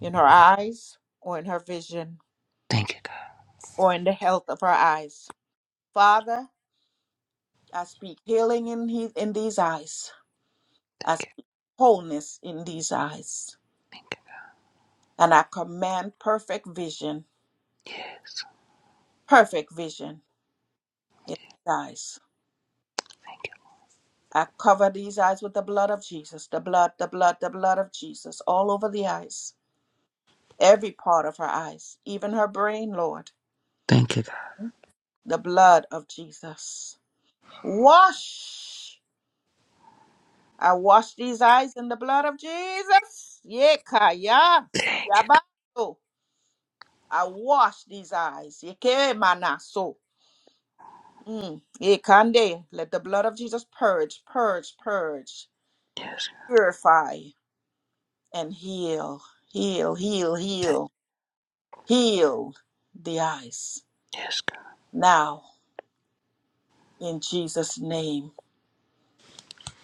A: in her eyes or in her vision
B: Thank you, God.
A: or in the health of her eyes. Father, I speak healing in, he- in these eyes. I speak wholeness in these eyes. And I command perfect vision, perfect vision in these eyes. I cover these eyes with the blood of Jesus, the blood, the blood, the blood of Jesus, all over the eyes, every part of her eyes, even her brain, Lord,
B: Thank you, God.
A: the blood of Jesus. Wash. I wash these eyes in the blood of Jesus. Yekaya.
B: Thank you, God.
A: Yabato. I wash these eyes. Yekemanaso. Mm. Yekande. Let the blood of Jesus purge, purge, purge, purify, and heal, heal, heal, heal, heal the eyes.
B: Yes, God.
A: Now, in Jesus' name.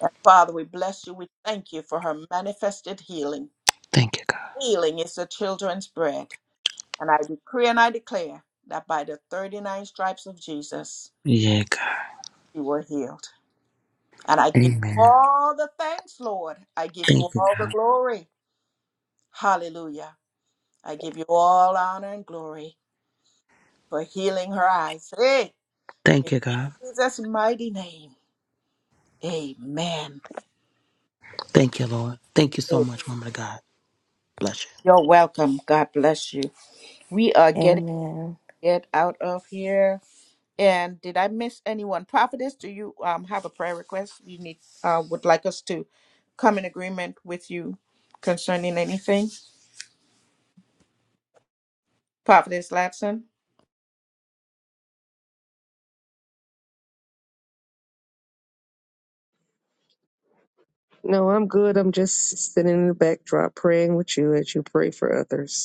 A: And Father, we bless you. We thank you for her manifested healing.
B: Thank you, God.
A: Healing is the children's bread. And I decree and I declare that by the 39 stripes of Jesus,
B: Yeah, God.
A: you were healed. And I give you
B: Amen.
A: all the thanks, Lord. I give you
B: Thank you,
A: all the
B: God.
A: glory. Hallelujah. I give you all honor and glory for healing her eyes. Hey, in
B: Thank you, God.
A: Jesus' mighty name. Amen.
B: Thank you, Lord. Thank you so much, woman of God. Bless you.
A: You're welcome. God bless you. We are getting
G: Amen.
A: it out of here. And did I miss anyone? Prophetess, do you um, have a prayer request you need uh, would like us to come in agreement with you concerning anything? Prophetess Latson.
F: No, I'm good. I'm just sitting in the backdrop praying with you as you pray for others.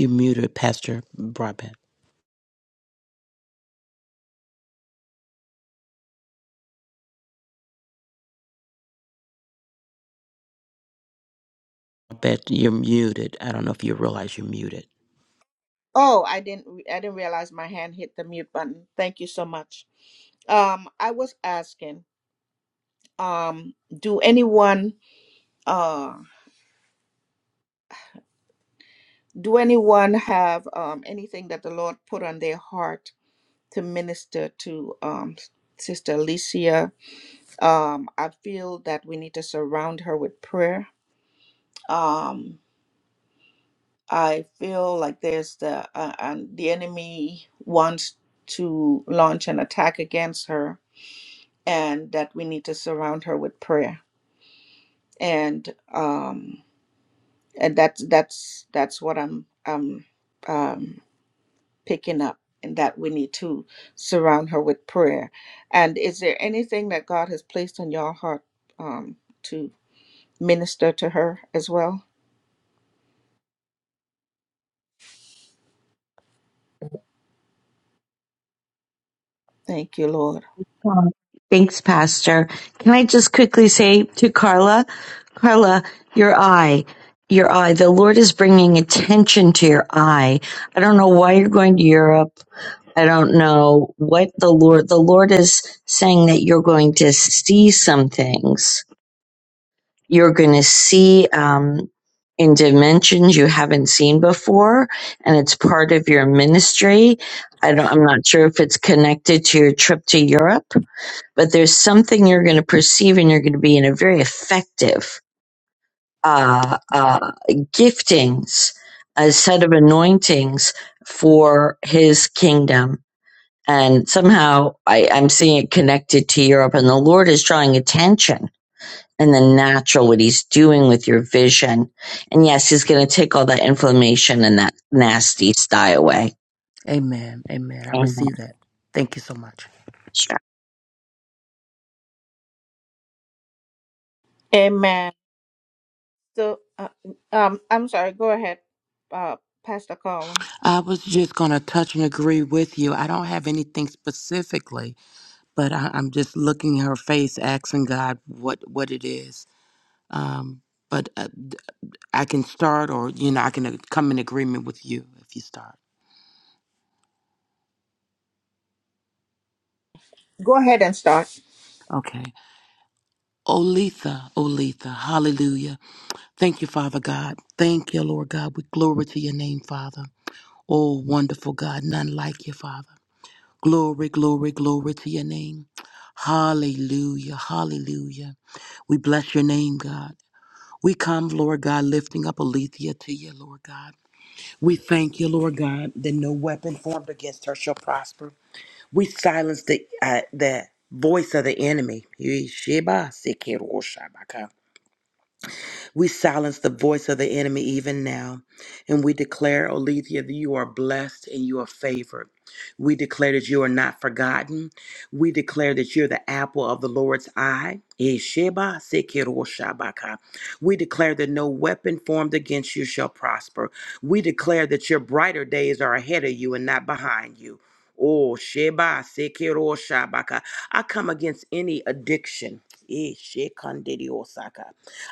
B: You're muted, Pastor Broadbent. I bet you're muted. I don't know if you realize you're muted.
A: Oh, I didn't re- I didn't realize my hand hit the mute button. Thank you so much. Um, I was asking, um, do anyone uh do anyone have um anything that the Lord put on their heart to minister to um Sister Alicia Um, I feel that we need to surround her with prayer. Um, I feel like there's the uh, and the enemy wants to launch an attack against her, and that we need to surround her with prayer. And um, and that's that's that's what I'm um um picking up, and that we need to surround her with prayer. And is there anything that God has placed on your heart um, to minister to her as well? Thank you, Lord.
D: Wow. Thanks, Pastor. Can I just quickly say to Carla, Carla, your eye, your eye, the Lord is bringing attention to your eye. I don't know why you're going to Europe. I don't know what the Lord, the Lord is saying that you're going to see some things You're going to see um, in dimensions you haven't seen before, and it's part of your ministry. I don't, I'm not sure if it's connected to your trip to Europe, but there's something you're going to perceive, and you're going to be in a very effective uh, uh, giftings, a set of anointings for His kingdom. And somehow I, I'm seeing it connected to Europe, and the Lord is drawing attention and the natural what he's doing with your vision. And yes, he's going to take all that inflammation and that nasty sty away.
B: Amen. Amen. I
D: Amen.
B: receive that. Thank you so much.
D: Sure.
A: Amen. So, uh, um, I'm sorry. Go ahead, uh, Pastor Colin.
B: I was just going to touch and agree with you. I don't have anything specifically, but I, I'm just looking at her face, asking God what, what it is. Um, but uh, I can start, or you know, I can uh, come in agreement with you if you start.
A: Go ahead and start.
B: Okay. Olitha, Olitha, hallelujah. Thank you, Father God. Thank you, Lord God. We glory to your name, Father. Oh, wonderful God, none like you, Father. Glory, glory, glory to your name. Hallelujah, hallelujah. We bless your name, God. We come, Lord God, lifting up Alethea to you, Lord God. We thank you, Lord God, that no weapon formed against her shall prosper. We silence the uh, the voice of the enemy. Yesheba sekeroshabaka. We silence the voice of the enemy even now. And we declare, Olethea, that you are blessed and you are favored. We declare that you are not forgotten. We declare that you're the apple of the Lord's eye. Esheba sekiroshabaka. We declare that no weapon formed against you shall prosper. We declare that your brighter days are ahead of you and not behind you. Oh, Sheba sekiroshabaka. I come against any addiction. Eshekandidiosaka.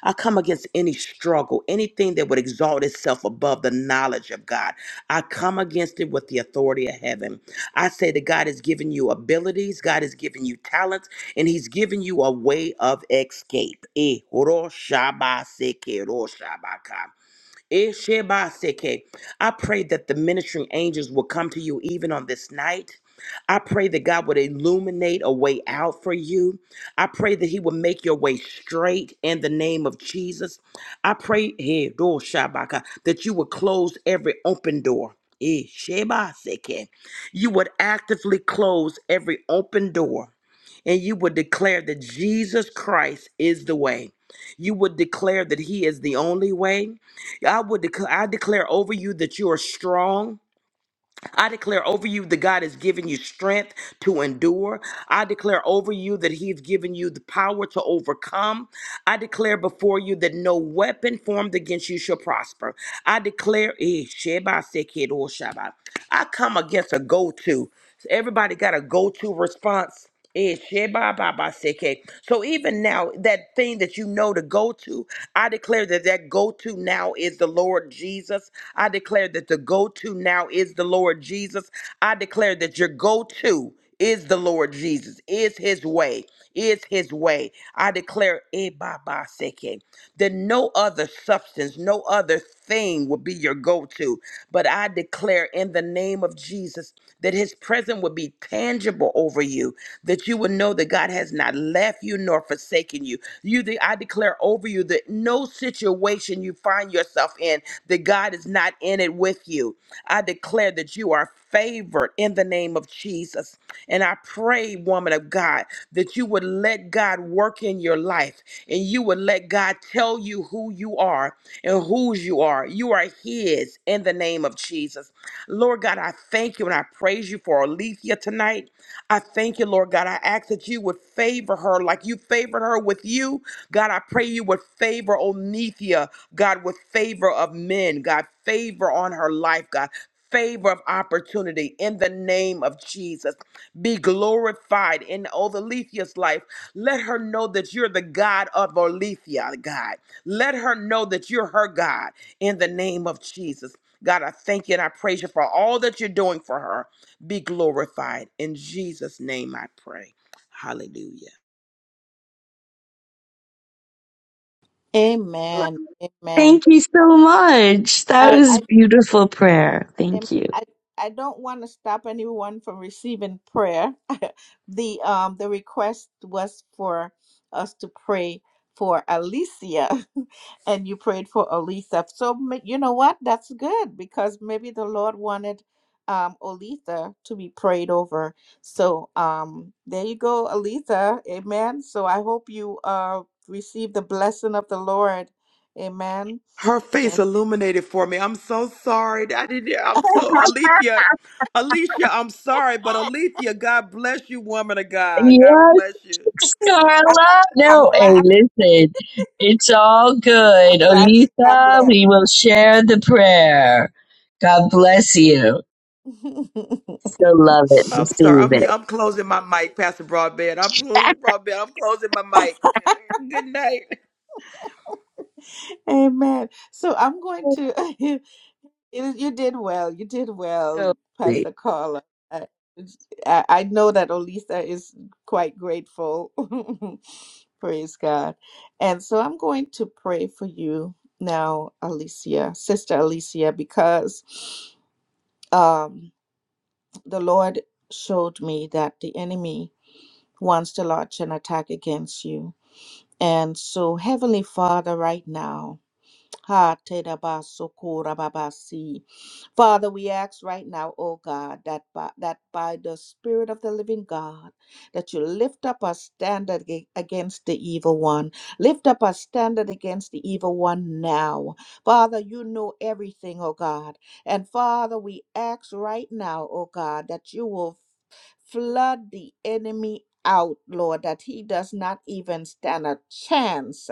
B: I come against any struggle, anything that would exalt itself above the knowledge of God. I come against it with the authority of heaven. I say that God has given you abilities, God has given you talents, and He's given you a way of escape. Eh, oro shaba seke ro shaba ka. Ishibaseke. I pray that the ministering angels will come to you even on this night. I pray that God would illuminate a way out for you. I pray that He would make your way straight in the name of Jesus. I pray eh, do shabaka, that you would close every open door. Eh, shebaseke. You would actively close every open door and you would declare that Jesus Christ is the way. You would declare that He is the only way. I would dec- I declare over you that you are strong. I declare over you that God has given you strength to endure. I declare over you that He's given you the power to overcome. I declare before you that no weapon formed against you shall prosper. I declare, eh, Sheba Seked or Shaba. I come against a go to. Everybody got a go to response. Eh, Sheba Baba Seke. So even now, that thing that you know to go to, I declare that that go to now is the Lord Jesus. I declare that the go to now is the Lord Jesus. I declare that your go to is the Lord Jesus, is his way is his way. I declare, eh, ba, ba, seke that no other substance, no other thing will be your go to. But I declare in the name of Jesus that his presence will be tangible over you, that you will know that God has not left you nor forsaken you. You de- I declare over you that no situation you find yourself in, that God is not in it with you. I declare that you are favored in the name of Jesus. And I pray, woman of God, that you would let let God work in your life and you would let God tell you who you are and whose you are. You are His in the name of Jesus. Lord God, I thank you and I praise you for Alethea tonight. I thank you, Lord God. I ask that you would favor her like you favored her with you. God, I pray you would favor Onethea, God, with favor of men, God, favor on her life, God. Favor of opportunity in the name of Jesus. Be glorified in Othalethea's life. Let her know that you're the God of Olethea, God. Let her know that you're her God in the name of Jesus. God, I thank you and I praise you for all that you're doing for her. Be glorified. In Jesus' name I pray. Hallelujah.
A: Amen. Amen.
D: Thank you so much. That
A: I, I
D: was beautiful prayer.
A: Amen.
D: Thank you.
A: I, I don't want to stop anyone from receiving prayer. [LAUGHS] the um the request was for us to pray for Alicia, [LAUGHS] and you prayed for Olitha. So ma- you know what? That's good because maybe the Lord wanted um Olitha to be prayed over. So um there you go, Olitha. Amen. So I hope you uh receive the blessing of the Lord. Amen.
B: Her face
A: And
B: illuminated for me. I'm so sorry. I didn't. I'm so Alethea. Alicia, I'm sorry, but Alethea, God bless you, woman of God. God
D: Yes,
B: bless you.
A: [LAUGHS] i
D: Carla.
A: I'm
D: No, hey,
A: glad.
D: listen, it's all
A: I'm
D: good.
A: glad she got blessed.
D: Olita, we will share the prayer. God bless you.
A: [LAUGHS]
D: So love it.
B: I'm sorry.
D: Receive
B: I'm
D: it.
B: I'm closing my mic, Pastor Broadbent. I'm closing Broadbent. I'm closing my mic. Good night.
A: Amen. So I'm going to. [LAUGHS] You, you did well. You did well,
D: So
A: Pastor Carla. I, I I know that Olisa is quite grateful. [LAUGHS] Praise God. And so I'm going to pray for you now, Alicia, Sister Alicia, because um, the Lord showed me that the enemy wants to launch an attack against you. And so, Heavenly Father, right now, Ha te da ba so ko ra ba ba si. Father, we ask right now, oh God, that by, that by the Spirit of the living God, that you lift up a standard ag- against the evil one. Lift up a standard against the evil one now. Father, you know everything, oh God. And Father, we ask right now, oh God, that you will flood the enemy out, Lord, that he does not even stand a chance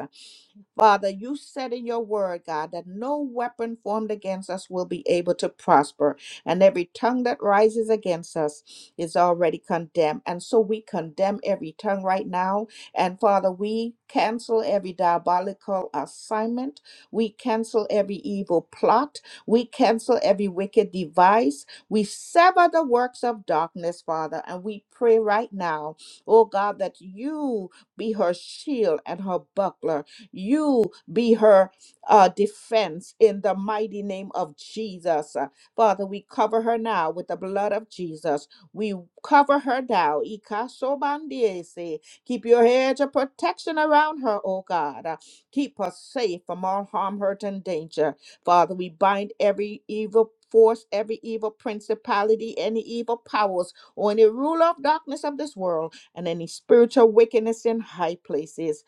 A: Father, you said in your word, God, that no weapon formed against us will be able to prosper, and every tongue that rises against us is already condemned. And so we condemn every tongue right now. And Father, we cancel every diabolical assignment, we cancel every evil plot, we cancel every wicked device, we sever the works of darkness, Father, and we pray right now, oh God, that you be her shield and her buckler you be her uh, defense in the mighty name of Jesus. Uh, Father, we cover her now with the blood of Jesus. We cover her now. Ikasobandiese. Keep your hedge of protection around her, oh God. Uh, Keep her safe from all harm, hurt, and danger. Father, we bind every evil force, every evil principality, any evil powers, or any ruler of darkness of this world, and any spiritual wickedness in high places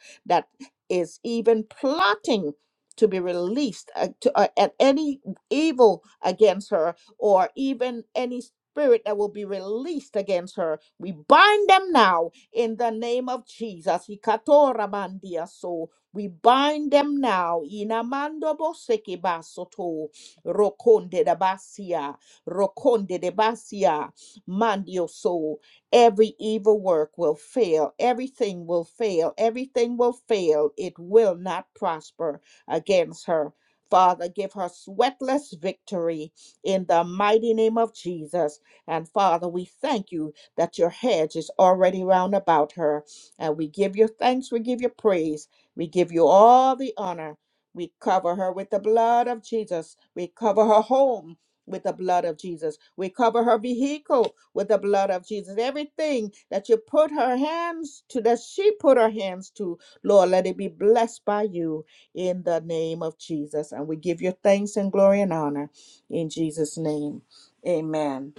A: is even plotting to be released uh, to, uh, at any evil against her or even any spirit that will be released against her. We bind them now in the name of Jesus. Ikatoramandia So we bind them now. Inamando boseke basoto rokonde de basia rokonde de basia mandio so. Every evil work will fail. Everything will fail. Everything will fail. It will not prosper against her. Father, give her sweatless victory in the mighty name of Jesus. And Father, we thank you that your hedge is already round about her. And we give you thanks. We give you praise. We give you all the honor. We cover her with the blood of Jesus. We cover her home with the blood of Jesus. We cover her vehicle with the blood of Jesus. Everything that you put her hands to, that she put her hands to, Lord, let it be blessed by you in the name of Jesus. And we give you thanks and glory and honor in Jesus' name. Amen.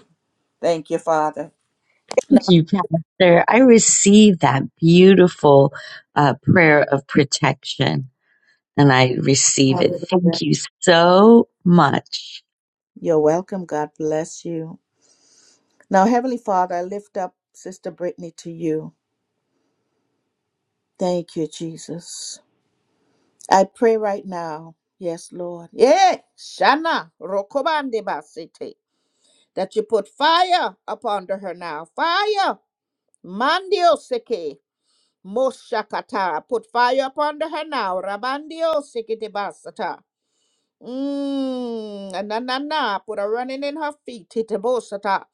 A: Thank you, Father.
D: Thank you, Pastor. I receive that beautiful uh, prayer of protection and I receive it. Thank
A: Hallelujah.
D: you so much.
A: You're welcome. God bless you. Now, Heavenly Father, I lift up Sister Brittany to you. Thank you, Jesus. I pray right now, yes, Lord. Yeah, Shana Rokobande Basete, that you put fire upon her now. Fire. Mandioseke. Moshakata. Put fire upon her now. Rabandioseke de Basata. Mm, na na na, put a running in her feet, itabosata.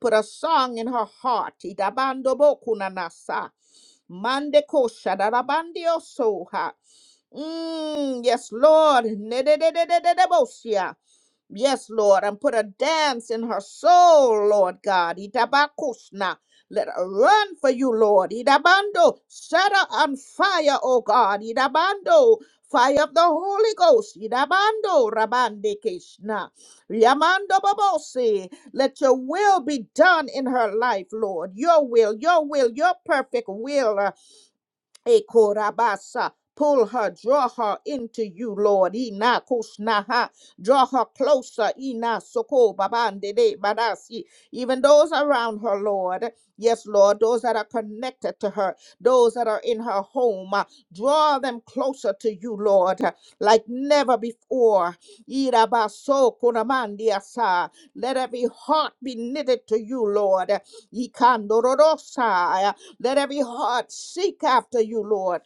A: Put a song in her heart, itabando bokunanasa. Mande kosha darabandio soha. Mm, yes, Lord. Nedededededebosia. Yes, Lord, and put a dance in her soul, Lord God. Itabakusna. Let her run for you, Lord. Idabando, set her on fire, O God. Idabando, Fire of the Holy Ghost. Yidabando Rabande Krishna. Yamando Babose. Let your will be done in her life, Lord. Your will, your will, your perfect will. uh, Ekorabasa. Pull her, draw her into you, Lord. Ina kushnaha. Draw her closer. Ina soko babandede badasi. Even those around her, Lord. Yes, Lord. Those that are connected to her, those that are in her home. uh, Draw them closer to you, Lord, uh, like never before. Irabaso kunamandiasa. Let every heart be knitted to you, Lord. Ikandororosa. Let every heart seek after you, Lord.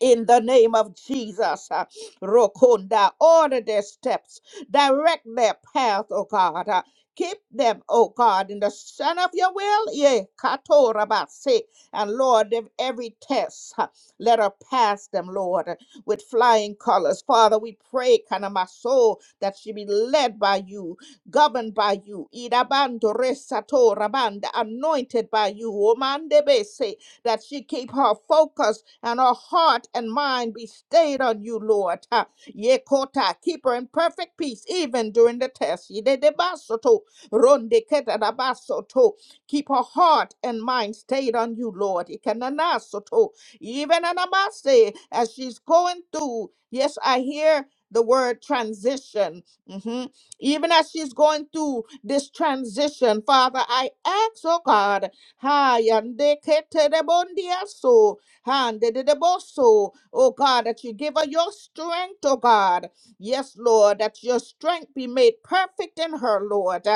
A: In the name of Jesus, uh, Rokunda, order their steps, direct their path, O God. uh, keep them, O God, in the sun of your will. Yeah, Katorabase. And Lord, if every test, uh, let her pass them, Lord, uh, with flying colors. Father, we pray, Kana my soul, that she be led by you, governed by you, Idabando Resatorabanda, anointed by you, Omandebese that she keep her focus and her heart and mind be stayed on you, Lord. Ha. Yekota, keep her in perfect peace even during the test. Yidedebasoto, rondeketadabasoto. Keep her heart and mind stayed on you, Lord. Ikananasoto, Even anamase, as she's going through, yes, I hear the word transition. hmm even as she's going through this transition, Father, I ask, oh God, Ha yande kete de bondia so. Hande de de boso. Oh God, that you give her your strength, oh God. Yes, Lord, that your strength be made perfect in her, Lord.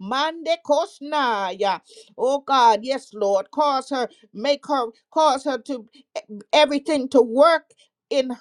A: Mande kosnaya. Oh God, yes, Lord. Cause her, make her, cause her to everything to work in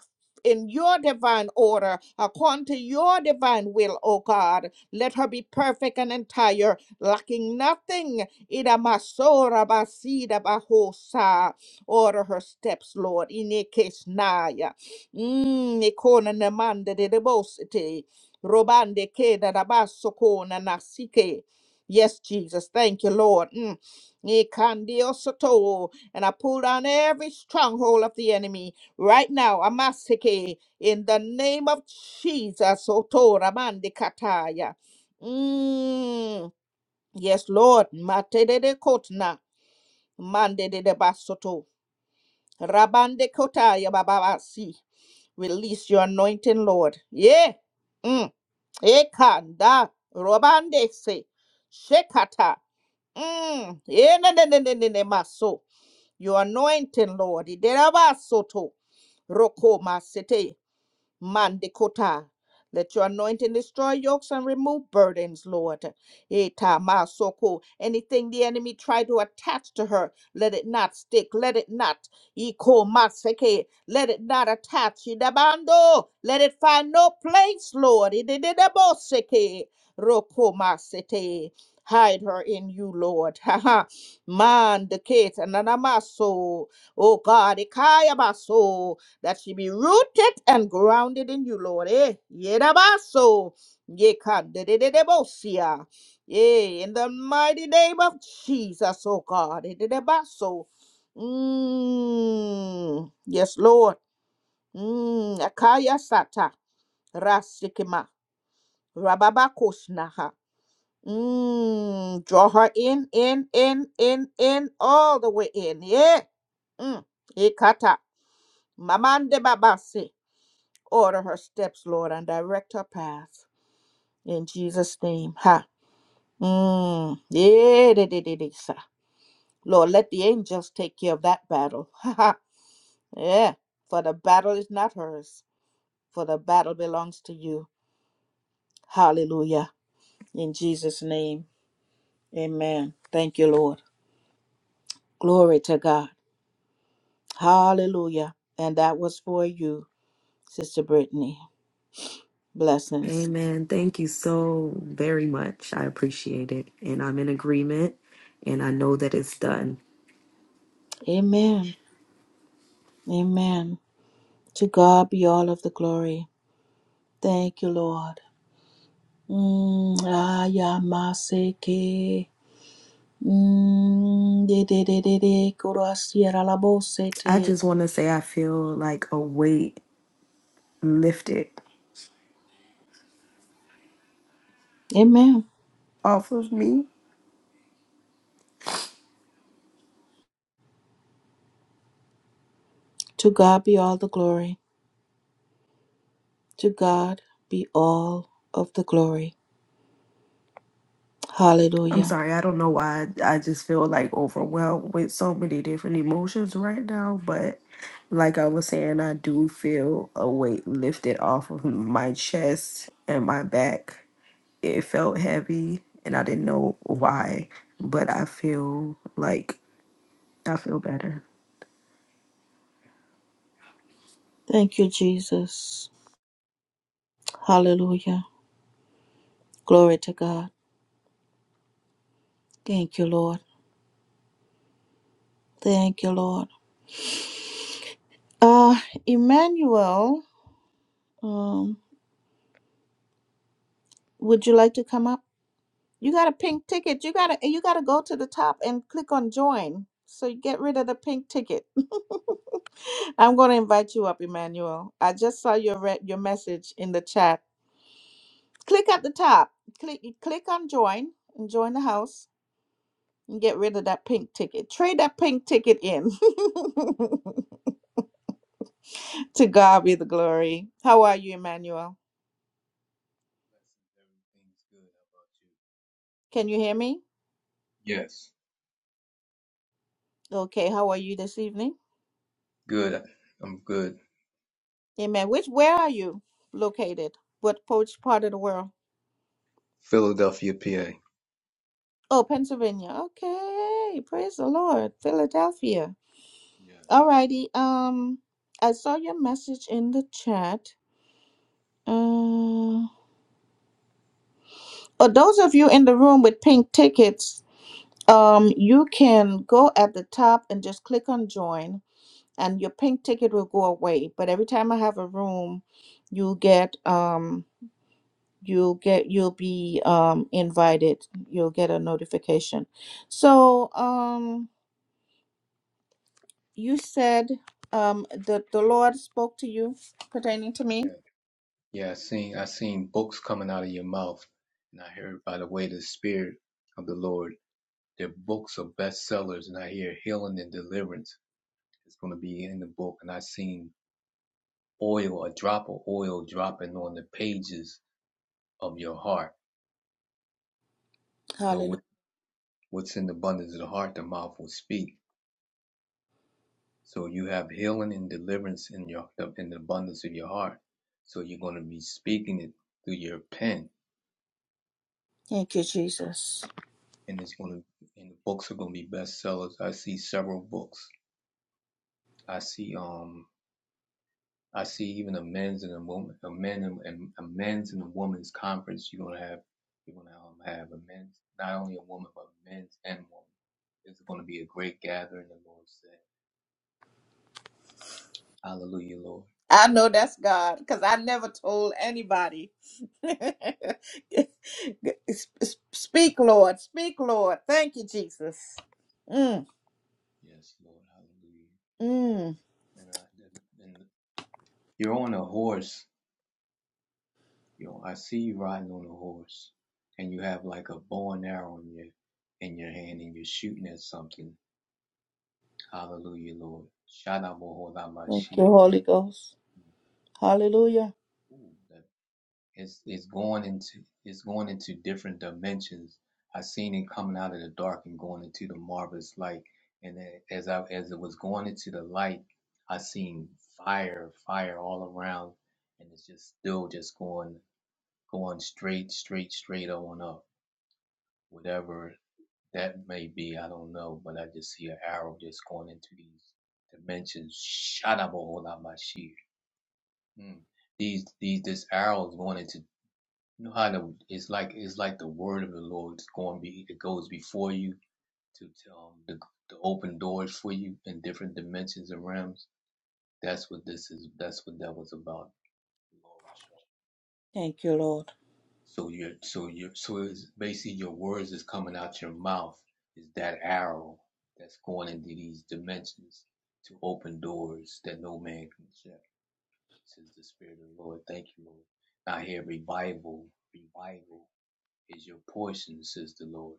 A: in your divine order, according to your divine will, oh God. Let her be perfect and entire, lacking nothing. Idamasora basida bahosa. Order her steps, Lord. Inekesnaya. Mm, Nikona namanda de debosity. Robande keda rabaso kona nasike. Yes, Jesus. Thank you, Lord. Mm. Nikandiosoto. And I pull down every stronghold of the enemy right now. Amasike. In the name of Jesus. Otora mande kataya. Mm. Yes, Lord. Matedede kotna. Mande de de basoto. Rabande kota ya bababasi. Release your anointing, Lord. Yeah. Mm. Ekanda. Robande se. Shekata. Mm. Yeah, ne ne ne ne ne ne maso. Your anointing, Lord. Iderabasoto. Roko masete. Mandikota. Let your anointing destroy yokes and remove burdens, Lord. Eta masoko. Anything the enemy tried to attach to her, let it not stick. Let it not. Iko maseke. Let it not attach. Idabando. Let it find no place, Lord. Idididaboseke. Roko masete. Hide her in you, Lord. [LAUGHS] Ha ha. Mandiketa nanamaso. Oh God. Ikaya baso that she be rooted and grounded in you, Lord. Eh, yedabaso, yekadededebosia. Eh, in the mighty name of Jesus, oh God. Ededebaso. Mm, yes, Lord. Mm, akaya sata, rasikima, rababakoshnaha. Mm, draw her in, in, in, in, in, all the way in. Yeah. Mm, ekata, mamande babase. Order her steps, Lord, and direct her path. In Jesus' name. Ha. Mm. Yeah, de- de- de- de- sa. Lord, let the angels take care of that battle. [LAUGHS] Ha ha. Yeah. For the battle is not hers. For the battle belongs to you. Hallelujah. In Jesus' name. Amen. Thank you, Lord. Glory to God. Hallelujah. And that was for you, Sister Brittany. Blessings.
G: Amen. Thank you so very much. I appreciate it. And I'm in agreement. And I know that it's done.
A: Amen. Amen. To God be all of the glory. Thank you, Lord. Mm, ayamaseke. Mm, dededede,
G: I
A: korasiaralabosete.
G: just want to say I feel like a weight lifted
A: Amen.
G: off of me.
A: To God be all the glory. To God be all of the glory.
G: I'm
A: Hallelujah.
G: sorry. I don't know why. I just feel like overwhelmed with so many different emotions right now. But like I was saying, I do feel a weight lifted off of my chest and my back. it felt heavy and I didn't know why, but I feel like I feel better.
A: Thank you, Jesus. Hallelujah. Glory to God. Thank you, Lord. Thank you, Lord. Uh, Emmanuel, um, would you like to come up? You got a pink ticket. You gotta you gotta go to the top and click on join. So you get rid of the pink ticket. [LAUGHS] I'm gonna invite you up, Emmanuel. I just saw your re- your message in the chat. Click at the top. Click click on join and join the house and get rid of that pink ticket. Trade that pink ticket in. [LAUGHS] to God be the glory. How are you, Emmanuel?
H: Blessings, everything's good. How about
A: Can you hear me?
H: you? Yes,
A: Okay. How are you this evening?
H: good. I'm good.
A: Amen. Which where are you located? What poach part of the world?
H: Philadelphia, PA.
A: Oh, Pennsylvania. Okay. Praise the Lord. Philadelphia.
H: Yes.
A: Alrighty. Um, I saw your message in the chat. Uh, oh, those of you in the room with pink tickets, um, you can go at the top and just click on join, and your pink ticket will go away. But every time I have a room, you get um, you get you'll be um invited. You'll get a notification. So um. you said um the, the Lord spoke to you pertaining to me.
H: Yeah. Yeah. I seen I seen books coming out of your mouth, and I heard by the way the Spirit of the Lord, their books are bestsellers, and I hear healing and deliverance is going to be in the book, and I seen oil, a drop of oil dropping on the pages of your heart. You know
A: Hallelujah.
H: what what's in the abundance of the heart, the mouth will speak. So you have healing and deliverance in your in the abundance of your heart. So you're going to be speaking it through your pen,
A: Thank
H: and
A: you, Jesus.
H: and it's going to and the books are going to be bestsellers. I see several books. I see um I see even a men's and a woman a men and and a men's and a woman's conference. You're going to have you're going to um, have a men's not only a woman but men's and women. It's going to be a great gathering. The Lord said, Hallelujah, Lord.
A: I know that's God because I never told anybody. [LAUGHS] speak, Lord. Speak, Lord. Thank you, Jesus. Mm,
H: Yes, Lord. Hallelujah.
A: mm.
H: And I, and You're on a horse. You know, I see you riding on a horse, and you have like a bow and arrow in your in your hand, and you're shooting at something. Hallelujah, Lord.
A: Thank you,
H: Shadabohodamashi.
A: Holy Ghost. Hallelujah.
H: Ooh, that- It's it's going into it's going into different dimensions. I seen it coming out of the dark and going into the marvelous light. And as I as it was going into the light, I seen fire, fire all around, and it's just still just going. going straight, straight, straight on up, whatever that may be. I don't know, but I just see an arrow just going into these dimensions. Shadabaholabashir. Mm. These, these, this arrow is going into. You know how the, it's like it's like the word of the Lord is going to be it goes before you to, to um the, the open doors for you in different dimensions and realms. That's what this is. That's what that was about. The Lord was showing.
A: Thank you, Lord.
H: So your so your so it's basically your words is coming out your mouth is that arrow that's going into these dimensions to open doors that no man can shut. Says the Spirit of the Lord. Thank you, Lord. Now here revival, revival is your portion, says the Lord.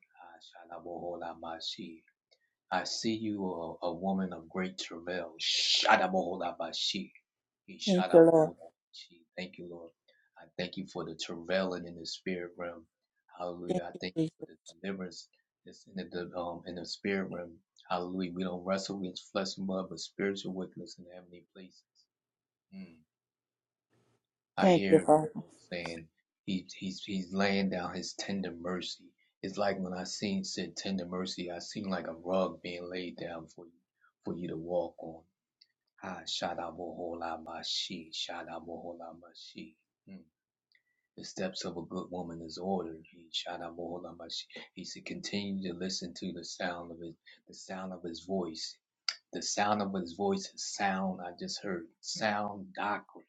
H: I see you a, a woman of great travail. Shadabohodabashi.
A: Thank you, Lord.
H: Shadabohodabashi. Thank you, Lord. I thank you for the travailing in the spirit realm. Hallelujah.
A: Thank
H: I
A: you,
H: thank you
A: Jesus.
H: for the deliverance that's in the um in the spirit realm. Hallelujah. We don't wrestle against flesh and blood, but spiritual wickedness in heavenly places. Mm. I
A: Thank you,
H: hear the
A: Father.
H: Lord saying he, he's he's laying down his tender mercy. It's like when I seen said tender mercy, I seen like a rug being laid down for you for you to walk on. Ah, shadaboholamashi, shadaboholamashi. Mm. The steps of a good woman is ordered. He shadaboholamashi. He should continue to listen to the sound of his the sound of his voice. The sound of his voice is sound. I just heard sound doctrine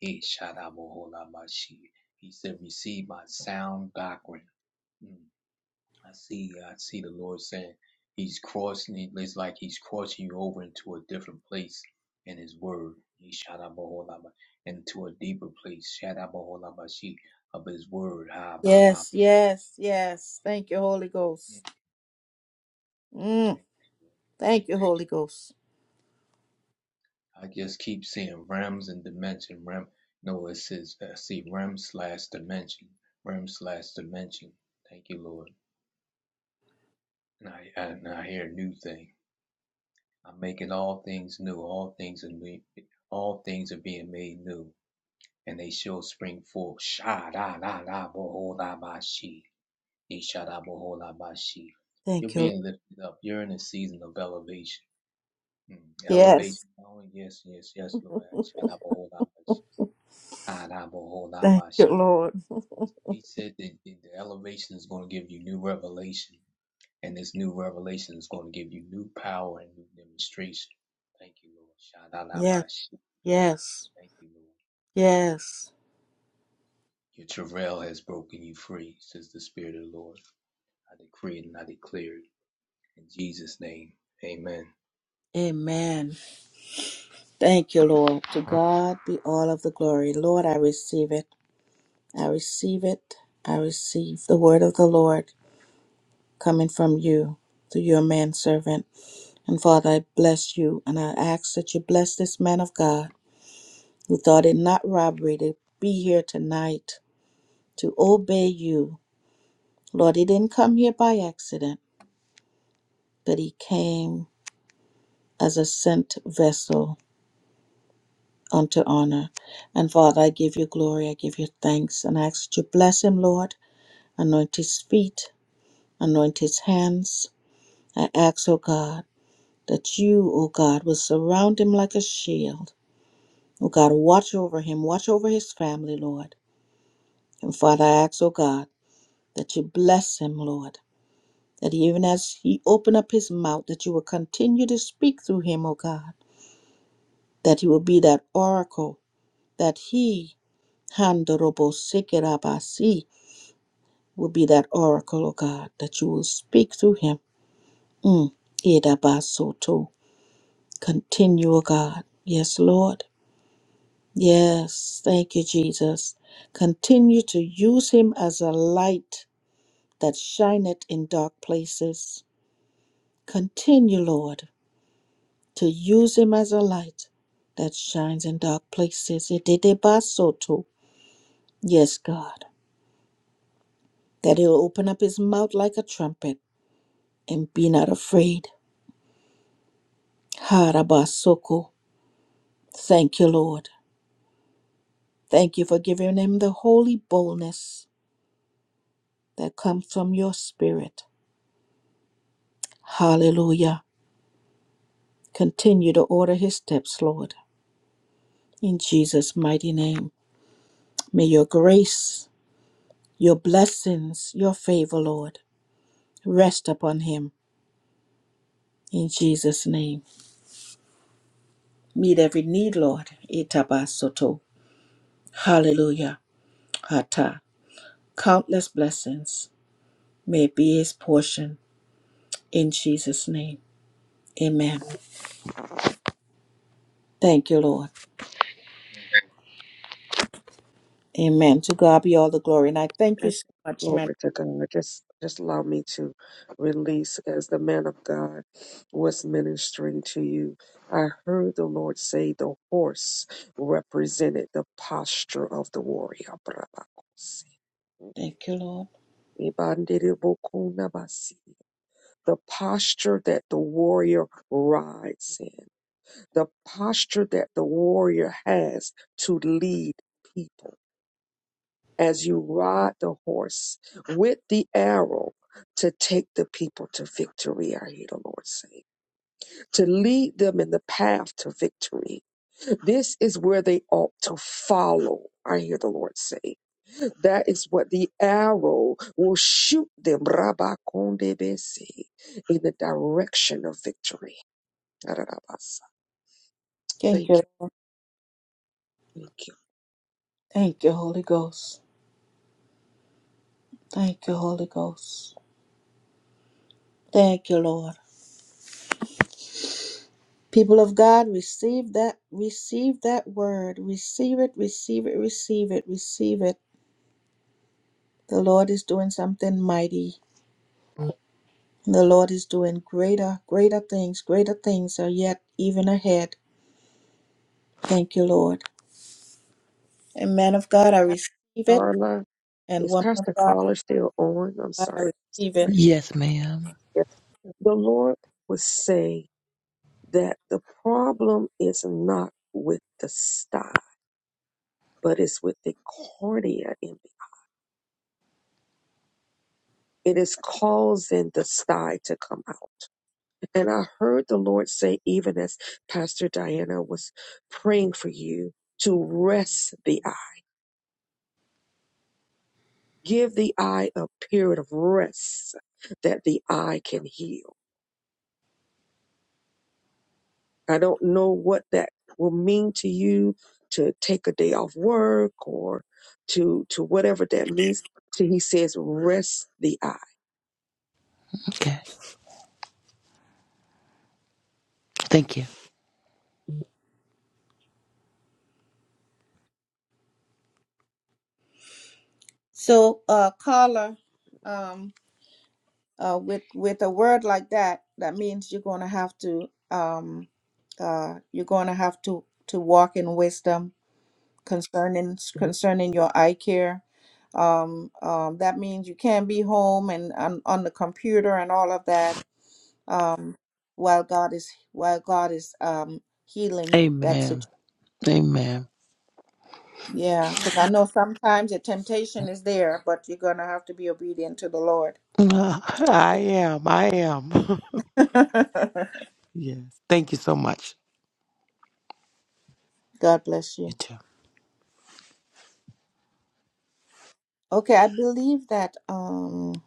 H: he Shadaboholamashi. He said, Receive my sound doctrine. Mm. I see, I see the Lord saying He's crossing It's like He's crossing you over into a different place in His Word. He Shadaboholama into a deeper place. Shadaboholamashi of His Word. Ha ba ba. ba,
A: Yes,
H: shi,
A: yes,
H: ba, ba,
A: yes. Thank you,
H: shi.
A: Holy
H: Mm.
A: Ghost. Mm.
H: Thank you.
A: Thank you, Holy Ghost.
H: I just keep seeing Rams and Dimension. Ram, no, it says uh, see Ram slash Dimension. Ram slash Dimension. Thank you, Lord. And I, I and I hear a new thing. I'm making all things new. All things are new. All things are being made new, and they shall spring forth. Sha da da da boho la ba shi. He sha da boho la ba shi. You're
A: Thank you. Lord.
H: being lifted up. You're in a season of elevation. Mm,
A: Yes.
H: Elevation. Oh yes, yes, yes,
A: [LAUGHS]
H: Lord. Sha da boho la ba
A: Thank
H: Hadabohodamash.
A: you, Lord.
H: He he said that the the elevation is going to give you new revelation, and this new revelation is going to give you new power and new demonstration. Thank you, Lord.
A: Yes,
H: Shadalabash.
A: yes,
H: Thank you, Lord.
A: yes.
H: Your travail has broken you free, says the Spirit of the Lord. I decree it and I declare it. In Jesus' name, amen.
A: Amen. Thank you, Lord. To God be all of the glory. Lord, I receive it. I receive it. I receive the word of the Lord coming from you through your manservant. And Father, I bless you and I ask that you bless this man of God who thought it not robbery to be here tonight to obey you. Lord, he didn't come here by accident, but he came as a sent vessel unto honor. And Father, I give you glory, I give you thanks, and I ask that you bless him, Lord. Anoint his feet, anoint his hands. I ask, O God, that you, O God, will surround him like a shield. O God, watch over him, watch over his family, Lord. And Father, I ask, O God, that you bless him, Lord. That even as he open up his mouth, that you will continue to speak through him, O God. That he will be that oracle that he Handorobo Sekerabasi will be that oracle, O God, that you will speak through him. Mm. Idabasoto. Continue, O God. Yes, Lord. Yes, thank you, Jesus. Continue to use him as a light that shineth in dark places. Continue, Lord, to use him as a light that shines in dark places. Ididabasoto. Yes, God. That he'll open up his mouth like a trumpet and be not afraid. Harabasoko. Thank you, Lord. Thank you for giving him the holy boldness that comes from your spirit. Hallelujah. Continue to order his steps, Lord. In Jesus' mighty name. May your grace, your blessings, your favor, Lord, rest upon him. In Jesus' name. Meet every need, Lord. Itabasoto. Hallelujah. Hata. Countless blessings may be his portion In Jesus' name, amen. Thank you, Lord.
H: Amen.
A: Amen. To God be all the glory. And I thank you so
F: Yes,
A: much, man.
F: glory to God. Just just allow me to release as the man of God was ministering to you. I heard the Lord say the horse represented the posture of the warrior. Brabakosi.
A: Thank you, Lord.
F: Ibandiribokuna basi. The posture that the warrior rides in. the posture that the warrior has to lead people as you ride the horse with the arrow to take the people to victory, I hear the Lord say, to lead them in the path to victory. This is where they ought to follow, I hear the Lord say. That is what the arrow will shoot them, Rabakondebese, in the direction of victory. Thank
A: Thank
F: you.
A: you.
F: Thank
A: Thank you, Holy Ghost. Thank you, Holy Ghost. Thank you, Lord. People of God, receive that, receive that word. Receive it, receive it, receive it, receive it. The Lord is doing something mighty. The Lord is doing greater, greater things. Greater things are yet even ahead. Thank you, Lord. And man of God, I receive it.
F: you.
A: And
F: Is
A: woman of
F: Pastor
A: God,
F: Collar still on? I'm
A: God, I
F: sorry, Pastor
A: receive
F: Collar.
A: it.
F: Yes. The Lord was saying that the problem is not with the sty, but it's with the cornea in me. It is causing the sty to come out. And I heard the Lord say, even as Pastor Diana was praying for you, to rest the eye. Give the eye a period of rest that the eye can heal. I don't know what that will mean to you to take a day off work or to to whatever that means. So he says, rest the eye.
B: Okay. Thank you.
A: So, uh, caller, um, uh, with with a word like that, that means you're going to have to, um, uh, you're going to have to to walk in wisdom concerning concerning your eye care. Um, um, that means you can't be home and on, on the computer and all of that. Um, while God is while God is um healing that situation.
B: Amen. Amen.
A: Yeah, because I know sometimes the temptation is there, but you're going to have to be obedient to the Lord.
B: Uh, I am. I am. [LAUGHS] yes. Thank you so much.
A: [LAUGHS] God bless
B: You
A: you.
B: too.
A: Okay, I believe that um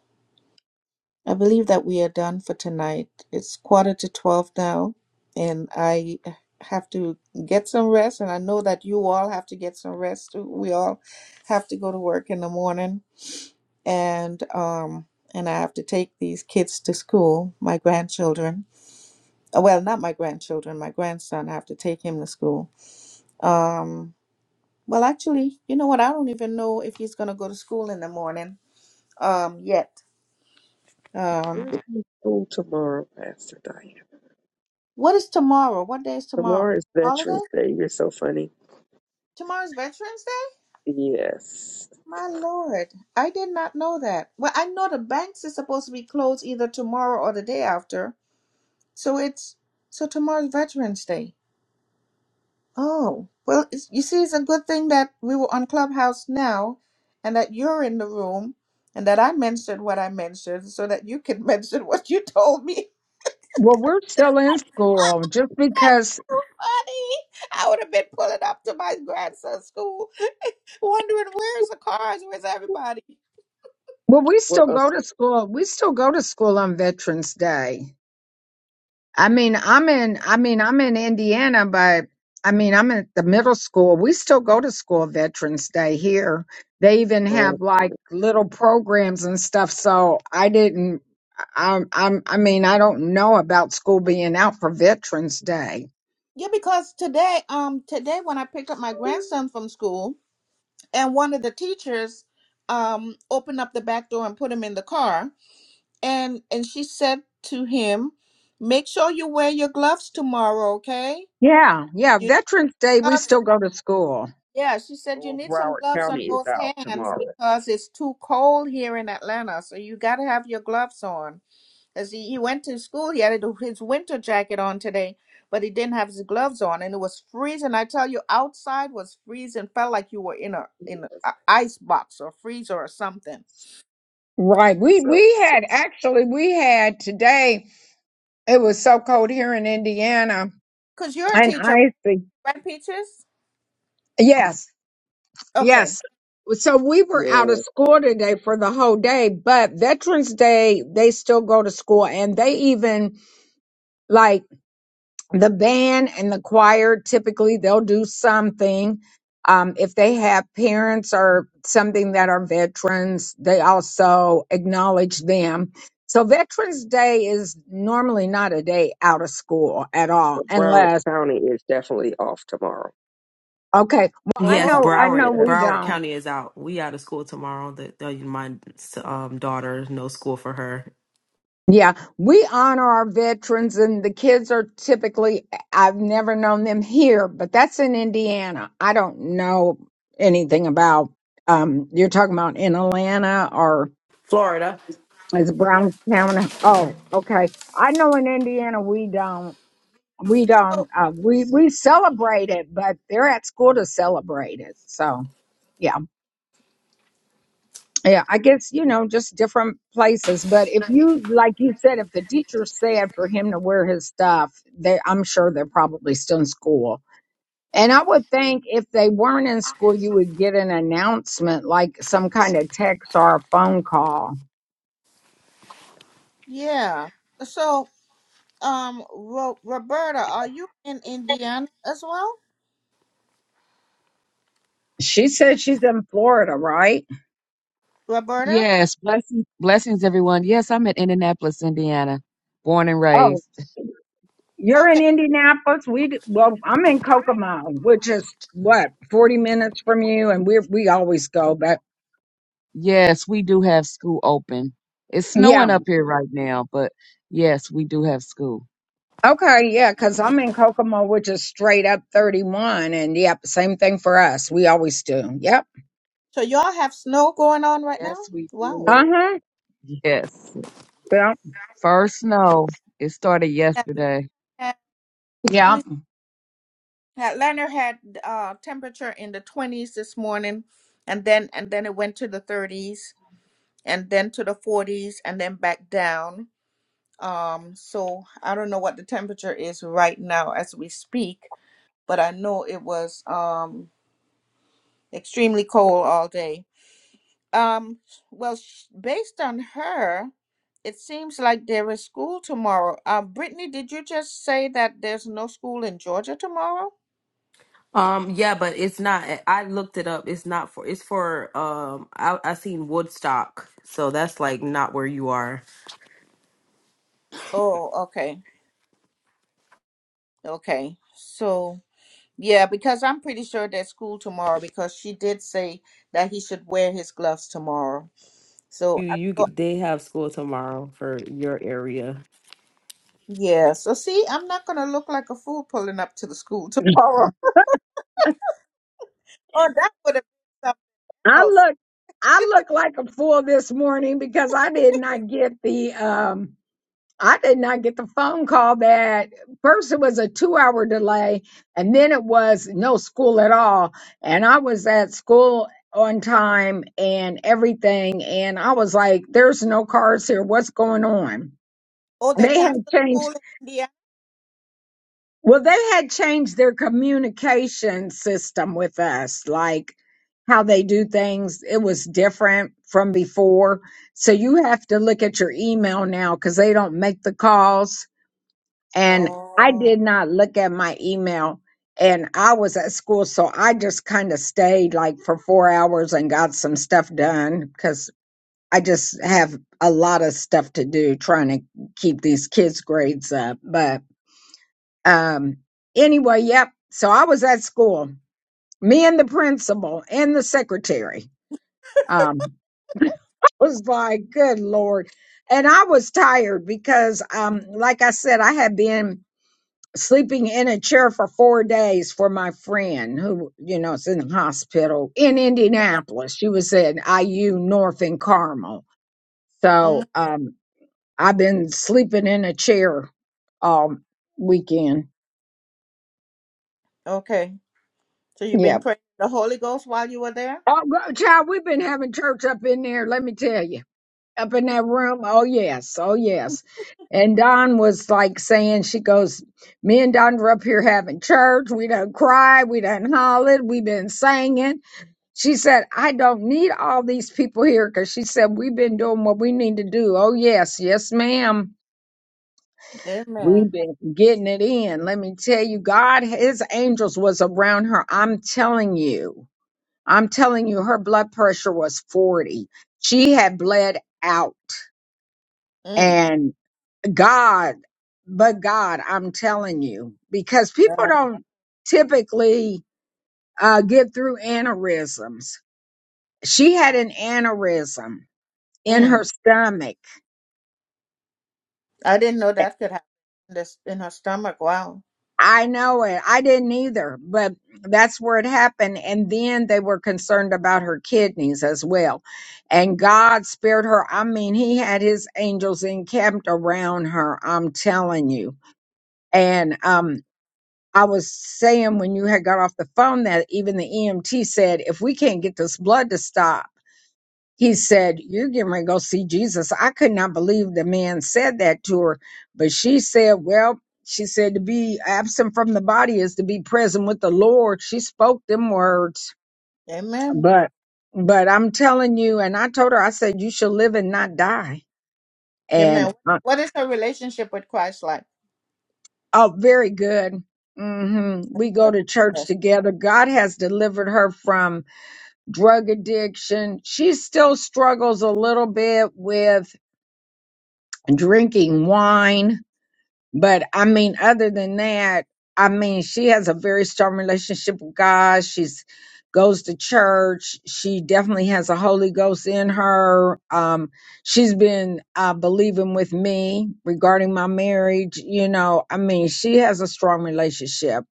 A: I believe that we are done for tonight. It's quarter to 12 now, and I have to get some rest and I know that you all have to get some rest. too. We all have to go to work in the morning and um and I have to take these kids to school, my grandchildren. Uh, Well, not my grandchildren, my grandson. I have to take him to school. Um, well, actually, you know what? I don't even know if he's going to go to school in the morning um, yet. Um,
F: There's no school tomorrow, Pastor Diane.
A: what is tomorrow? What day is tomorrow?
F: Tomorrow is
A: Holiday?
F: Veterans Day. You're so funny.
A: Tomorrow's Veterans Day?
F: Yes.
A: My Lord, I did not know that. Well, I know the banks are supposed to be closed either tomorrow or the day after. So it's so tomorrow's Veterans Day. Oh, well, it's, you see, it's a good thing that we were on Clubhouse now and that you're in the room and that I mentioned what I mentioned so that you can [LAUGHS] mention what you told me. [LAUGHS]
C: well, we're still in school just because,
A: Funny. I would have been pulling up to my grandson's school [LAUGHS] wondering where's the cars, where's everybody?
C: well, we
F: Well,
C: still
F: uh,
C: go to school. We still go to school on Veterans Day. I mean, I'm in, I mean, I'm in Indiana, but I mean, I'm at the middle school. We still go to school Veterans Day here. They even
F: uh,
C: have like little programs and stuff. So I didn't, I, I'm, I mean, I don't know about school being out for Veterans Day
A: Yeah, because today, um, today when I picked up my grandson from school and one of the teachers um opened up the back door and put him in the car and and she said to him make sure you wear your gloves tomorrow okay
C: Yeah, yeah.
A: you
C: Veterans Day, we
A: gloves,
C: still go to school.
A: yeah she said you
F: well,
A: need some
F: Broward
A: gloves on
F: County is
A: those
F: out
A: hands
F: tomorrow.
A: because it's too cold here in atlanta so you got to have your gloves on because he, he went to school he had his winter jacket on today but he didn't have his gloves on and it was freezing i tell you outside was freezing felt like you were in a in an ice box or freezer or something
C: Right. We
F: So,
C: we
F: so
C: had actually we had today. It was so cold here in Indiana.
A: because you're a
C: And
A: teacher
C: icy.
A: right peaches
C: Yes.
A: okay
C: Yes. So we were out of
F: yeah.
C: school today for the whole day, but Veterans Day they still go to school and they even like the band and the choir typically they'll do something um, if they have parents or something that are veterans they also acknowledge them so veterans day is normally not a day out of school at all
F: But Broward
C: unless
F: County is definitely off tomorrow.
C: okay well i
G: Yes,
A: oh
C: know i know
G: Broward
C: we
F: Yes.
G: Broward
C: don't
G: County is out. We out of school tomorrow. The, the my um daughter no school for her.
C: Yeah, we honor our veterans, and the kids are typically, I've never known them here, but that's in Indiana. I don't know anything about, um, you're talking about in Atlanta or
G: Florida.
C: is it Brownstown? Oh, okay. I know in Indiana we don't, we
A: So
C: don't, uh, we, we celebrate it, but they're at school to celebrate it. So, yeah. Yeah, I guess, you know, just different places. But if you, like you said, if the teacher said for him to wear his stuff, they, I'm sure they're probably still in school. And I would think if they weren't in school, you would get an announcement, like some kind of text or a phone call.
A: Yeah. So, um, Ro- Roberta, are you in Indiana as well?
C: She said she's in Florida, right?
A: Roberta?
I: Yes, blessings, blessings, everyone. Yes, I'm in Indianapolis, Indiana, born and
C: Oh,
I: raised.
C: you're in
A: Okay.
C: Indianapolis. We d- well, I'm in Kokomo, which is what 40 minutes from you, and we we always go. But
I: Yes, we do have school open. It's
C: yeah,
I: snowing up here right now, but yes, we do have school.
C: Okay, yeah, because I'm in Kokomo, which is straight up 31. And yep, same thing for us. We always do. Yep.
A: So y'all have snow going on right now?
I: Yes, we
A: Wow.
C: Uh
I: do.
C: huh.
I: Yes.
C: Yep.
I: First snow. It started
A: Atlanta,
I: yesterday.
A: had, let me
C: Yep.
A: see. Atlanta had uh temperature in the 20s this morning and then and then it went to the 30s and then to the 40s and then back down. Um, so I don't know what the temperature is right now as we speak, but I know it was um extremely cold all day. Um, well, sh- based on her, it seems like there is school tomorrow. Um, Brittany, did you just say that there's no school in Georgia tomorrow?
G: Um yeah, but it's not I looked it up. It's not for it's for um I I seen Woodstock. So that's like not where you are.
A: Oh, okay. Okay. So, yeah, because I'm pretty sure there's school tomorrow because she did say that he should wear his gloves tomorrow. So,
G: You
A: I
G: you
A: thought,
G: could- they have school tomorrow for your area.
A: yeah. So, see, I'm not going to look like a fool pulling up to the school tomorrow. [LAUGHS] Oh, that would have been
C: I
A: something else.
C: look, I look like a fool this morning because I did not get the, um, I did not get the phone call that first it was a two hour delay and then it was no school at all. And I was at school on time and everything. And I was like, there's no cars here. What's going on?
A: Oh, they
C: They had
A: canceled
C: changed.
A: school in India.
C: Well, they had changed their communication system with us, like how they do things. It was different from before. So you have to look at your email now because they don't make the calls. And I
A: Oh.
C: did not look at my email. And I was at school, so I just kind of stayed like for four hours and got some stuff done because I just have a lot of stuff to do trying to keep these kids' grades up. But um, anyway, yep. So I was at school, me and the principal and the secretary. Um, [LAUGHS] I was like, good Lord. And I was tired because, um, like I said, I had been sleeping in a chair for four days for my friend who, you know, is in the hospital in Indianapolis. She was at IU North in Carmel. So, um, I've been sleeping in a chair all weekend.
A: Okay. So you've
C: Yep.
A: been praying the Holy Ghost while you were there?
C: Oh, go- child, we've been having church up in there, let me tell you. Up in that room. Oh, yes. Oh, yes. And Don was like saying, she goes, Me and Don were up here having church. We done cried. We done hollered. We've been singing. She said, I don't need all these people here because she said, We've been doing what we need to do. Oh, yes. Yes, ma'am. We've
A: Amen.
C: been getting it in. Let me tell you, God, his angels was around her. I'm telling you. I'm telling you, her blood pressure was 40. She had bled out.
A: Mm,
C: And God, but God, I'm telling you, because people
A: God.
C: don't typically uh, get through aneurysms. She had an aneurysm in
A: Mm.
C: her stomach.
A: I didn't know that could happen in, this, in her stomach. Wow.
C: I know it. I didn't either, but that's where it happened. And then they were concerned about her kidneys as well. And God spared her. I mean, He had His angels encamped around her. I'm telling you. And, um, I was saying when you had got off the phone that even the EMT said, if we can't get this blood to stop, he said, You're getting ready to go see Jesus. I could not believe the man said that to her. But she said, Well, she said, To be absent from the body is to be present with the Lord. She spoke them words.
A: Amen.
C: But but I'm telling you, and I told her, I said, You shall live and not die. And
A: Amen.
C: uh,
A: What is her relationship with Christ like?
C: oh, very good. hmm We go to church
A: Yes.
C: together. God has delivered her from drug addiction. She still struggles a little bit with drinking wine But I mean, other than that, I mean, she has a very strong relationship with God. She's goes to church. She definitely has a Holy Ghost in her. Um, she's been uh, believing with me regarding my marriage. You know, I mean, she has a strong relationship,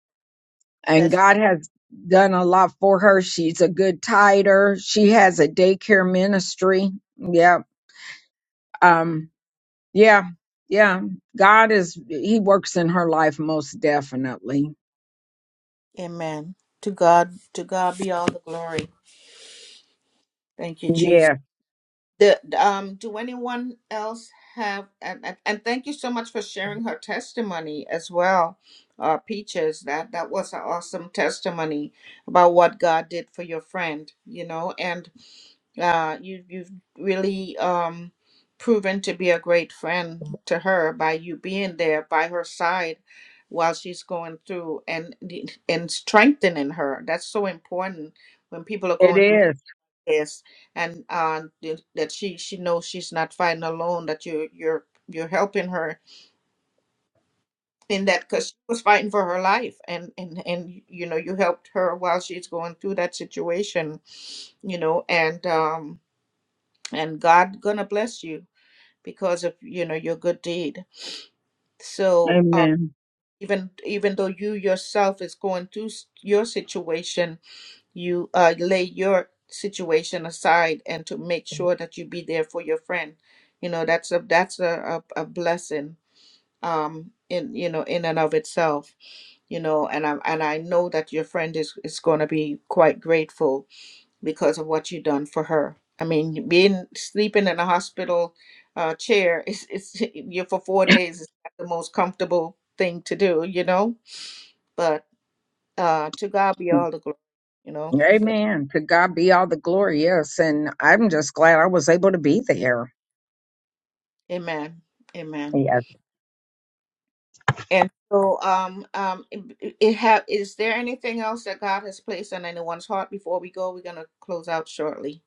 C: and
A: That's
C: God has done a lot for her. She's a good titer. She has a daycare ministry. Yep. Um, yeah, yeah. God is, He works in her life most definitely.
A: good. Amen. To God, to God be all the glory. Thank you, Jesus.
C: Yeah,
A: The, um, do anyone else have? And, and and thank you so much for sharing her testimony as well, uh, Peaches. That that was an awesome testimony about what God did for your friend. You know, and uh, you you've really um proven to be a great friend to her by you being there by her side while she's going through and and strengthening her. That's so important when people are
C: it
A: going through.
C: is.
A: Yes, and uh, th- that she she knows she's not fighting alone. That you you're you're helping her in that because she was fighting for her life, and and and you know you helped her while she's going through that situation. You know, and um and God gonna bless you because of you know your good deed. So uh,
C: Amen.
A: even even though you yourself is going through s- your situation you uh, lay your situation aside and to make sure that you be there for your friend you know that's a that's a, a, a blessing um in you know in and of itself you know and i and i know that your friend is is going to be quite grateful because of what you done for her i mean being sleeping in a hospital uh, chair [LAUGHS] is it's you for four days is not the most comfortable thing to do you know but uh to god be all the glory you know
C: Amen. To God be all the glory. Yes. And I'm just glad I was able to be there.
A: Amen. Amen.
C: Yes.
A: And so, um, um, it, it have is there anything else that God has placed on anyone's heart before we go? We're gonna close out shortly.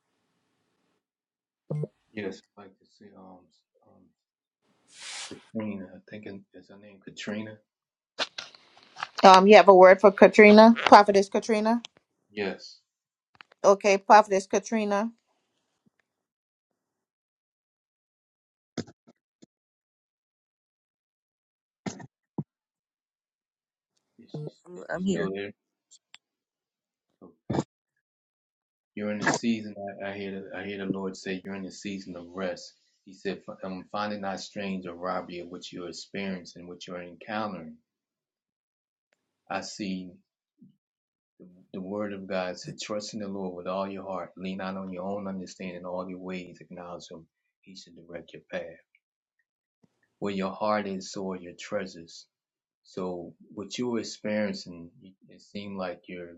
H: Yes, I'd like to see um, um, Katrina. I think it- is her name Katrina?
A: Um, you have a word for Katrina, Prophetess Katrina.
H: Yes.
A: Okay, Prophetess Katrina.
H: Is she,
F: I'm,
H: is she
F: I'm here.
H: still there? You're in the season. I, I hear. The, I hear the Lord say, "You're in the season of rest." He said, "F- um, "Find it not strange or robbery of what you're experiencing, what you're encountering." I see the, the Word of God said, "Trust in the Lord with all your heart. Lean not on your own understanding. All your ways acknowledge Him. He should direct your path. Where your heart is, so are your treasures." So, what you're experiencing, it seemed like you're.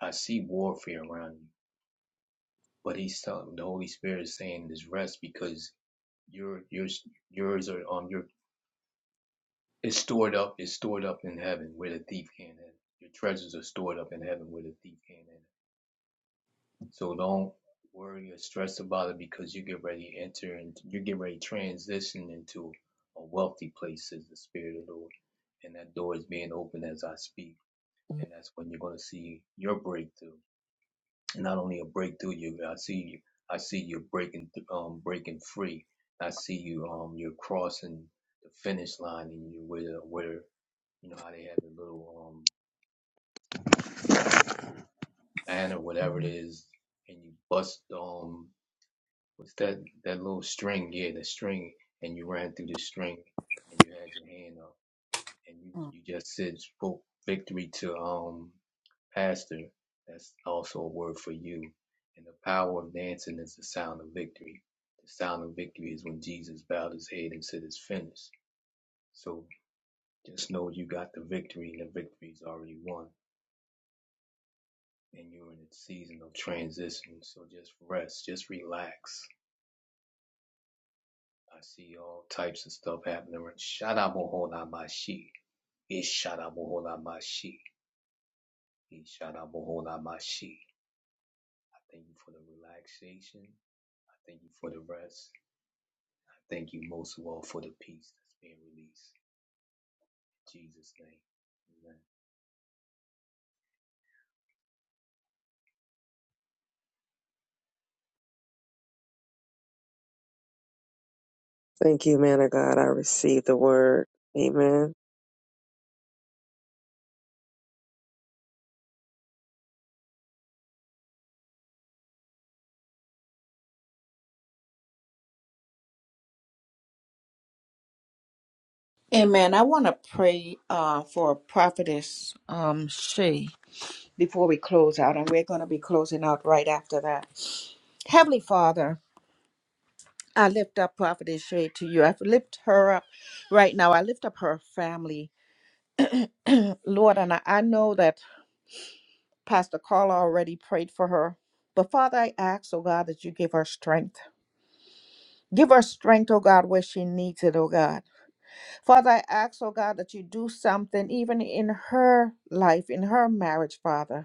H: I see warfare around you, but He's telling the Holy Spirit is saying, "This rest," because your your yours are um your it's stored up it's stored up in heaven where the thief can't enter. Your treasures are stored up in heaven where the thief can't enter. So don't worry or stress about it because you get ready to enter and you get ready to transition into a wealthy place is the spirit of the Lord. And that door is being opened as I speak. And that's when you're gonna see your breakthrough. not only a breakthrough you I see you I see you breaking th- um breaking free. I see you um you're crossing the finish line and you where where you know how they have the little um band or whatever it is and you bust um what's that that little string, yeah, the string and you ran through the string and you had your hand up and you you just said spoke victory to um pastor. That's also a word for you. And the power of dancing is the sound of victory. The sound of victory is when Jesus bowed his head and said, "It's finished." So just know you got the victory, and the victory is already won. And you're in a season of transition. So just rest, just relax. I see all types of stuff happening. Shadabohonabashi. Ishadabohonabashi. Ishadabohonabashi. I thank you for the relaxation. I thank you for the rest. I thank you most of all for the peace that's being released. In Jesus' name. Amen.
F: Thank you, man of God. I received the word. Amen.
A: Amen. I want to pray uh, for Prophetess um, Shay before we close out, and we're going to be closing out right after that. Heavenly Father, I lift up Prophetess Shay to you. I lift her up right now. I lift up her family. Lord, and I, I know that Pastor Carla already prayed for her. But Father, I ask, oh God, that you give her strength. Give her strength, oh God, where she needs it, oh God. Father, I ask, oh God, that you do something even in her life, in her marriage, Father.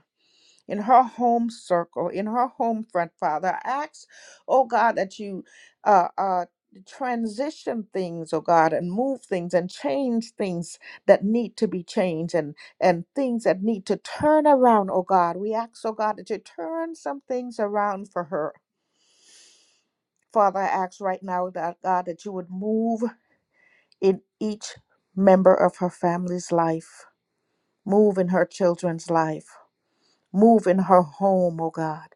A: in her home circle, in her home front, Father. I ask, oh God, that you uh, uh, transition things, oh God, and move things and change things that need to be changed and, and things that need to turn around, oh God. We ask, oh God, that you turn some things around for her. Father, I ask right now that God, that you would move in each member of her family's life, move in her children's life, move in her home, oh God.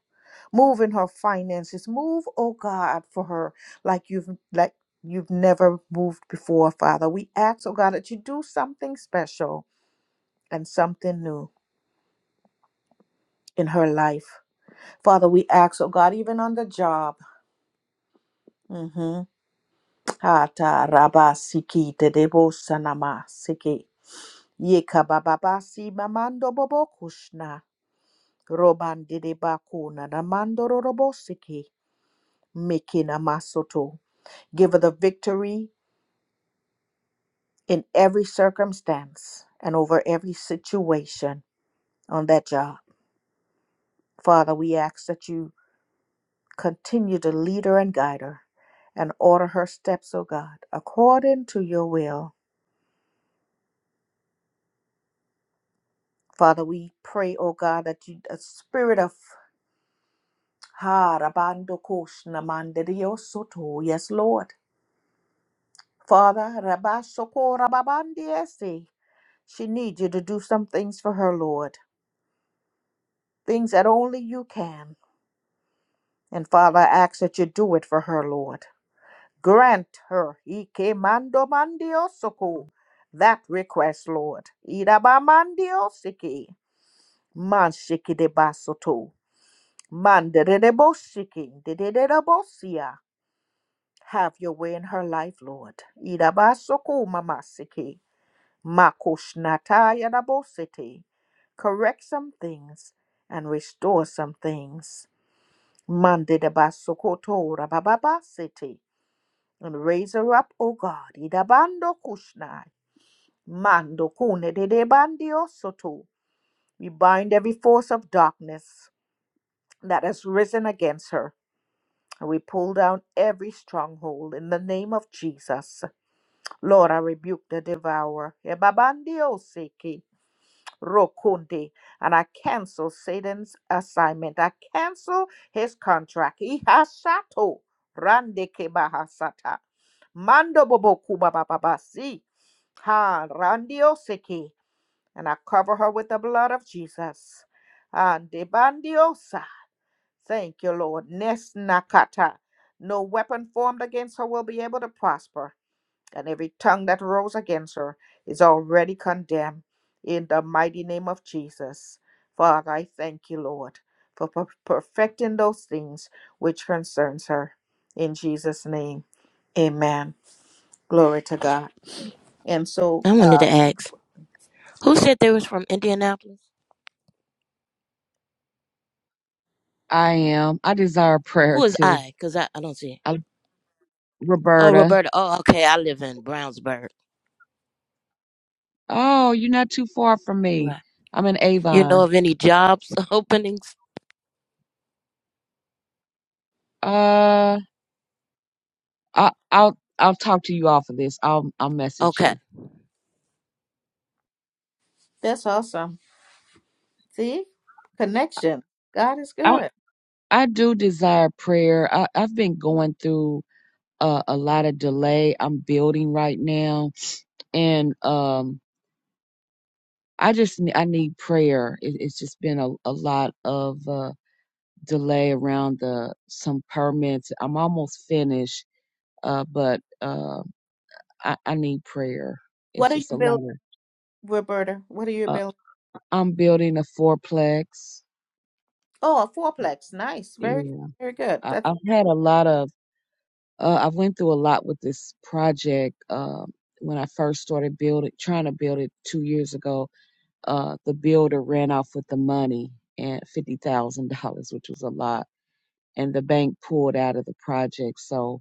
A: Move in her finances. Move, oh God, for her like you've like you've never moved before, Father. We ask, oh God, that you do something special and something new in her life. Father, we ask, oh God, even on the job. Mm-hmm. Ata raba siki te debo sanama siki. Yeka baba basi mamando bobo kushna. Roban dede bakuna namando rorobo siki. Miki namasoto. Give her the victory in every circumstance and over every situation on that job. Father, we ask that you continue to lead her and guide her and order her steps, O God, according to your will. Father, we pray, O God, that you, a spirit of Ha Rabando Koshna Mandirio Soto, yes, Lord. Father, Rabasoko Rababandiese, she needs you to do some things for her, Lord, things that only you can. And Father, I ask that you do it for her, Lord. Grant her Ike mando mandiosoko that request, Lord. Idaba mandiosiki man shiki de basoto man de de de de de de de bo Have your way in her life, Lord. Idaba soko mama siki makushnata yadabo siti. Correct some things and restore some things. Mande de basokoto rabababa siti. and raise her up, O God. Idabando kushnai, mando kune dedebandio soto. We bind every force of darkness that has risen against her. And we pull down every stronghold in the name of Jesus. Lord, I rebuke the devourer. Ebabandio seki, rokunde. And I cancel Satan's assignment. I cancel his contract. Ihashato. Rande kebahasata. Mando bobo kubabababasi. Ha, randiosiki. And I cover her with the blood of Jesus. And bandiosa. Thank you, Lord. Nesnakata, No weapon formed against her will be able to prosper. And every tongue that rose against her is already condemned. In the mighty name of Jesus. Father, I thank you, Lord, for per- perfecting those things which concerns her. In Jesus' name. Amen. Glory to God. And so
J: I wanted
A: uh
J: to ask, who said they was from Indianapolis?
I: I am. I desire prayer
J: Who is
I: too.
J: I? Because I, I don't see it.
I: I,
J: Oh,
I: Roberta.
J: Roberta. Oh, okay. I live in Brownsburg.
I: Oh, you're not too far from me.
J: Right.
I: I'm in
J: You know
I: Avon.
J: of any jobs [LAUGHS] openings?
I: Uh, I, I'll I'll talk to you off of this. I'll I'll message
J: Okay.
I: you.
A: that's awesome See? Connection. God is good.
I: I do desire prayer. I, I've been going through uh, a lot of delay. I'm building right now, and um, I just ne- I need prayer. It, it's just been a, a lot of uh, delay around the some permits. I'm almost finished, uh, but uh, I, I need prayer. It's
A: What are
I: just a
A: you
I: lot
A: building,
I: of.
A: Roberta? What are you
I: Uh,
A: building?
I: I'm building a fourplex.
A: Oh, a fourplex. Nice. Very good.
I: Yeah,
A: Very good.
I: I,
A: That's
I: I've had a lot of Uh, I went through a lot with this project um, when I first started building, trying to build it two years ago. Uh, the builder ran off with the money and fifty thousand dollars, which was a lot, and the bank pulled out of the project. So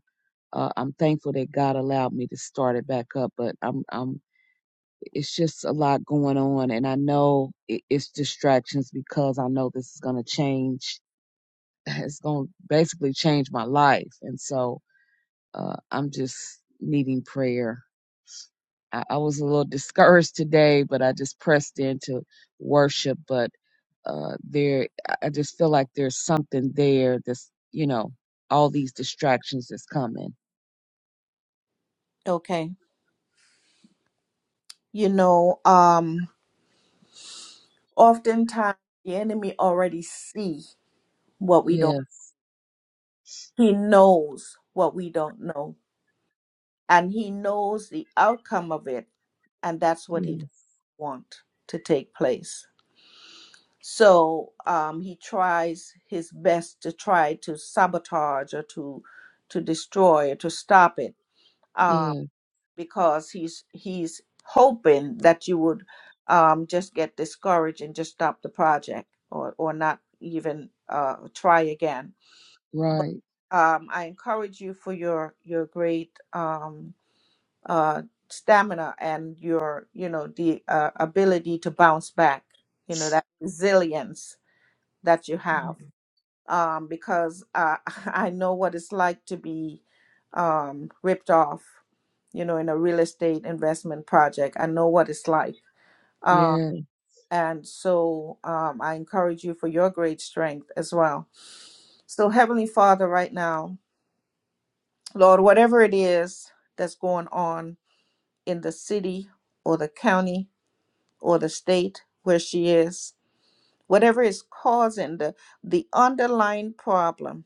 I: uh, I'm thankful that God allowed me to start it back up. But I'm, I'm, it's just a lot going on, and I know it, it's distractions because I know this is going to change. [SIGHS] It's going to basically change my life, and so uh, I'm just needing prayer. I, I was a little discouraged today, but I just pressed into worship. But uh, there, I I just feel like there's something there that's, you know, all these distractions that's coming.
A: okay. You know, um, oftentimes the enemy already see what we don't
I: Yes,
A: he knows what we don't know. And he knows the outcome of it, and that's what
I: yes,
A: he doesn't want to take place. so um, he tries his best to try to sabotage or to to destroy or to stop it uh,
I: yeah,
A: because he's he's hoping that you would um, just get discouraged and just stop the project or or not even uh, try again but
I: right.
A: um, I encourage you for your your great um, uh, stamina and your you know the uh, ability to bounce back you know that resilience that you have um, because uh, [LAUGHS] I know what it's like to be um, ripped off, you know, in a real estate investment project. I know what it's like. Uh,
I: Yeah,
A: and so um, I encourage you for your great strength as well. So, Heavenly Father, right now, Lord, whatever it is that's going on in the city or the county or the state where she is, whatever is causing the the underlying problem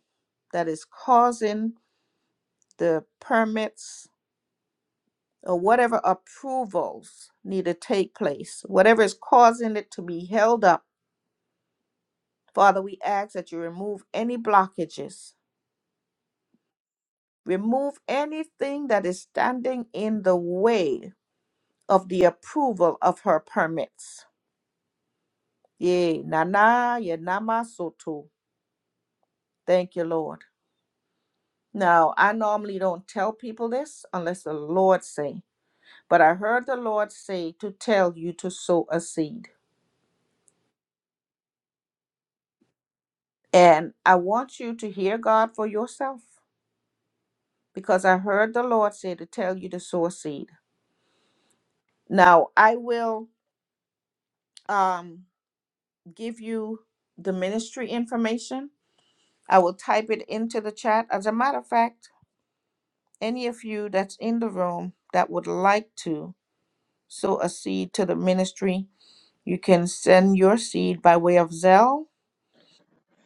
A: that is causing the permits or whatever approvals need to take place whatever is causing it to be held up father we ask that you remove any blockages remove anything that is standing in the way of the approval of her permits yea nana yanama soto thank you lord Now, I normally don't tell people this unless the Lord say, but I heard the Lord say to tell you to sow a seed. And I want you to hear God for yourself because I heard the Lord say to tell you to sow a seed. Now, I will um, give you the ministry information. I will type it into the chat. As a matter of fact, any of you that's in the room that would like to sow a seed to the ministry, You can send your seed by way of Zelle.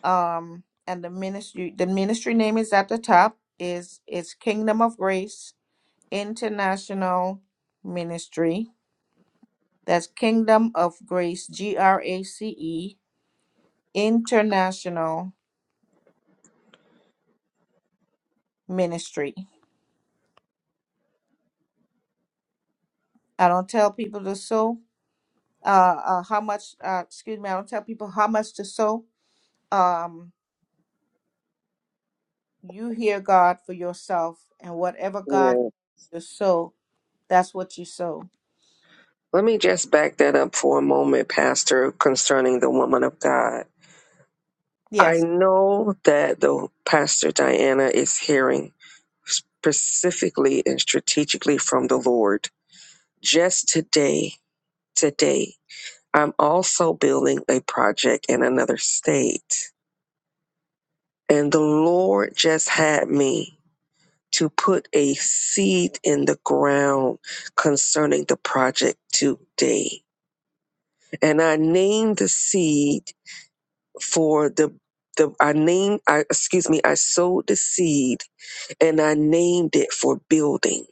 A: Um, and the ministry the ministry name is at the top is is Kingdom of Grace International Ministry. That's Kingdom of Grace G R A C E International Ministry. I don't tell people to sow uh, uh how much uh excuse me, I don't tell people how much to sow. Um you hear God for yourself and whatever
F: Yeah.
A: God to sow, that's what you sow.
F: Let me just back that up for a moment, Pastor, concerning the woman of God. I
A: Yes.
F: know that the Pastor Diana is hearing specifically and strategically from the Lord. Just today, today, I'm also building a project in another state. And the Lord just had me to put a seed in the ground concerning the project today. And I named the seed for the the I named I excuse me, I sowed the seed and I named it for building,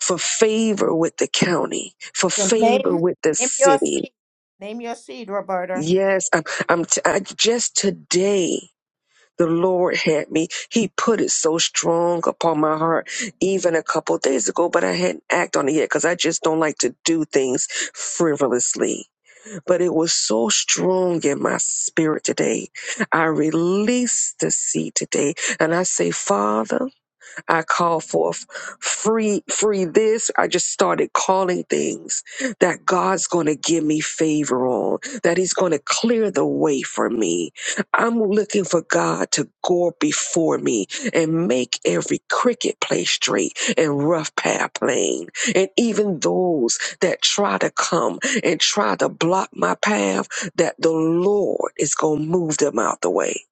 F: for favor with the county, for
A: So
F: favor
A: name,
F: with the
A: name your
F: city.
A: seed. Name your seed, Roberta.
F: Yes, I'm I'm t- I just today the Lord had me. He put it so strong upon my heart even a couple days ago, but I hadn't acted on it yet because I just don't like to do things frivolously. but it was so strong in my spirit today. I released the seed today and I say, Father, I call forth free, free this. I just started calling things that God's going to give me favor on, that He's going to clear the way for me. I'm looking for God to go before me and make every cricket place straight and rough path plain. And even those that try to come and try to block my path, that the Lord is going to move them out the way.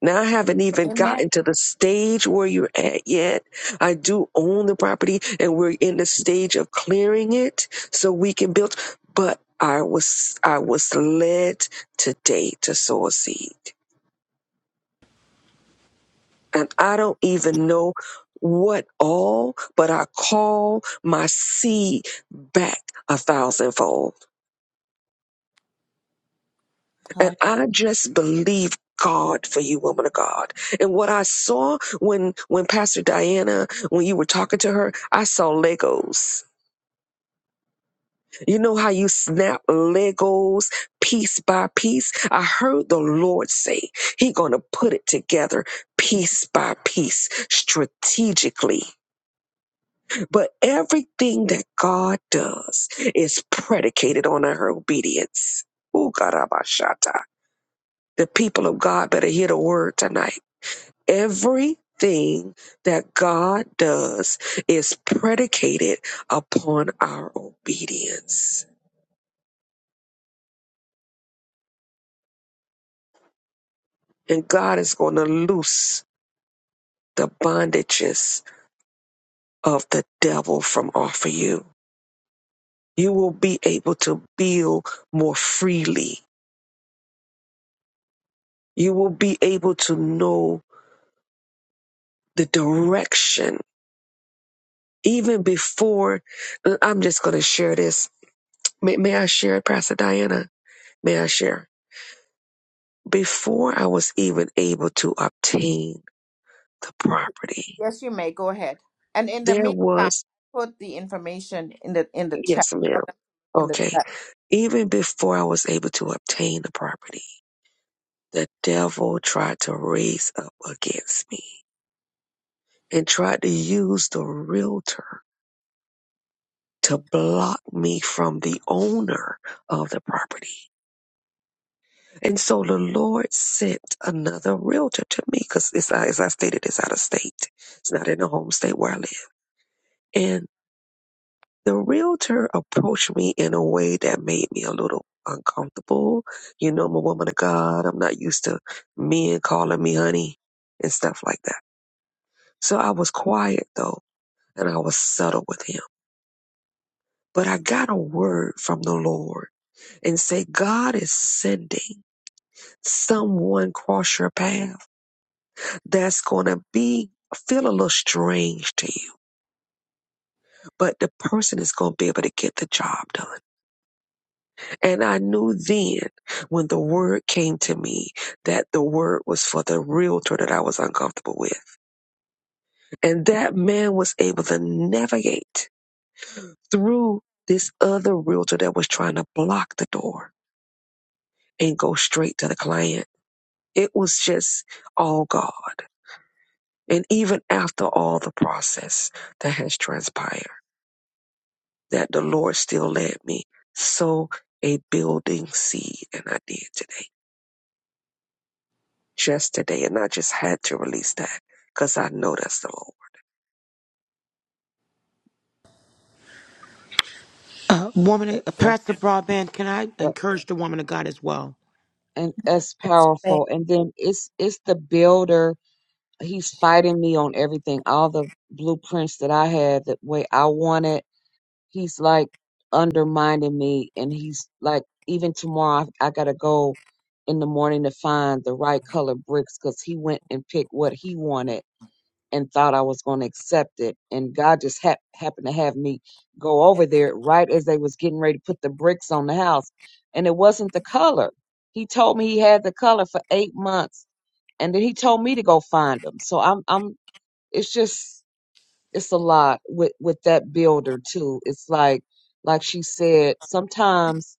F: Now I haven't even
A: Amen.
F: gotten to the stage where you're at yet. I do own the property and we're in the stage of clearing it so we can build. But I was, I was led today to sow a seed and I don't even know what all, but I call my seed back a thousandfold. And
A: Huh?
F: I just believe God for you, woman of God. And what I saw when when Pastor Diana, when you were talking to her, I saw Legos. You know how you snap Legos piece by piece? I heard the Lord say He gonna put it together piece by piece, strategically. But everything that God does is predicated on her obedience. Ooh, God, Abashata, The people of God better hear the word tonight Everything that God does is predicated upon our obedience. And God is going to loose the bondages of the devil from off of you. You will be able to build more freely. You will be able to know the direction even before. I'm just going to share this. May, may I share it, Pastor Diana? May I share? Before I was even able to obtain the property,
A: Yes, you may. Go ahead. And in the
F: there
A: meantime,
F: was,
A: put the information in the in the chat.
F: yes, ma'am.
A: Okay, In the
F: Okay.
A: chat.
F: Even before I was able to obtain the property, the devil tried to raise up against me and tried to use the realtor to block me from the owner of the property. And so the Lord sent another realtor to me because, as I stated, it's out of state. It's not in the home state where I live. and. the realtor approached me in a way that made me a little uncomfortable. You know, I'm a woman of God. I'm not used to men calling me honey and stuff like that. So I was quiet though, and I was subtle with him. But I got a word from the Lord and say, God is sending someone cross your path that's going to be feel a little strange to you, but the person is going to be able to get the job done. And I knew then when the word came to me that the word was for the realtor that I was uncomfortable with. And that man was able to navigate through this other realtor that was trying to block the door and go straight to the client. It was just all God. And even after all the process that has transpired, that the Lord still led me. So a building seed, and I did today. just today, and I just had to release that because I know that's the Lord.
B: Uh,
I: that-
B: woman,
I: that's
B: Pastor Broadband, can I
I: that,
B: encourage the woman of God as well?
I: and that's
A: Yes, you may.
I: powerful. And then it's it's the builder. He's fighting me on everything. All the blueprints that I had, the way I wanted. he's like undermining me and he's like even tomorrow I, I gotta go in the morning to find the right color bricks because he went and picked what he wanted and thought i was going to accept it and god just hap- happened to have me go over there right as they was getting ready to put the bricks on the house and it wasn't the color he told me he had the color for eight months and then he told me to go find them so i'm i'm it's just it's a lot with with that builder too it's like like she said sometimes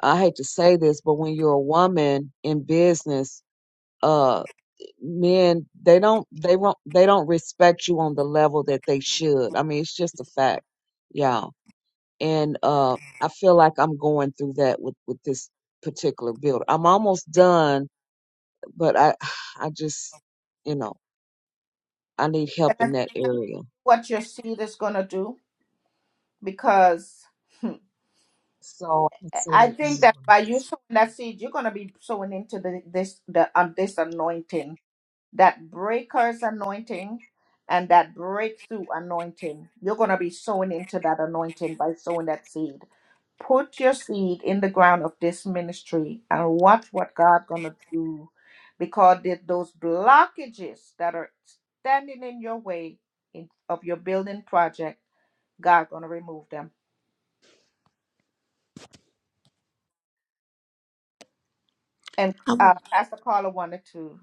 I: i hate to say this but when you're a woman in business uh men they don't they won't they don't respect you on the level that they should i mean it's just a fact y'all and uh i feel like i'm going through that with with this particular builder i'm almost done but i [SIGHS] i just you know i need help in that area
A: What your seed is gonna do. because hmm,
I: so i
A: I
I: consider it
A: think that
I: anyway
A: by you sowing that seed, you're going to be sowing into the, this the um, this anointing, that breaker's anointing, and that breakthrough anointing. You're going to be sowing into that anointing by sowing that seed. Put your seed in the ground of this ministry and watch what God going to do, because th- those blockages that are standing in your way in, of your building project, God going to remove them. And uh, Pastor Carla wanted to.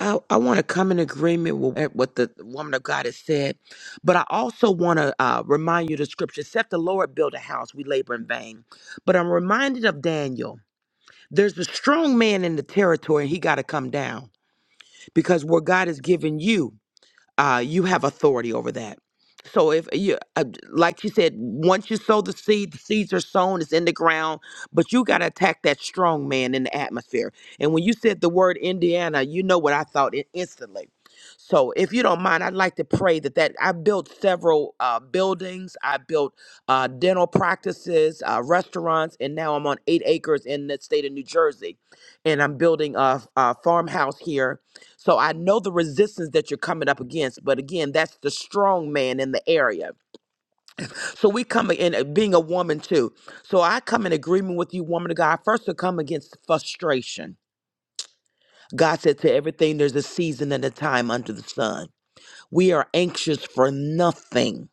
B: I, I want to come in agreement with eh, what the woman of God has said, but I also want to uh, remind you of the scripture except the Lord build a house, we labor in vain. But I'm reminded of Daniel. There's a strong man in the territory, and he got to come down because where God has given you uh, you have authority over that. So if you, uh, like you said, once you sow the seed, the seeds are sown, it's in the ground, but you got to attack that strong man in the atmosphere. And when you said the word Indiana, you know what I thought in- instantly. So if you don't mind, I'd like to pray that that I built several uh, buildings, I built uh, dental practices, uh, restaurants, and now I'm on eight acres in the state of New Jersey, and I'm building a, a farmhouse here so I know the resistance that you're coming up against, but again, that's the strong man in the area. So we come in uh, being a woman too. So I come in agreement with you, woman of God. First, to come against frustration. God said to everything, there's a season and a time under the sun. We are anxious for nothing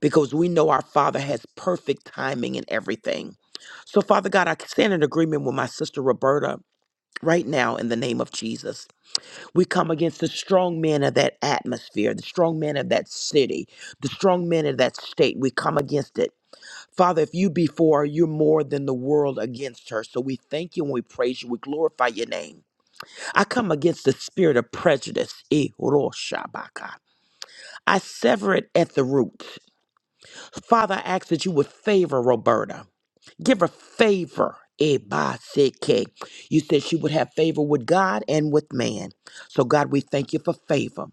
B: because we know our Father has perfect timing in everything. So, Father God, I stand in agreement with my sister Roberta right now in the name of Jesus. We come against the strong men of that atmosphere, the strong men of that city, the strong men of that state. We come against it. Father, if you be for her, you're more than the world against her. So we thank you and we praise you. We glorify your name. I come against the spirit of prejudice. Eh, ro shabaka. I sever it at the root. Father, I ask that you would favor Roberta. Give her favor. Eh, ba, se, ke. You said she would have favor with God and with man. So, God, we thank you for favor.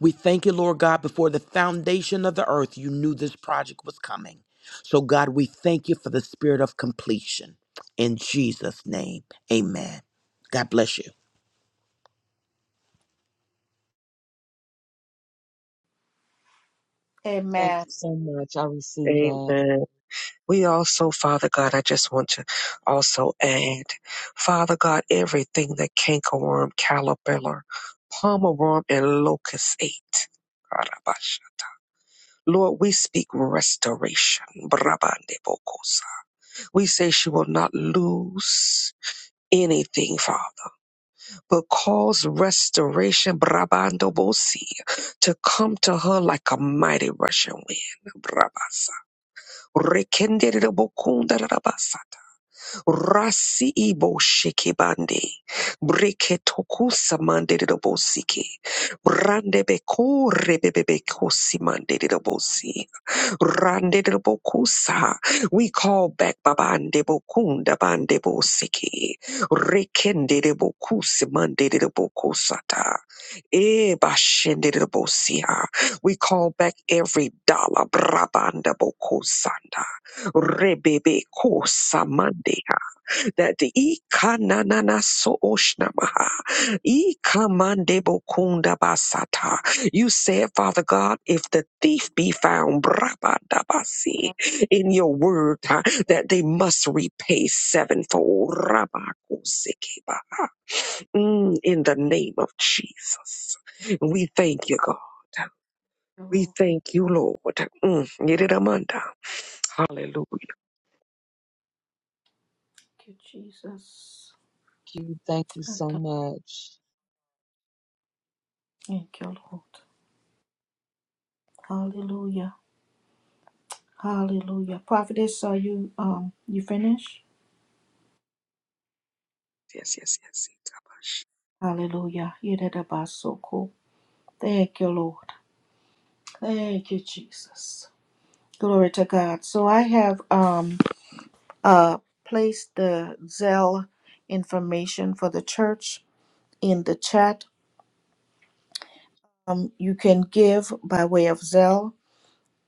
B: We thank you, Lord God, before the foundation of the earth, you knew this project was coming. So, God, we thank you for the spirit of completion. In Jesus' name, amen. God bless you.
I: Thank
A: Amen.
I: you so much. I received that.
F: Amen. We also, Father God, I just want to also add, Father God, everything that cankerworm, caterpillar, palmer worm, and locust ate. Karabash. Lord, we speak restoration. Brabande bokosa. We say she will not lose anything, Father. but cause restoration, Brabando Bosi, to come to her like a mighty rushing wind, Brabasa. Rekenderebokunda Rabasata. Rasi Ibo Shikibande. Breketokusa Manderebosiki. Brandebeku Rebebebekosi Manderebosi. Randedebokusa. We call back Babandebokunda Bandebosiki. Rikendedebokusimandedebokosata. Ebashendedebosia. We call back every dollar. Brabandabokosanda. Rebebe Kosamande that the ikanana so oshnamaha ikamandebo kunda basata. You said, Father God, if the thief be found brabadabasi,
A: Thank
F: in your word huh, that they must repay sevenfold rabakusikeba. Mm, in the name of Jesus. We thank you, God.
A: you,
F: We
A: Lord.
F: thank you, Lord. Mm, yiridamanda. Hallelujah.
A: Thank you, Jesus.
I: Q, thank you
A: I
I: so
A: th-
I: much.
A: Thank you, Lord. Hallelujah. Hallelujah. Prophetess, are you um you finished?
F: Yes, yes, yes. yes.
A: Hallelujah. Yedidabasoko. Thank you, Lord. Thank you, Jesus. Glory to God. So I have um uh placed the Zelle information for the church in the chat. Um, you can give by way of Zelle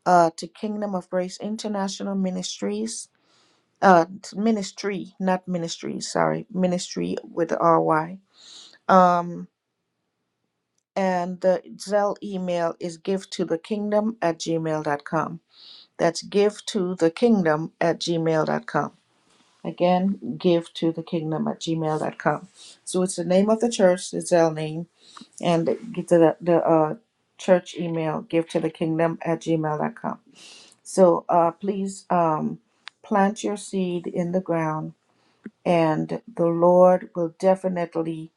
A: uh to Kingdom of Grace International Ministries. Uh, t- ministry, not ministries Sorry, ministry with the R Y. Um, and the Zelle email is give to the kingdom at gmail dot com. That's give to the kingdom at gmail dot com. Again, give to the kingdom at gmail dot com. So it's the name of the church, the Zell name, and get to the, the uh, church email, give to the kingdom at gmail dot com. So uh, please um, plant your seed in the ground, and the Lord will definitely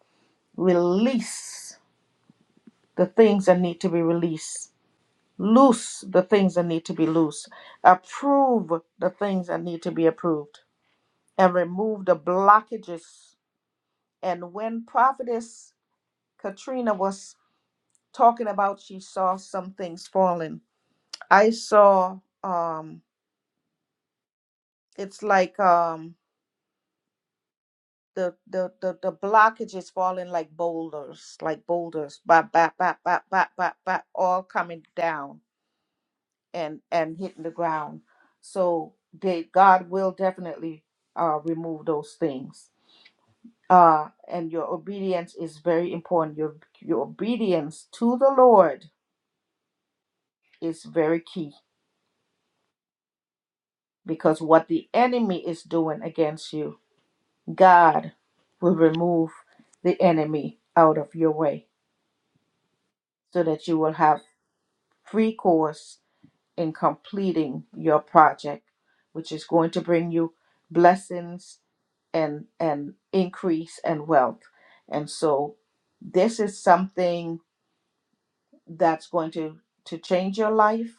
A: release the things that need to be released. Loose the things that need to be loose. Approve the things that need to be approved. And remove the blockages And when Prophetess Katrina was talking about, she saw some things falling. I saw um, it's like um, the, the the the blockage is falling like boulders, like boulders, bop bop bop bop bop bop bop, all coming down and and hitting the ground. So they, God will definitely uh, remove those things. Uh, and your obedience is very important. Your your obedience to the Lord is very key because what the enemy is doing against you, God will remove the enemy out of your way so that you will have free course in completing your project, which is going to bring you blessings and, and increase and wealth. And so this is something that's going to, to change your life,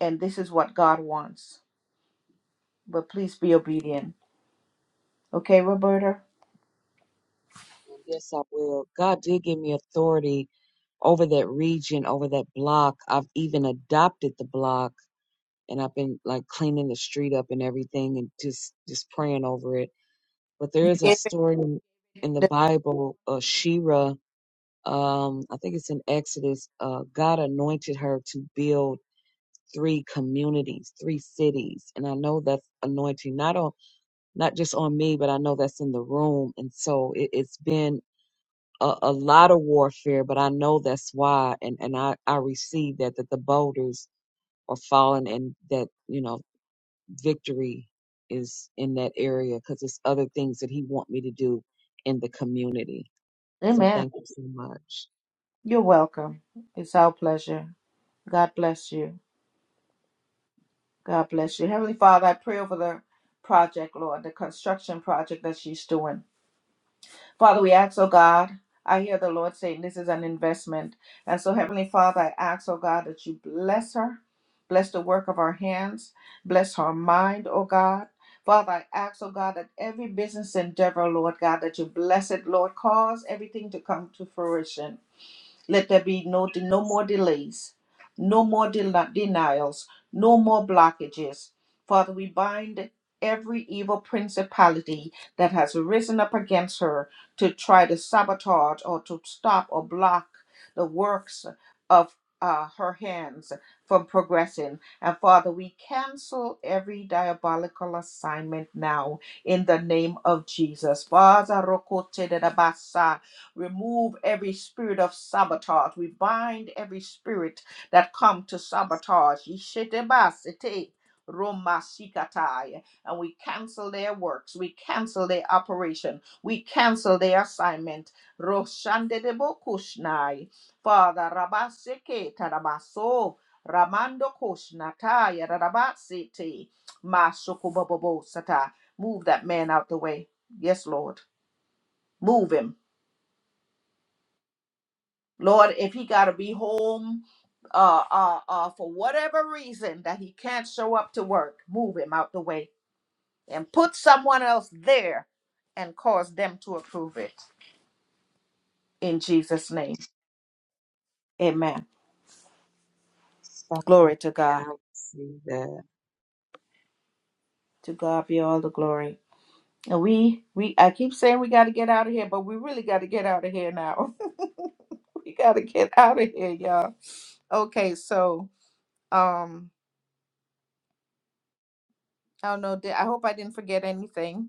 A: and this is what God wants. But please be obedient. Okay, Roberta?
I: Yes, I will. God did give me authority over that region, over that block. I've even adopted the block and I've been like cleaning the street up and everything and just just praying over it. But there is a
A: Yes.
I: story in in the Bible, uh Shira, um, I think it's in Exodus, uh, God anointed her to build three communities, three cities. And I know that's anointing not on not just on me, but I know that's in the room. And so it, it's been a, a lot of warfare, but I know that's why. And, and I, I receive that, that the boulders are falling and that, you know, victory is in that area because it's other things that he want me to do in the community. So
A: Amen.
I: thank you so much.
A: You're welcome. It's our pleasure. God bless you. God bless you. Heavenly Father, I pray over the project, Lord, the construction project that she's doing. Father, we ask, oh God, I hear the Lord saying this is an investment. And so, Heavenly Father, I ask, oh God, that you bless her, bless the work of our hands, bless her mind, oh God. Father, I ask, oh God, that every business endeavor, Lord God, that you bless it, Lord, cause everything to come to fruition. Let there be no, no more delays, no more del- denials, no more blockages. Father, we bind every evil principality that has risen up against her to try to sabotage or to stop or block the works of uh, her hands from progressing. And Father, we cancel every diabolical assignment now in the name of Jesus. Father, remove every spirit of sabotage. We bind every spirit that come to sabotage. Yishitebasite romasikatai. And we cancel their works. We cancel their operation. We cancel their assignment. Roshandedebokushnai. Father Rabaseke Tarabaso. Ramando Koshnataya Rabasete. Masukubobobo Sata. Move that man out the way. Yes, Lord. Move him. Lord, if he got to be home uh, uh, uh, for whatever reason that he can't show up to work, move him out the way and put someone else there and cause them to approve it. In Jesus' name, amen.
I: So
A: Glory to God.
I: man, I receive that.
A: To God be all the glory. And we, we, I keep saying we got to get out of here, but we really got to get out of here now. [LAUGHS] we got to get out of here, y'all. Okay, so, um, I don't know. Did, I hope I didn't forget anything.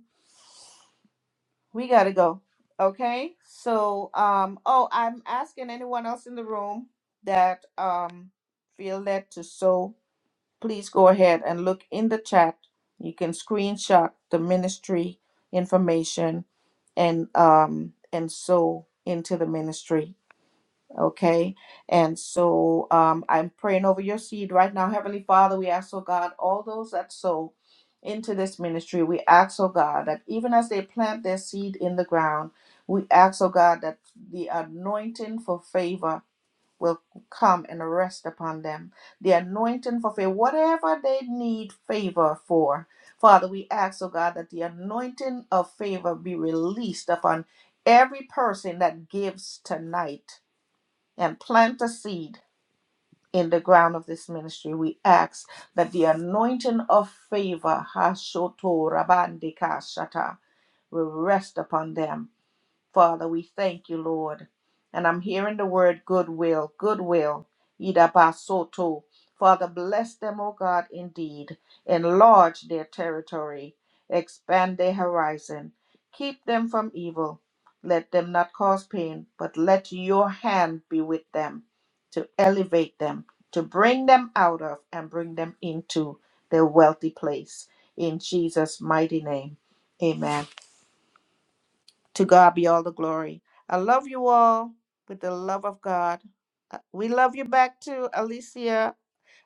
A: We gotta go. Okay. So, um, oh, I'm asking anyone else in the room that um feel led to sow, please go ahead and look in the chat. You can screenshot the ministry information and um and sow into the ministry Okay. And so um, I'm praying over your seed right now. Heavenly Father, we ask, oh God, all those that sow into this ministry, we ask, oh God, that even as they plant their seed in the ground, we ask, oh God, that the anointing for favor will come and rest upon them. The anointing for favor, whatever they need favor for. Father, we ask, oh God, that the anointing of favor be released upon every person that gives tonight and plant a seed in the ground of this ministry. We ask that the anointing of favor, Hashoto Rabandika Shata, will rest upon them Father, we thank you, Lord. And I'm hearing the word goodwill, goodwill, idabasoto. Father, bless them, O God, indeed. Enlarge their territory, expand their horizon, keep them from evil. Let them not cause pain, but let your hand be with them to elevate them, to bring them out of and bring them into their wealthy place. In Jesus' mighty name, amen. To God be all the glory. I love you all with the love of God. We love you back to Alicia.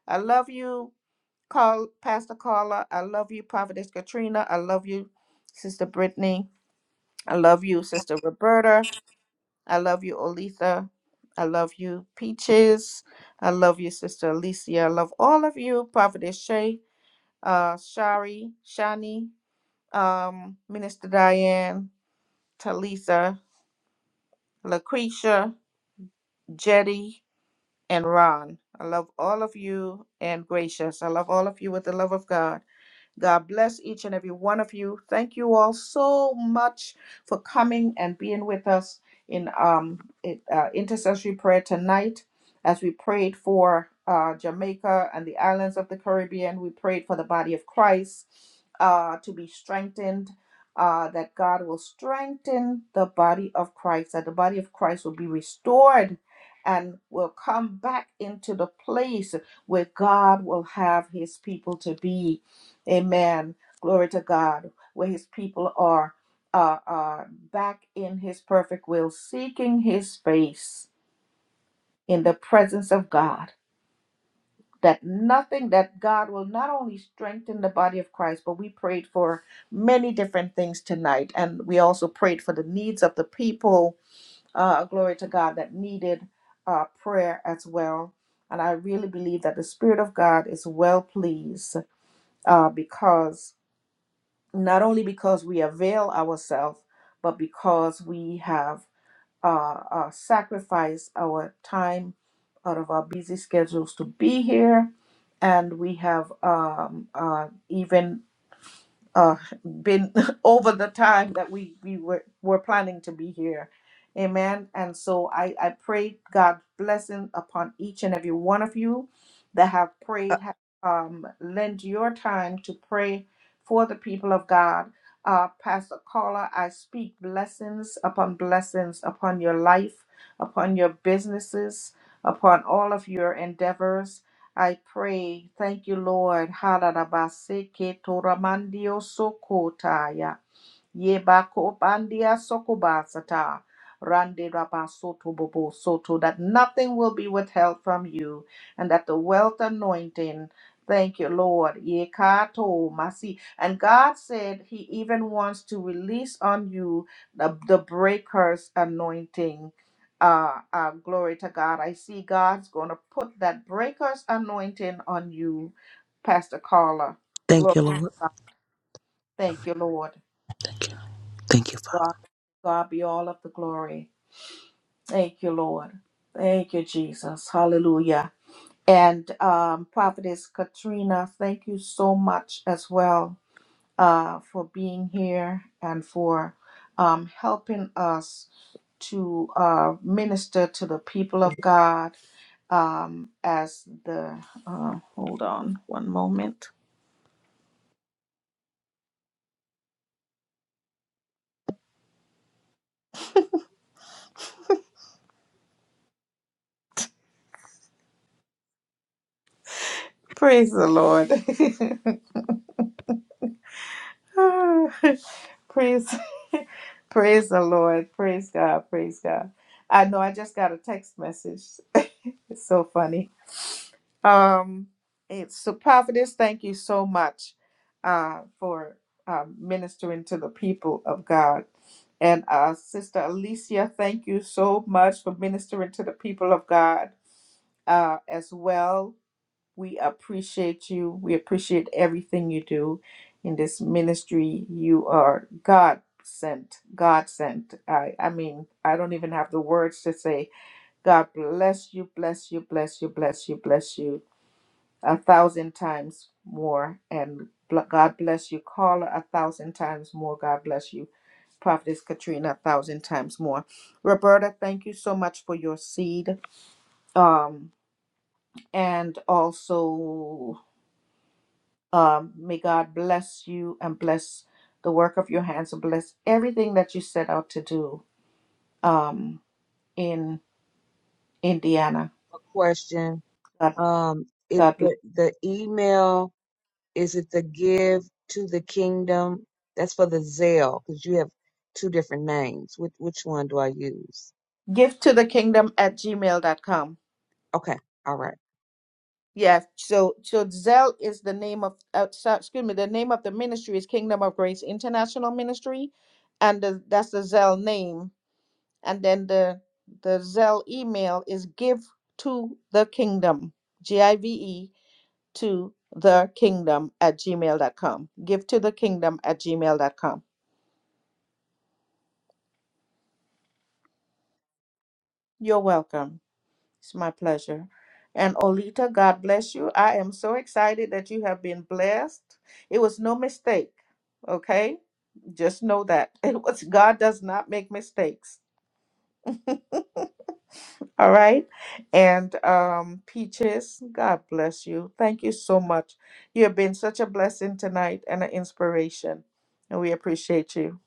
A: I love you, Carl, Pastor Carla. I love you, Prophetess Katrina. I love you, Sister Brittany. I love you, Sister Roberta. I love you, Olitha. I love you, Peaches. I love you, Sister Alicia. I love all of you, Prophetess Shay, uh, Shari, Shani, um, Minister Diane, Talitha, Lucretia, Jetty, and Ron. I love all of you and Gracious. I love all of you with the love of God. God bless each and every one of you. Thank you all so much for coming and being with us in um, it, uh, intercessory prayer tonight as we prayed for uh, Jamaica and the islands of the Caribbean. We prayed for the body of Christ uh, to be strengthened. Uh, that God will strengthen the body of Christ, that the body of Christ will be restored and will come back into the place where God will have his people to be Amen. Glory to God, where his people are, are, are back in his perfect will, seeking his face in the presence of God. That nothing that God will not only strengthen the body of Christ, but we prayed for many different things tonight. And we also prayed for the needs of the people, uh, glory to God, that needed uh, prayer as well. And I really believe that the Spirit of God is well pleased uh, because not only because we avail ourselves, but because we have uh, uh, sacrificed our time out of our busy schedules to be here. And we have um, uh, even uh, been [LAUGHS] over the time that we, we were, were planning to be here. Amen. And so I, I pray God's blessing upon each and every one of you that have prayed, have, um, lend your time to pray for the people of God. Uh, Pastor Carla, I speak blessings upon blessings upon your life, upon your businesses, upon all of your endeavors. I pray. Thank you, Lord. Hararabaseke toramandioso kotaya. Yeba kobandia sokoba sata rande raba soto bobo soto that nothing will be withheld from you and that the wealth anointing thank you lord ye kato masi and god said he even wants to release on you the, the breakers anointing uh, uh glory to god i see god's gonna put that breakers anointing on you pastor carla
B: Thank
A: glory
B: you, Lord.
A: to god thank you lord
B: Thank you. Thank you, Father.
A: God, God be all of the glory. Thank you, Lord. Thank you, Jesus. Hallelujah. And um, Prophetess Katrina, thank you so much as well uh, for being here and for um, helping us to uh, minister to the people of God um, as the. Uh, hold on one moment. Praise the Lord. [LAUGHS] Praise Praise the Lord. Praise God. Praise God. I know I just got a text message. It's so funny. Um, it's so prophetess. thank you so much uh, for um, ministering to the people of God. And uh, Sister Alicia, thank you so much for ministering to the people of God uh, as well. We appreciate you. We appreciate everything you do in this ministry. You are God sent. God sent. I, I mean, I don't even have the words to say. God bless you, bless you, bless you, bless you, bless you a thousand times more. And bl- God bless you, Carla, a thousand times more. God bless you, Prophetess Katrina, a thousand times more. Roberta, thank you so much for your seed. Um, and also Um, may God bless you and bless the work of your hands and bless everything that you set out to do um, in Indiana.
I: A question.
A: God,
I: Um, is
A: God bless.
I: the, the email Is it the give to the kingdom? That's for the zeal, because you have two different names. Which which one do I use?
A: Give to the kingdom at Gmail dot com.
I: Okay, all right.
A: Yeah, so so Zell is the name of uh, so- excuse me, the name of the ministry is Kingdom of Grace International Ministry, and the, that's the Zell name. And then the the Zell email is give to the kingdom, G I V E to the kingdom at gmail.com. Give to the kingdom at gmail.com. You're welcome. It's my pleasure. And Olita, God bless you. I am so excited that you have been blessed. It was no mistake. Okay? Just know that. [LAUGHS] It was God does not make mistakes. All right? And um Peaches, God bless you. Thank you so much. You have been such a blessing tonight and an inspiration. And we appreciate you.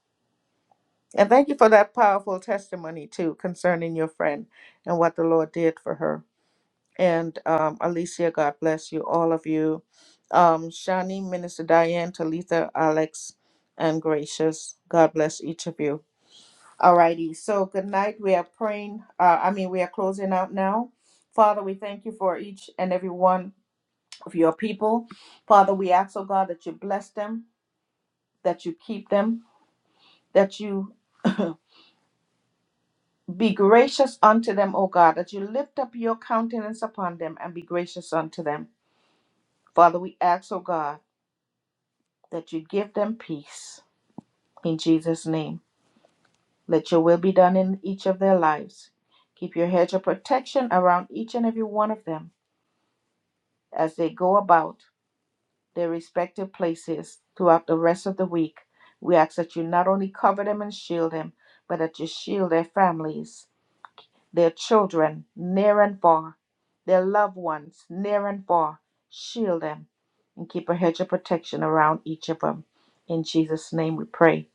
A: And thank you for that powerful testimony, too, concerning your friend and what the Lord did for her. And um, Alicia, God bless you, all of you. Um, Shani, Minister Diane, Talitha, Alex, and Gracious, God bless each of you. Alrighty, so good night. We are praying, uh, I mean, we are closing out now. Father, we thank you for each and every one of your people. Father, we ask, oh God, that you bless them, that you keep them, that you [LAUGHS] [CLEARS THROAT] Be gracious unto them, O God, that you lift up your countenance upon them and be gracious unto them. Father, we ask, O God, that you give them peace. In Jesus' name, let your will be done in each of their lives. Keep your hedge of protection around each and every one of them as they go about their respective places throughout the rest of the week. We ask that you not only cover them and shield them, but that you shield their families their children near and far, their loved ones near and far. Shield them and keep a hedge of protection around each of them. In Jesus' name we pray.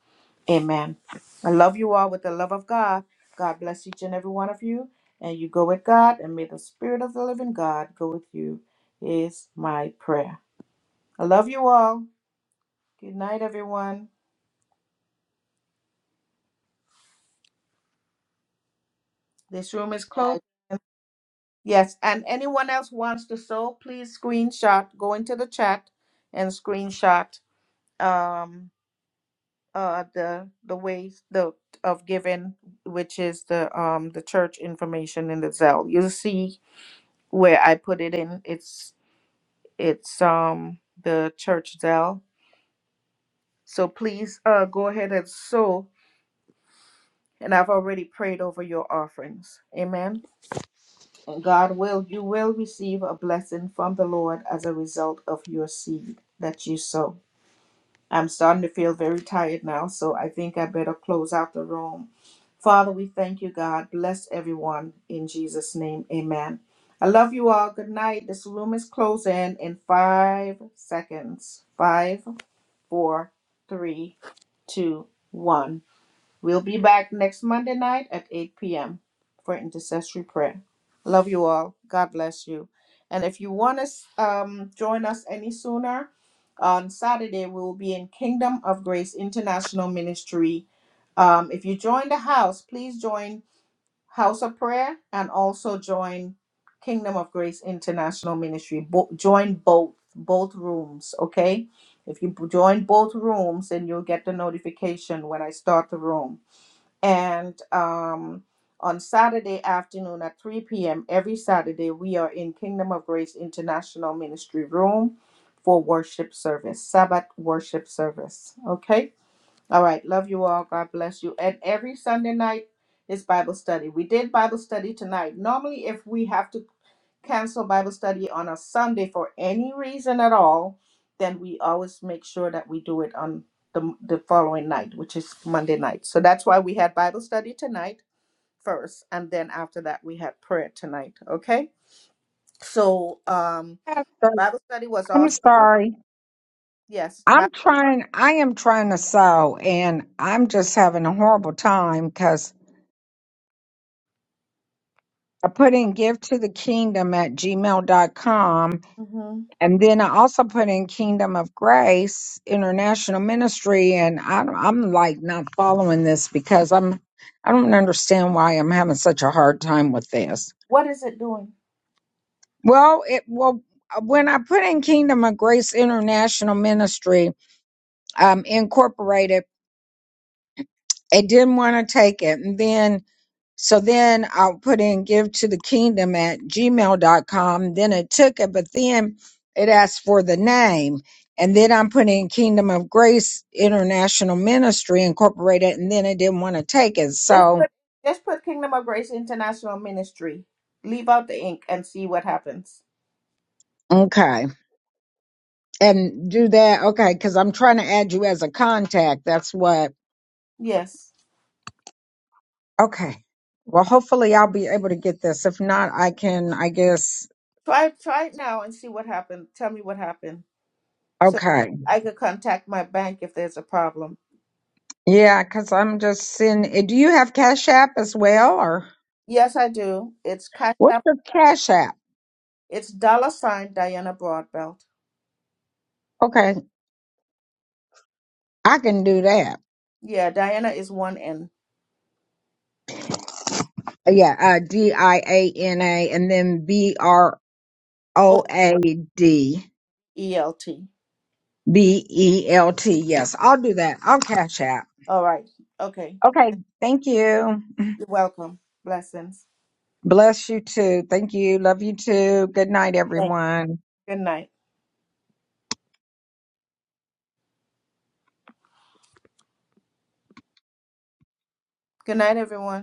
A: Amen. I love you all with the love of God. God bless each and every one of you. And you go with God, and may the Spirit of the living God go with you, is my prayer. I love you all. Good night, everyone. This room is closed. Yes, and anyone else wants to sew, please screenshot, go into the chat and screenshot um uh the the ways the of giving, which is the um the church information in the Zelle. You'll see where I put it in. It's it's um the church Zelle. So please uh go ahead and sew and I've already prayed over your offerings. Amen. And God will, you will receive a blessing from the Lord as a result of your seed that you sow. I'm starting to feel very tired now, so I think I better close out the room. Father, we thank you, God. Bless everyone in Jesus' name. Amen. I love you all. Good night. This room is closing in five seconds. Five, four, three, two, one. We'll be back next Monday night at 8 p.m. for intercessory prayer. Love you all. God bless you. And if you want to um, join us any sooner, on Saturday we will be in Kingdom of Grace International Ministry. Um, if you join the house, please join House of Prayer and also join Kingdom of Grace International Ministry. Bo- join both both rooms, okay? If you b- join both rooms, then you'll get the notification when I start the room and um, on Saturday afternoon at 3 p.m., every Saturday, we are in Kingdom of Grace International Ministry Room for worship service, Sabbath worship service. Okay? All right. Love you all. God bless you. And every Sunday night is Bible study. We did Bible study tonight. Normally, if we have to cancel Bible study on a Sunday for any reason at all, then we always make sure that we do it on the, the following night, which is Monday night. So that's why we had Bible study tonight first, and then after that we had prayer tonight. Okay. So um,
C: Pastor,
A: Bible study was
C: I'm
A: awesome.
C: sorry.
A: Yes.
C: I'm trying, I am trying to sew, and I'm just having a horrible time because I put in give to the kingdom at gmail dot com.
A: hmm.
C: And then I also put in Kingdom of Grace International Ministry, and I, I'm like not following this because I'm I don't understand why I'm having such a hard time with this.
A: What is it doing?
C: Well, it well when I put in Kingdom of Grace International Ministry um, Incorporated, it didn't want to take it, and then So then I put in give to the kingdom at gmail dot com. Then it took it, but then it asked for the name. And then I'm putting Kingdom of Grace International Ministry Incorporated, and then it didn't want to take it.
A: Just
C: So,
A: put just put Kingdom of Grace International Ministry. Leave out the ink and see what happens.
C: okay. And do that. Okay. Cause I'm trying to add you as a contact. That's what.
A: Yes.
C: Okay. Well, hopefully I'll be able to get this. If not, I can, I guess.
A: Try try it now and see what happened. Tell me what happened. so
C: Okay.
A: I could contact my bank if there's a problem.
C: Yeah. Cause I'm just sending. Do you have Cash App as well or?
A: Yes, I do. It's Cash
C: What's
A: App.
C: the Cash App?
A: It's dollar sign Diana Broadbelt.
C: Okay, I can do that.
A: Yeah, Diana is one N
C: Yeah, uh, D I A N A and then B R O
A: O
C: A D
A: E L T.
C: B E L T. Yes, I'll do that. I'll Cash App.
A: All right. Okay.
C: Okay, thank you.
A: You're welcome. Blessings.
C: Bless you too. Thank you. Love you too. Good night,
A: Thank
C: everyone.
A: you. Good night. Good night, everyone.